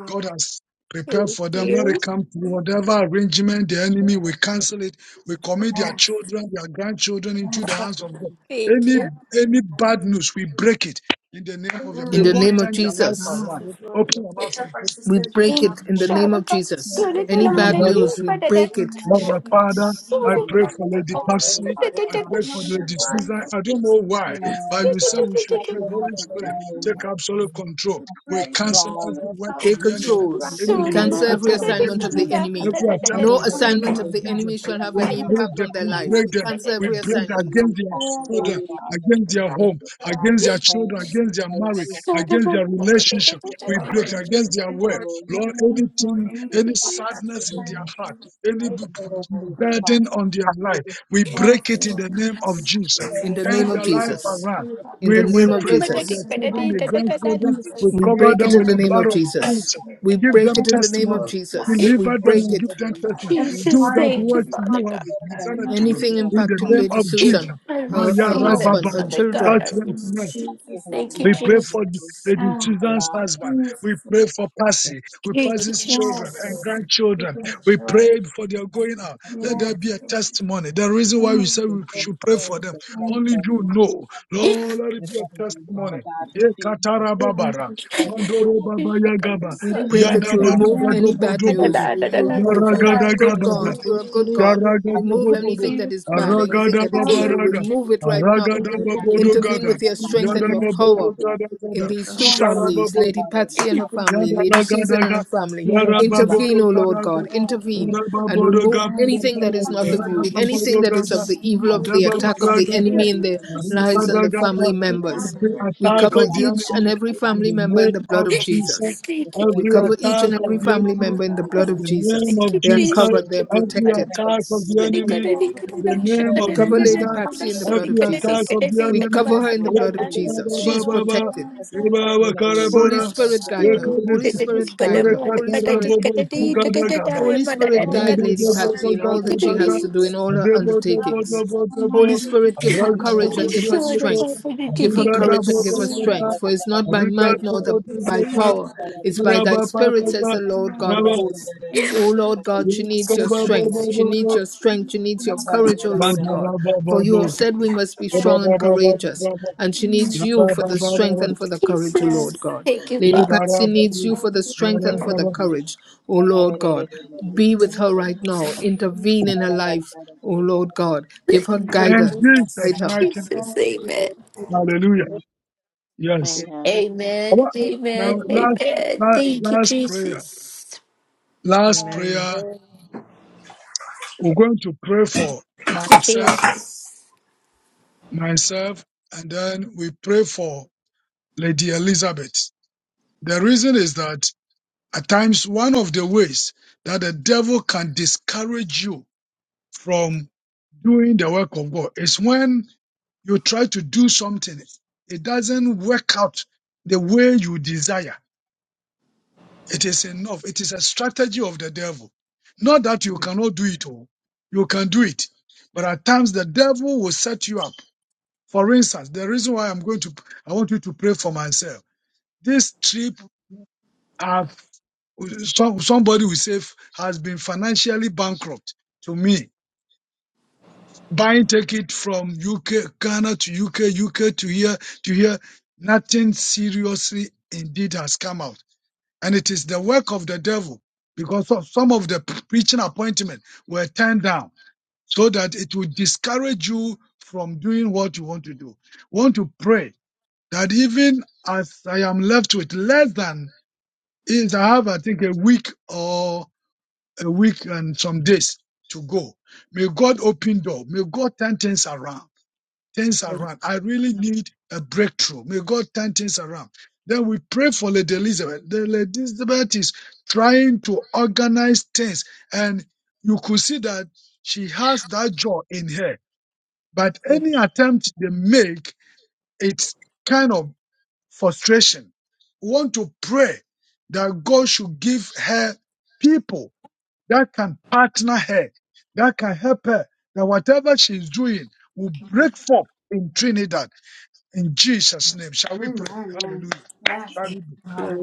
F: God has prepared
D: Thank
F: for them. Let
D: you.
F: it come to whatever arrangement the enemy will cancel it. We commit their children, their grandchildren into the hands of God.
D: Thank
F: Any
D: you.
A: and the
F: any
A: heart.
F: bad news, we break it in the name
D: Thank
F: of your.
C: In
F: May
A: Mm, in
C: the
D: you.
A: the
F: God
C: name
A: mighty
C: of
F: turn
A: name
F: their life
C: Jesus,
E: now
A: of
F: around.
A: Jesus,
E: we
A: Lord, we
F: Open your mouth
A: lift up our
C: we
A: sisters right
C: break
D: Thank
A: now.
C: it. In the name of
D: Sharaka
H: school
A: We
C: Jesus,
H: from
A: bring
H: the
D: Sonika
A: them
C: any
E: pray
A: out to
H: bottom.
C: bad
F: and pray.
D: Namalari,
C: news, we
D: but
A: the
C: break
H: And
A: Lord,
C: it.
A: in the
F: Lord
H: so that
A: mighty
F: our
A: name of
F: Father,
A: Jesus.
F: I
H: that
F: pray for Lady
E: they
A: Over the
E: both
F: Patsy.
H: is
A: hearts,
F: I
H: on
F: pray
H: the
F: for
A: over
H: table.
D: it's
A: their
F: Lady
A: minds,
F: Susan.
A: over
F: I don't know why,
A: their spirits,
F: but
H: Yeah,
F: you said we should
H: that
F: pray.
H: she has
F: Holy
H: a
F: Spirit,
H: joy,
F: take
A: over
F: absolute control.
H: that she
F: We
H: has
A: everything,
F: cancel
H: love,
F: every work
A: over
F: of
C: Take
F: the
H: she
A: everything.
F: enemy,
H: gives
C: control.
H: what
A: Right
F: any
C: We
H: she
D: Sorry,
H: has
C: cancel
D: mother.
C: every
A: above,
F: iniquity
D: Come
H: for
A: in
D: on, come
H: her.
A: your
C: assignment
F: against
C: of
D: on,
C: the
F: them,
A: face,
D: come on,
A: over
C: enemy.
F: every
A: there,
D: come on, come
H: I know
A: turn
F: attempt
H: she
C: No
F: of
D: on.
H: is
F: the
A: around and
H: making
C: assignment
F: enemy
C: of the
H: baby
A: forget.
F: against them.
C: enemy
H: steps in
C: shall
H: the
C: have
F: We
A: And
H: right
C: any
A: then my
F: break
C: impact
H: direction
F: them,
C: on
H: for
C: their
F: we
H: the
D: Sorry,
C: life.
D: mother.
F: break
H: God.
C: We
F: them,
C: cancel
D: Sorry,
F: we
C: every
F: break
H: She's
C: assignment.
H: on
F: against
H: the
F: their
H: platform,
A: whole fucking
F: children,
H: Father God.
F: against their
A: God,
F: home,
A: I don't
F: against
A: even
F: their
H: pray
F: children,
A: know
H: and
F: against their
H: declare over
F: marriage,
H: Father
F: against their
H: God.
F: relationship. We break
H: And we
A: if
F: against their
A: you
F: way.
A: know
H: family
F: Lord,
A: your name or
F: anything, any
A: anything about the God of the
F: sadness in their heart
A: shining.
F: any b- b-
H: was pleasing
F: burden
H: Father
F: on
H: God.
F: their life. We
H: That
A: Yes,
F: break it in
A: Lord,
F: the
A: in the
F: name
H: the
A: mind
F: of
A: of
F: Jesus.
C: In
H: whole
A: Jesus.
C: the
F: Turn
C: name
H: living
A: Yes,
C: of
F: their
H: age of
F: life
H: our life
C: Jesus.
A: we
F: around.
A: about the
C: In the
F: We,
H: is
A: God.
F: we
C: name of
F: pray
H: protected
F: for
A: Break it
F: their
C: Jesus.
A: in the
F: children,
A: mind
F: their
A: of
H: from
D: mother.
F: grandchildren.
H: everything,
F: We
A: Jesus.
C: We
A: Lord,
F: cover
C: break
F: them
C: it
F: with
C: in
H: whatever's
C: the
F: the
A: every
C: name
F: blood
C: of
H: happening
A: time
H: in
F: of
H: life, Father
F: Jesus.
C: Jesus.
H: God,
A: I
H: is
C: We
F: Give them
C: break it
H: protected.
A: every
C: in the name
F: testimony.
C: of
H: Is
A: single lack of
C: Jesus.
H: protected.
C: We
H: We
F: Deliver
H: give
F: them
H: her
C: break
A: compassion,
F: and
H: a
C: it.
F: give them
A: Father
H: looking
A: God,
F: testimony.
A: every
H: forward,
D: Jesus,
F: Do
H: Father
F: that
A: heartache,
H: God.
D: thank you,
F: what
A: every
D: Father
F: you
A: heartache,
F: have
D: God.
H: Let her
A: God,
H: know
A: in
H: that
F: decided
A: the
F: to
H: she
F: do
H: is
C: Anything
A: mighty
F: in
H: never alone,
F: the
C: impacting
F: name
A: name of
C: Lady
A: Jesus,
F: of
H: Father
F: Jesus.
A: Lord.
C: Susan,
D: I
C: her,
F: Maya
C: her
A: Oh,
D: receive
H: God.
D: it,
C: husband, her
F: Rababara.
A: God,
D: Father
A: in the name
D: God.
F: Touch
A: of
C: children.
D: I
F: them tonight.
D: receive it.
A: Jesus.
H: she is never
D: Thank you,
G: Thank
F: We
H: alone.
F: pray
H: She
F: for
H: is moved
D: Jesus.
H: with
F: Lady
A: Ah,
H: you, Father
F: Susan's
H: God.
F: husband. We
A: Jesus, Lord.
F: pray for Percy. We
D: Thank you,
F: Percy's
A: yes,
F: children and
A: Lord,
H: That
D: Jesus.
H: she is
A: you're
F: grandchildren.
A: for the
F: We
A: children,
F: pray for their going out.
H: protected.
F: Let there
A: yes,
F: be a testimony. The reason why we
A: mm,
F: say we should pray for them,
H: Let
A: and
H: it
F: only
H: go.
F: you
H: Let it go.
F: know. Lord, let it be a
H: Father
F: testimony.
H: God,
F: Ye
H: and see.
F: katara
A: thank
F: babara,
A: you, Lord, in
H: servant
A: the
F: mandoro
A: mighty
F: baba
H: Father God,
D: I'm
A: name of
F: yagaba,
A: Jesus.
C: We
D: sorry,
H: because
A: thank
H: she
C: pray
A: you
H: is
D: my
H: a
C: that
F: yanda
C: you
D: friend.
A: for
F: bada
H: daughter
A: the
H: of
C: remove
A: young,
C: any
F: bado
H: you,
C: bad
H: Father
D: Da
F: bodo
D: da
C: news.
H: God.
F: bodo,
D: da
C: You
D: da da
C: you
A: oh,
C: remove.
H: And
F: yara
C: You're a
H: thank
D: da.
F: gada
H: you,
C: good
H: Jesus,
F: gabada.
C: God. You're a
H: Father
C: good
H: God,
C: God.
H: that Patrick
C: Remove
H: and me
F: Yaragadabobodo,
C: anything that is
A: beautiful,
C: bad, anything that is
A: Father,
C: evil.
F: Aragadababaraga,
C: Remove it right now.
H: will be
A: in the
F: babodo
H: happy
A: mighty name
C: Intervene
A: of
F: Gada,
C: with
H: and
C: your
H: find
C: strength
F: Yada
C: and
A: Jesus,
C: your
H: happiness
C: power
F: babodo
H: within her.
F: Gada Gada,
C: in
H: Not
C: these
H: to
C: two
H: be so,
A: yes,
C: families,
H: so
F: Sharababo,
C: Lady
H: hard on
C: Patsy and her
H: yourself,
C: family, Lady
H: because
C: Susan and
H: she's
C: her
H: a
C: family.
H: wonderful,
E: Yes,
H: funny,
C: Intervene,
H: loving
C: O
H: person,
C: Lord God.
H: Father God.
A: Lord,
C: Intervene and remove
H: And she
A: yes,
C: anything
H: lives to
C: that
E: yes,
C: is
H: see
C: not
H: your
C: of you,
H: love,
C: anything that is of the
H: Father
C: evil
H: God.
C: of the
H: And I
A: your
H: pray
C: attack of
H: that
C: the enemy in
A: spirit,
C: their
H: angels should go
C: lives and
H: away,
C: the
H: Father
C: family
H: God. Really give
A: Now,
C: members.
H: her,
F: Every
A: Lord,
C: We
H: we
F: attack
H: break
C: cover
F: of
A: strengthen me
H: all
F: the
H: the
C: each and
F: enemy
H: sadness
A: in the
C: every
H: and
F: in
A: mighty
C: family
F: the
H: Patrick's
A: name
C: member
A: of
C: in
H: heart,
C: the
F: name
C: blood
F: of
C: of
A: Jesus.
H: Father God.
F: Jesus.
C: Jesus.
D: Thank
H: We
C: We
F: Every
H: rebuke
D: you.
C: cover
A: Strengthen
H: deep,
C: each
F: attack
C: and
A: me,
F: of
H: we
C: every
A: Lord,
F: the
H: deep,
A: now,
C: family
H: it,
F: enemy
A: oh
C: member in
H: deep,
C: the blood
F: in
A: God.
C: of
H: rebuke
F: the
H: it.
F: name
C: Jesus.
D: Thank
F: of
C: They are
F: Jesus.
C: covered, they are
A: Strengthen
H: when
A: me,
F: Every
H: we
C: protected.
H: pray
F: attack
H: over these
F: of
G: you.
F: the
H: people,
C: We,
H: we
F: enemy
A: Lord,
F: in
A: for
F: the
A: you, Lord
F: name
G: Amen.
H: pray
C: we
F: of
H: for
C: cover
A: God.
C: Lady
H: strength,
G: Amen.
F: Jesus.
A: In
C: Patsy in the blood
F: Every
C: of
H: we pray
F: attack
C: Jesus.
H: for
F: of
A: the mighty name of
F: the
C: We
A: Jesus,
G: Amen.
C: cover her in the
H: heavenly
C: blood of
H: King,
C: Jesus. She
A: hear
C: is
A: those
H: we pray for
C: protected.
A: groans, Lord,
H: everything that you may
A: and
H: need
A: feel
C: Holy
F: enemy.
A: God.
H: to
C: Spirit,
H: get you
C: guide her.
H: through to
C: Holy
F: Yekadis-
H: wherever you
C: Spirit,
H: are
A: And
C: guide her.
H: these
C: Holy
H: people.
A: Lord,
C: Spirit,
F: Yerekatarabobo
A: show, Lord, that
F: Zugadagaba.
A: you're
C: Holy
H: And
A: the
H: we say,
C: Spirit, guide
A: beautiful
C: Lady
A: daughters
C: Patsy in all that she
H: thank
F: Arababobobogadadaga.
C: has
H: you.
C: to
D: you,
C: do,
D: Jesus.
C: in all her
A: who you love
C: undertakings.
A: us so
F: Adebodobodobodobo.
C: Holy
A: much and that
C: Spirit, give
A: you
C: her
A: love us
H: Amen,
C: courage
A: so
C: and give her
D: Jesus,
H: amen,
F: Aragabodobodobo.
H: amen,
C: strength. Give her
H: amen,
C: courage and
A: Oh,
C: give her
F: Arigadabodogada.
A: Lord,
C: strength. For it's not by might nor the, by
A: save
F: Arigadobodobodo.
A: us
C: power, it's by thy spirit,
A: here
F: Arababadaga.
C: says the
A: in
C: Lord
A: the
C: God of
F: Baba.
C: hosts.
A: name of
C: Oh
A: truth.
C: Lord God, she needs your strength. She
F: Yekababobobobo.
C: needs your strength. She needs your
H: amen.
C: courage, oh Lord God.
H: amen.
C: For you
F: Mandarabababo.
C: have said we must be
A: Yes,
C: strong and courageous.
F: Bababababababa.
C: And she needs
A: mm,
C: you for the strength
F: Yabababababa.
C: and for the courage, oh Lord
A: yes.
C: God.
D: thank you,
C: Lady
D: Father.
C: Patsy needs
F: Yebarababu.
C: you for
A: Thank
C: the
A: you,
C: strength and for the
F: Yarabababu.
C: courage, oh
H: Amen.
C: Lord God. Be with her right now. Intervene in her life. O Lord God, give her
F: In
C: guidance.
F: Jesus'
C: Guide her.
F: mighty name,
D: Jesus, amen.
F: Hallelujah. Yes. I
D: Amen,
F: want- Now,
D: amen,
F: last,
D: amen.
F: last,
D: Thank you,
F: last prayer.
D: Jesus.
F: Last prayer. We're going to pray for
D: Thank you,
F: myself,
D: Jesus.
F: myself, and then we pray for Lady Elizabeth. The reason is that at times one of the ways that the devil can discourage you from doing the work of God is when you try to do something, it doesn't work out the way you desire. It is enough. It is a strategy of the devil. Not that you cannot do it all. You can do it. But at times the devil will set you up. For instance, the reason why I'm going to, I want you to pray for myself. This trip, I've, some, somebody will say has been financially bankrupt to me. Buying ticket from UK, Ghana to UK, UK to here, to here. Nothing seriously indeed has come out. And it is the work of the devil because of some of the preaching appointments were turned down so that it will discourage you from doing what you want to do. Want to pray that even as I am left with less than is I have, I think, a week or a week and some days to go. May God open door. May God turn things around things
E: yes.
F: around. I really need a breakthrough. May God turn things around. Then we pray for Lady Elizabeth. The Lady Elizabeth is trying to organize things, and you could see that she has that joy in her. But any attempt they make, it's kind of frustration. We want to pray that God should give her people that can partner her, that can help her, that whatever she's doing will
A: Lord.
F: break forth in Trinidad in Jesus' name, shall we
A: Mm,
F: pray?
A: Amen.
F: Hallelujah.
A: Yeah.
F: Hallelujah.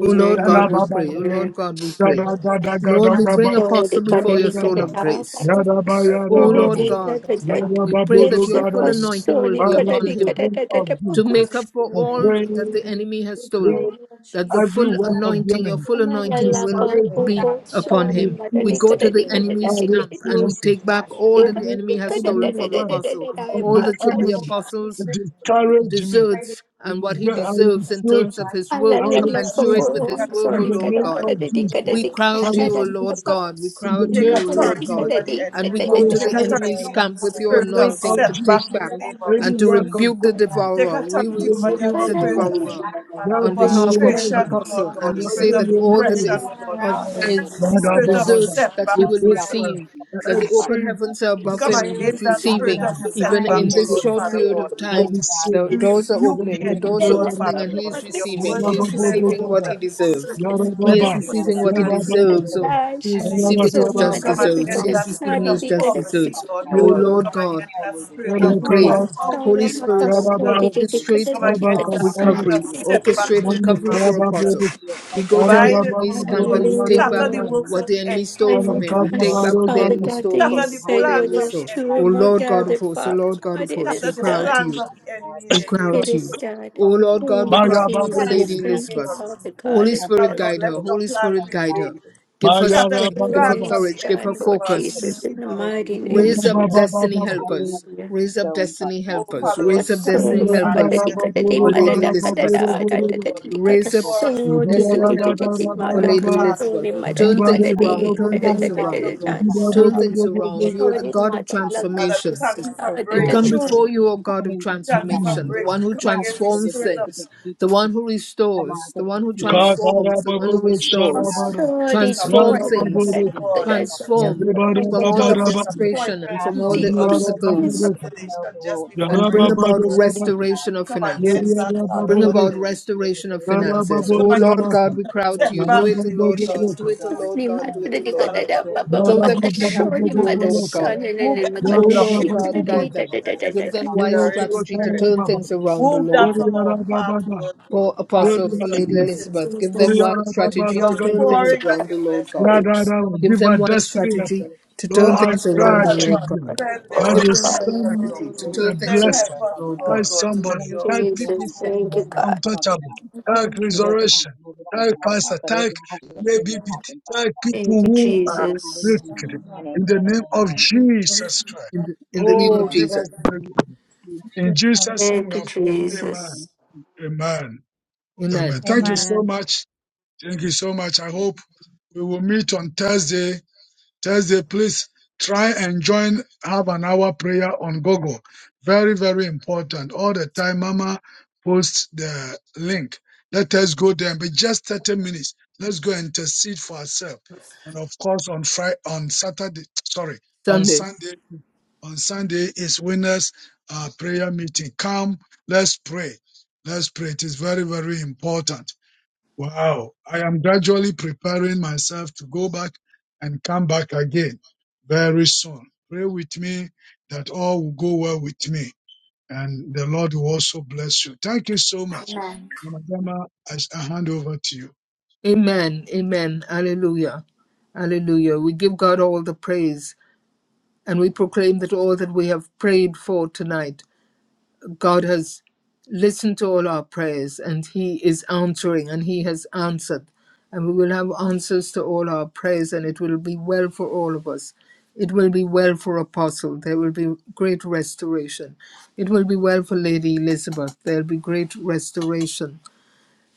C: O Lord
A: We
F: Yada
C: God, we
F: ba ba
C: pray. O
F: ra-
C: Lord
D: Amen.
C: God, we
A: praise
C: pray.
F: yada
A: you,
F: ga
E: Hallelujah.
F: da ga
E: That
C: Lord,
F: da
A: God.
C: we
F: ga ba.
C: bring
D: Sorry,
C: Apostle
D: Father,
C: before
F: Yada
C: your
F: ga
D: look at
C: throne
F: da.
D: it
C: of
A: Hallelujah.
D: now.
C: grace.
D: Father,
F: Yada ba
E: they
C: O
F: yada
E: will
F: ba
D: sorry,
E: be
C: Lord
D: da,
F: bo.
D: da,
C: God,
D: da,
E: successful,
D: da.
F: Yada
E: Lord.
C: we
F: ba
C: pray
F: bo do
C: that
E: And
D: Yes,
C: your
F: ga
E: we
C: full
F: da
D: I'm
E: will
F: ga.
E: be
C: anointing will
D: sorry,
C: be
D: God,
F: Father,
D: I
C: upon
F: in
D: look
F: the
D: at
C: him.
A: We
D: it,
F: name
D: da, da,
A: pray,
F: of
D: da, da,
A: oh
C: to
A: God,
F: Jesus,
C: make
A: with
C: up for
A: you
F: I
A: right now.
C: all
F: pray,
E: knowledge
D: da.
C: that
E: and
C: the enemy
A: We
C: has
A: pray,
C: stolen,
F: Lord,
A: Lord
C: that the
A: Jesus,
F: every
C: full
F: work
A: that
F: of
A: God,
F: the
C: anointing,
A: that
C: your
F: enemy
A: every
C: full
F: to
A: enemy
C: anointing
D: Malala ka
C: will
A: right
F: discourage
E: grace,
F: me.
C: be
D: uko
E: Lord
A: stop, Father
F: I
C: upon
A: God,
D: shoni
C: him.
E: God. And
C: We
D: madadi
F: refuse
C: go
E: they
D: kada
E: will
F: it.
C: to
A: because
D: di
C: the
E: give
A: you would
D: kada
E: up
A: give
F: I
E: in
D: di kada di
E: the
A: us
C: enemy's
E: name
C: camp
A: the
C: and we
A: over
F: refuse
E: of
F: it.
C: take back
A: God
E: Jesus.
A: in the
D: kada di
C: all
E: Truly,
C: that
A: mighty
D: kada
C: the
E: Lord.
F: Any,
A: name
C: enemy
A: of
D: di
A: Jesus.
C: has
D: kada
F: any
C: stolen
D: kada
C: from
D: kada
F: work
D: kada
C: apostle,
D: kada
F: of
C: all
F: the
C: that
D: mata
C: should
A: Oh
C: be
A: Lord
F: enemy
A: God, we
F: to
C: apostles'
A: pray for her.
F: discourage
A: We
F: me.
A: pray that
C: deserts and what
A: this is
C: he
F: God, I
A: what
C: deserves in
F: refuse
A: Father
C: terms
F: it.
C: of
A: God.
C: his
F: I
C: work,
A: If
D: Malala
A: you
D: ka uko
A: continue
F: refuse
A: to
C: commensurate
F: it
C: with
B: we take
A: walk
C: his
A: with
C: work,
A: her,
C: O
F: in
D: shoni
F: the
B: authority
C: Lord
D: kada
F: name
A: God,
B: over
C: God.
F: of
B: the
D: madadi di
B: enemy,
A: in
F: Jesus.
D: kada
B: O
A: her
C: We
D: di
B: Lord.
C: cry
F: I
C: out to
D: kada
A: strength,
C: you, O
D: di
F: refuse
C: Lord
D: kada
F: it
D: di
C: God. We cry
F: in the
C: out
D: shoni
B: We
C: to
B: Take
F: name
C: you, O
D: madadi
F: of
A: if
C: Lord
D: di
B: authority
A: you
C: God.
D: kada
A: would
B: over
F: Jesus.
B: the
D: di
A: use
C: And
A: her,
C: we
D: kada
B: enemy,
F: I
D: di kada
C: go
B: Lord.
A: Father
B: We
C: to
D: di
H: Put up
B: take
A: God,
C: the
A: in
H: in
A: her
D: kada
F: refuse it
B: authority
H: prayer
C: enemy's
H: you
A: gifts,
B: over the
C: camp with
A: Father
F: in
H: before
C: your
H: we
A: God.
F: the
B: spirit of
F: name
H: pray that
C: anointing
F: of
C: to
A: The
F: Jesus.
B: setback
C: take
B: in
H: the
B: the
C: back
B: name
A: bring
H: last
A: to
B: of
F: Any
A: your
C: and
H: week
C: to
H: and
F: work
A: kingdom,
H: you
B: Jesus.
F: of
H: help
C: rebuke
H: us
C: the
A: Father God,
F: judgment
A: in
B: We
A: the
B: Take
C: devourer. We
A: mighty
F: in
A: name
B: authority
A: of
F: the
H: have
B: over
A: Jesus,
F: name
D: di
B: that
C: rebuke
A: that
F: of
C: the
A: she
B: spirit
A: would
H: a
B: of
F: Jesus.
A: not
C: devourer
D: kada
A: lack,
H: breakthrough,
A: Father
F: That
A: God.
H: Father
C: on
D: di
F: will
H: God.
C: behalf
F: you
A: That
C: of
H: We
F: know
A: her
H: know
B: frustration,
H: that
B: O
F: him.
H: you
A: family
H: are the
A: will
B: Lord
C: Apostle.
A: not
B: God,
C: And
A: lack,
B: the
C: we
F: That
H: neighbor
C: say
B: spirit
F: will
B: of
C: that
F: you
A: God.
C: all
F: know
C: that
A: That
H: merciful.
B: depression,
F: him.
C: is
B: O
A: everyone
B: Lord
H: And
C: of
A: around
H: we
A: her,
B: Father,
H: know that
C: his
A: Father
H: you
B: the
F: Lord
H: will
B: spirit
F: Abba
B: of
H: line
F: Baba,
H: up
C: deserts that he
F: we
H: all
B: setback, the
C: will
H: the
F: pray
B: spirit of
F: for
A: God,
C: receive,
H: opportunities for
C: that the
H: us, Father
C: open
F: every
H: God.
C: heavens are
B: we
A: we
C: above
B: come
D: Sorry,
C: him
A: pray
C: and
F: blessing
H: Because
A: with
C: he's
H: we
B: against
A: her,
H: can
F: into
B: that
F: my
A: Father
B: spirit
H: do,
C: receiving.
A: God,
B: of
F: enemy.
A: her
H: to go,
C: Even
A: mind
F: I
A: and
B: setback,
C: in
A: her
B: O
H: today,
C: this
F: receive
B: Lord
H: what
F: it.
H: to
C: short
B: Father
H: do
A: spirit,
C: period
A: Father
B: God.
H: every
C: of
H: day,
F: I
A: God.
C: time,
H: Father God.
F: receive
C: the
A: We
F: it.
A: pray
B: We
A: that
C: doors are
A: you
H: and
B: rebuke
F: do
H: he
B: the
C: opening.
F: go
C: The
F: to
A: strengthen
H: continues
B: enemy,
C: doors
H: his
F: the
C: are
B: Lord
F: other.
C: opening
H: ministry
A: her.
B: Father
C: and
H: work
C: he
H: to
B: God,
C: is
B: for
H: kind
B: your
H: of
C: receiving.
B: word
F: Baba,
C: He
H: exalt
A: We
C: is
H: within
A: pray
B: declared,
H: those
F: Baba,
B: Lord
A: that
C: receiving
H: doors
B: God,
F: Baba,
C: what he
B: that
A: you wash her
C: deserves.
A: through and
C: He
A: through with
B: whenever
C: is
H: because
F: Yarababa,
B: we
A: your
H: you
B: put
H: know
B: our
C: receiving
A: word,
H: that
C: what he
H: he
A: Father
B: hands to
F: Yababa,
B: this
A: God.
C: deserves.
H: is
C: Oh,
B: cross,
C: he is
A: And that
H: your
A: you,
C: receiving his
H: disciple.
A: Father
F: Yarababa,
C: just
B: we
H: You
B: come
A: God,
H: know that
C: deserts. He
B: against
C: is
B: that
H: he's the
C: receiving
B: spirit
A: will
B: of
C: his
A: be
H: Holy
C: just
B: poverty,
C: deserts.
H: Father
B: Lord
C: Oh
H: God.
B: God. We
F: Yarababa,
C: Lord
B: come
H: And we
C: God,
B: against
H: know
B: that
H: that
A: with
B: spirit
H: you
C: we
B: of
H: will
C: pray.
F: Yarakala,
B: poverty
H: honor
A: her.
B: in the
C: Holy
B: name
H: him
B: of
C: Spirit,
H: and
F: Yaraba,
B: Jesus.
H: give him
C: orchestrate
B: Come
F: Yaba
H: all
B: against
H: the
B: that
F: Kasaras,
B: spirit of
C: recovery.
H: opportunities to
B: setback in
C: Orchestrate
B: the
F: Amani
B: name
H: continue
C: recovery
B: of
H: to
C: for
B: Jesus.
C: Apostle.
F: Yababu,
H: be at
C: We
B: We
C: go to the
H: everything
B: bind it,
F: Yarababa,
B: oh
C: enemy's
H: that
B: Lord
C: camp
B: God.
C: and
B: We
F: Yabu,
C: we
H: you're
D: Hallelujah,
C: take back
B: scatter the
D: Lord.
F: Yarababa,
H: in,
B: works
C: what
B: of
C: the
B: the
C: enemy
B: enemy this
D: I
C: stole from
B: evening,
D: would
C: him.
H: that
C: We
B: oh
H: he
F: Yarakaba,
H: can
C: take
B: Lord
H: do
C: back
D: trust,
H: to
F: Baru,
B: God.
C: what the
D: Father
H: come
F: Garu,
C: enemy
D: God, that
C: stole from
D: you
B: Scatter
C: him.
B: the
H: to
C: All
D: say
H: happen.
C: the
D: where
B: plans
C: enemy
H: So,
B: of
D: there's
B: the
C: stole.
H: Father
D: two
B: enemy
C: Oh
D: or
H: God,
B: in
H: we
D: more
B: the
C: Lord
B: name
H: ask
C: God
B: of
C: of
H: that
D: gathered,
C: hosts, oh
B: Jesus.
D: Father
C: Lord God
B: We
D: God,
C: of
D: it
H: you
C: hosts,
H: can
B: scatter
C: we
D: is
B: the
C: cry
H: have that
C: out
D: done.
C: to
B: plans
C: you.
B: of
H: Father
B: the enemy
H: God.
B: in
C: We
B: the
C: cry
B: name
C: out
B: of
D: It
C: to
H: Open
D: is
H: the
C: you.
B: Jesus.
D: done.
C: O
H: Father God.
C: Lord
H: We
C: God, we
D: Thank
H: ask
D: you,
B: Scatter
C: cry
H: you
F: Maya
C: out to
B: the
C: you for
H: the
F: Babu,
B: plans
C: Lady
D: Jesus.
B: in
H: name
F: Bobo,
B: the
H: of
D: Thank
B: name
D: you,
C: Elizabeth.
B: of
H: God.
D: Father
B: Jesus.
D: God.
C: Holy
D: in
B: Father
C: Spirit,
D: heaven.
B: Lord,
H: Absolutely.
C: guide
B: let
C: her.
B: your
C: Holy
B: plan
C: Spirit,
H: Father
C: guide her.
H: God,
B: prevail.
C: Give her
F: Maya
B: Scatter the
C: strength.
H: just
C: Give
D: It
C: her
B: plans of
D: is
B: the
C: courage. Give her
D: done,
B: enemy
H: just
D: Lord
B: for
H: with
B: us in
H: like,
B: the
C: focus.
H: the
D: Jesus, in
B: name
D: the
B: of
H: people,
D: mighty
H: just
B: Jesus.
D: name of
C: Raise
H: shelter,
C: up
H: or
D: Jesus.
C: destiny
H: our
C: helpers.
H: shelter,
D: Hallelujah.
H: keep
C: Raise up
H: going,
C: destiny
H: Father God,
B: Oh,
H: because
C: helpers.
B: Father
H: there
B: Lord,
H: will
C: Raise
B: we
C: up
B: thank
H: come.
B: you
D: So,
C: destiny
B: for
C: helpers
D: kadadi
B: ideas,
H: I have a
D: kadadi
C: for
H: long
C: Lady
H: meeting
D: madada
B: opportunities,
C: Elizabeth.
D: kadada
H: of to
B: Lord
H: do
B: God.
D: kadadi
B: Go
H: for
D: kadada
C: Raise up
H: people
B: before
H: who
B: us, oh
D: so
B: Lord
D: di di
C: destiny
H: really
D: di
B: God.
D: di
H: want to
D: di
C: helpers
H: do the
B: Let
C: for
B: our
H: good
D: madaka
C: Lady
B: path,
H: and
D: so
H: the
D: ni
C: Elizabeth.
B: Lord
H: ministry,
C: Turn
D: madadi
B: Father.
H: Father
C: things
H: God.
C: around.
D: kadadi
C: Turn
B: Have
C: things
H: It's
D: kadada
B: your
H: not
B: will,
C: around.
H: easy
B: Lord God.
D: kadada
C: Turn
B: Have
C: things
B: your
F: Rababa,
B: will,
C: around.
B: Lord
C: You are the
D: Sorry,
B: Father.
C: God of
D: mother,
H: talk
D: like
H: about
B: Father, we
C: transformation.
D: this
B: thank
D: is
H: that
B: you
D: uh,
B: for
H: church
C: We
D: that-
F: Baba,
D: that
C: come
H: wide
D: is-
B: breakthrough.
C: before you, O
H: issues. I
C: God of
H: mean, it's not
B: Thank you
H: that
B: for
H: hard.
C: transformation, the
H: It's
C: one
B: breakthrough. We
C: who
H: to
B: come
H: talk
B: against
H: about
B: the
H: the
C: transforms
H: issues
B: spirit
H: that
B: of
H: we
C: things,
H: get
C: the
H: people to,
C: one who
H: to come on
C: restores, the
H: just to
C: one who
H: see
C: transforms,
H: the
C: the one
H: work
C: who
H: we're doing on
D: oh,
C: restores.
H: that.
D: sorry,
H: People
D: this
H: who
D: is
C: Transform
D: for
H: want
D: the
H: to
B: disappointment,
D: blood,
H: try
C: things,
D: I
H: and
B: Lord
D: did
H: use
D: the
B: God.
H: it for
D: right
H: other
D: blood,
H: things.
C: transform
D: the right
H: We
C: from all
B: spirit
H: can
C: the
D: blood.
B: of
H: always just
C: frustration and
B: disappointment,
H: ask
C: from
B: oh
C: all
B: Lord
H: them
D: This-
C: the
B: God, the
D: this-
H: to
B: spirit of
H: say,
C: obstacles,
H: if every no,
B: cancellation
H: they
B: just
H: will
B: before
C: and
H: eventually
C: bring
B: breakthrough,
H: open
C: about
H: the
B: Lord
H: next
B: God.
H: one to God.
C: restoration of
B: Come
H: So we
B: against
C: finances.
B: that,
H: never our
B: Father,
C: Bring
B: Lord,
H: friends
B: in
C: about
B: the
H: who
B: name
H: we created
C: restoration of
H: with,
B: of Jesus.
H: so
C: finances.
H: we
C: O
H: can
B: Come
H: do
B: against the
C: Lord
H: that.
B: spirit
C: God, we
B: of
C: cry
H: Everything
C: out to
H: will
C: you. Do
B: setback
H: be
C: it,
B: in
C: O
B: the
C: Lord
B: name of
C: God.
H: coming
C: Do
H: to
C: it, O
H: them
B: Jesus.
C: Lord
D: Sorry,
C: God.
D: mother,
C: Do
H: and
C: it, O
D: that
B: Oh,
D: you got
C: Lord
B: Father
H: you
D: it,
C: God.
D: uh,
B: God, open
H: get
D: ba-
B: up
C: Show them
B: doors.
D: uh,
H: sort of
C: what they have
H: embodied
C: to
D: sorry,
C: do,
H: that.
C: O
D: mother,
C: Lord
H: They
C: God.
D: son,
H: always
D: and
B: Move
H: think,
D: and my
H: you
B: every
H: know,
C: O
D: God,
H: open
C: Lord
D: she
H: doors,
B: blockage,
D: got
H: with
B: oh
C: God,
D: it,
B: Lord
C: guide
D: da-
B: God,
C: them.
D: da-
H: financial
B: and
D: da- da-
H: services,
D: da-
C: Give
B: every
D: da-
C: them
H: talk
D: da.
C: wise
H: about
B: hindering
C: strategy to
B: spirit.
C: turn things
H: everything we
C: around, O
H: work
B: Move
C: Lord
B: that
H: out.
C: God.
B: from
H: He,
B: our path, oh Lord
H: he
B: God,
C: For
H: put
B: and
C: Apostle, for
B: let your
H: possibilities for
C: Lady
H: the next
B: blessings
H: week
C: Elizabeth,
H: and a
C: give
B: flow.
H: half,
C: them
D: Jesus,
C: wise
B: Pray for
H: just
C: strategy
B: the
C: to
H: giving
C: turn
H: him
C: things
B: outpouring of
C: around, O
B: your
C: Lord
B: blessings,
C: God.
B: oh
F: Father,
D: praise
B: Lord.
H: so many
C: Give
F: give
C: them
F: our
C: wise
H: opportunities to
F: destiny
H: go out
C: strategy
F: helper.
H: there
C: to
H: and
F: Lord,
C: turn
B: Father,
F: I
B: Lord,
C: things
D: and
H: create
B: send
F: cry
C: around,
H: a
C: O
B: help
D: worship
F: to
H: prayer
C: Lord
B: us.
C: God.
H: meeting
D: God,
F: you
D: I
B: Send
F: that
C: Give
F: you
B: destiny
C: them
D: glorify
H: today
B: help
C: wise
B: us,
F: send me
H: to
B: Lord.
C: strategy
H: be
C: to
D: holy
H: able
F: a
C: turn
D: name.
H: to
C: things
B: Send
H: feel the
C: around,
B: help
F: blessing.
H: work
B: us,
C: O
H: of
B: O
C: Lord
H: God.
F: Help
B: Lord,
C: God.
D: Thank
H: And
D: you,
F: somebody,
B: O
F: help
H: Elizabeth will
F: people,
D: Jesus,
H: have
D: thank you,
H: destiny
F: somebody,
D: God.
H: helpers, Father
F: untouchable,
H: God.
E: Truly,
F: help
H: It doesn't
F: resurrection,
H: happen overnight,
F: help
H: Father God,
F: pastor,
H: but it
F: help
H: will happen. It
F: maybe.
H: will happen,
F: help
H: Father.
D: Thank
F: people
D: you,
F: who
H: In
F: are
H: your holy
D: Jesus.
F: wicked.
H: name,
E: God,
H: amen,
E: Lord.
F: In the
H: amen, and
F: name of
H: amen.
E: Thank you, truly,
F: Jesus Christ.
C: In the, in the name
F: Oh,
C: of
H: Amen.
F: give us
C: Jesus.
F: the In
E: Father.
F: Jesus' name
D: Thank
F: we
D: you,
F: have prayed. Amen.
D: Jesus.
F: Amen. Amen.
C: Amen.
F: Thank you
E: Amen.
F: so much. Thank you so much. I hope we will meet on Thursday Thursday, please try and join, have an hour prayer on Google. Very, very important. All the time, Mama posts the link. Let us go there But just 30 minutes. Let's go and intercede for ourselves. And of course, on Friday, on Saturday, sorry, on
C: Sunday.
F: Sunday, on Sunday is winners uh, prayer meeting. Come, let's pray. Let's pray. It is very, very important. Wow. I am gradually preparing myself to go back and come back again very soon. Pray with me that all will go well with me and the Lord will also bless you. Thank you so much.
A: Amen.
F: Madama, I I hand over to you.
C: Amen. Amen. Hallelujah. Hallelujah. We give God all the praise and we proclaim that all that we have prayed for tonight. God has listened to all our prayers and He is answering and He has answered. And we will have answers to all our prayers and it will be well for all of us. It will be well for Apostle. There will be great restoration. It will be well for Lady Elizabeth. There will be great restoration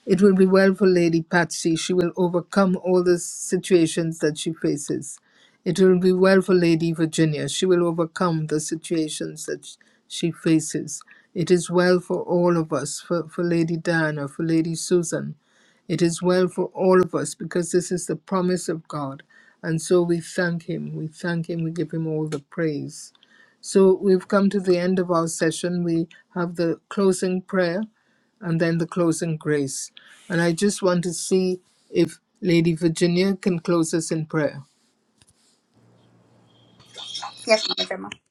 C: it will be well for Lady Patsy. She will overcome all the situations that she faces. It will be well for Lady Virginia. She will overcome the situations that sh- she faces. It is well for all of us, for, for Lady Diana, for Lady Susan. It is well for all of us because this is the promise of God. And so we thank Him. We thank Him. We give Him all the praise. So we've come to the end of our session. We have the closing prayer and then the closing grace. And I just want to see if Lady Virginia can close us in prayer.
A: Yes, Mother Grandma.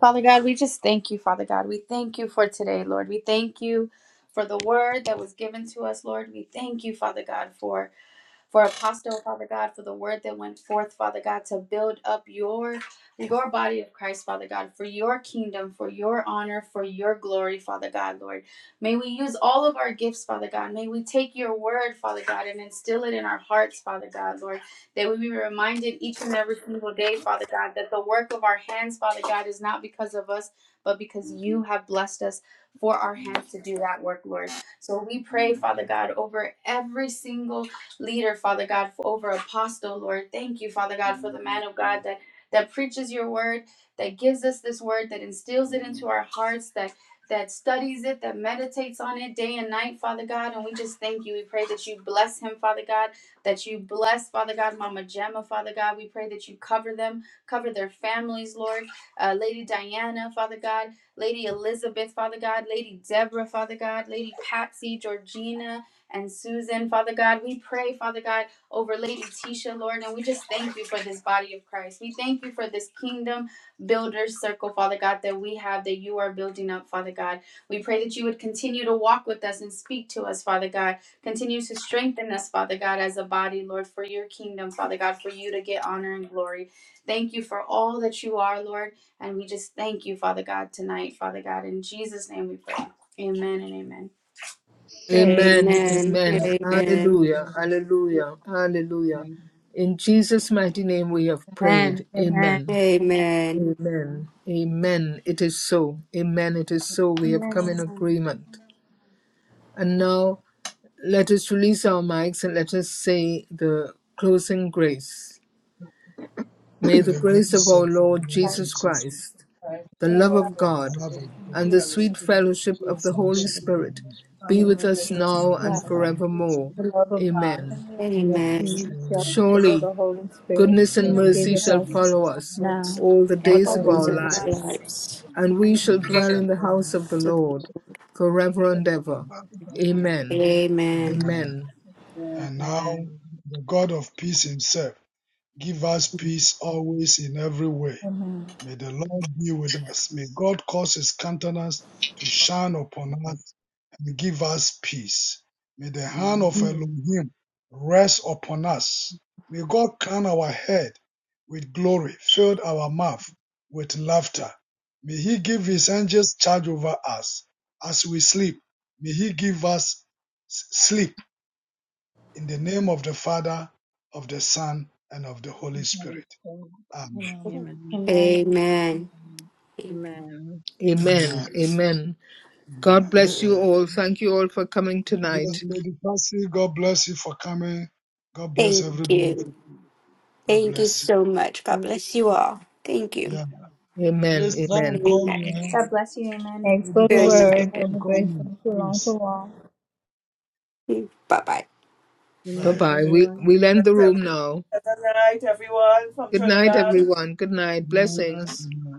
A: Father God, we just thank you, Father God. We thank you for today, Lord. We thank you for the word that was given to us, Lord. We thank you, Father God, for for apostle, Father God, for the word that went forth, Father God, to build up your your body of Christ, Father God, for your kingdom, for your honor, for your glory, Father God, Lord. May we use all of our gifts, Father God. May we take your word, Father God, and instill it in our hearts, Father God, Lord. That we be reminded each and every single day, Father God, that the work of our hands, Father God, is not because of us, but because you have blessed us for our hands to do that work, Lord. So we pray, Father God, over every single leader, Father God, for over apostle, Lord. Thank you, Father God, for the man of God that that preaches your word, that gives us this word, that instills it into our hearts, that that studies it, that meditates on it day and night, Father God. And we just thank you. We pray that you bless him, Father God, that you bless, Father God, Mama Gemma, Father God. We pray that you cover them, cover their families, Lord. Uh, Lady Diana, Father God, Lady Elizabeth, Father God, Lady Deborah, Father God, Lady Patsy, Georgina, and Susan. Father God, we pray, Father God, over Lady Tisha, Lord, and we just thank you for this body of Christ. We thank you for this kingdom builder circle, Father God, that we have, that you are building up, Father God. We pray that you would continue to walk with us and speak to us, Father God. Continue to strengthen us, Father God, as a body, Lord, for your kingdom, Father God, for you to get honor and glory. Thank you for all that you are, Lord, and we just thank you, Father God, tonight, Father God. In Jesus' name we pray. Amen and amen.
C: Amen,
D: Amen.
C: amen,
D: Amen.
C: hallelujah, hallelujah, hallelujah. In Jesus' mighty name we have
E: Amen.
C: prayed.
E: Amen.
C: Amen,
D: Amen.
C: amen, amen. It is so, amen, it is so. We have come
A: Amen.
C: in agreement. And now let us release our mics and let us say the closing grace. May
I: May
C: the
I: the
C: grace of
I: grace
C: our
I: of our
C: Lord
I: Lord
C: Jesus
I: Jesus Christ,
C: Christ the
A: amen.
C: love of
I: the
C: God,
I: love of
C: and
I: God,
C: the
A: Amen.
C: sweet
B: fellowship
I: and
C: fellowship
I: the
C: of the Holy
I: fellowship of the
C: Spirit
I: Holy Spirit
C: be with
B: be
E: Amen.
C: us
B: with us
I: be
C: now
I: with
B: now.
E: Christ,
I: us
C: and
I: now and
C: forevermore.
E: the
I: forever.
E: love of God,
C: Amen.
E: and the
D: Amen.
E: sweet
I: Surely
E: fellowship of
C: Surely
E: the Holy Spirit
C: goodness
I: His
C: and
E: be
C: mercy
E: with
I: goodness and
C: shall
E: us
I: mercy
C: follow us
I: fulfill
D: What's
I: us
E: now
C: all the
E: and
D: all
B: Let's
D: the
C: days of
I: all the
C: our
D: things of
E: forevermore.
H: Thank
I: days
D: our
I: of
C: lives,
D: lives?
C: and we
I: our
C: shall
I: life, and we
C: dwell
I: shall
C: in the house
I: be
C: of the
I: in the
C: Lord
I: house
C: forever and ever.
I: of God
C: Amen.
D: Amen.
I: Amen.
C: Amen.
I: And now, the God of peace Himself, give us peace always in every way
E: Amen.
I: May the Lord be with us. May God cause his countenance to shine upon us and give us peace. May the hand of Elohim rest upon us. May God crown our head with glory, fill our mouth with laughter. May he give his angels charge over us as we sleep. May he give us s- sleep in the name of the Father, of the Son, and of the Holy Spirit. Amen.
A: Amen.
D: Amen.
G: Amen.
C: Amen.
I: Amen.
C: Amen. God bless you
I: Amen.
C: all. Thank you all for coming
I: God bless
C: tonight.
I: you, Lady Patsy. God bless you for coming. God bless
D: Thank
I: everybody.
D: you.
I: For, God
D: Thank you
I: bless you.
D: so much. God
G: Amen.
D: bless you all. Thank you.
I: Yeah.
C: Amen.
I: Please try and
C: Amen.
I: call me.
D: Amen.
I: Eh?
E: Thanks for
I: Lady
E: the
D: Good
I: Patsy, try
E: word.
D: night.
E: Double
I: and call
H: you.
E: grace.
I: me.
E: Thank you. Long to
I: Please.
E: walk.
D: Bye bye.
G: Good
C: Bye
I: Bye.
G: night,
C: bye. We
G: everyone.
C: we'll end the room
B: good
C: now.
B: night, everyone from
C: Good night,
G: Good
B: Trinidad.
C: everyone. Good night.
I: Bye.
G: night.
C: Blessings.
I: Bye.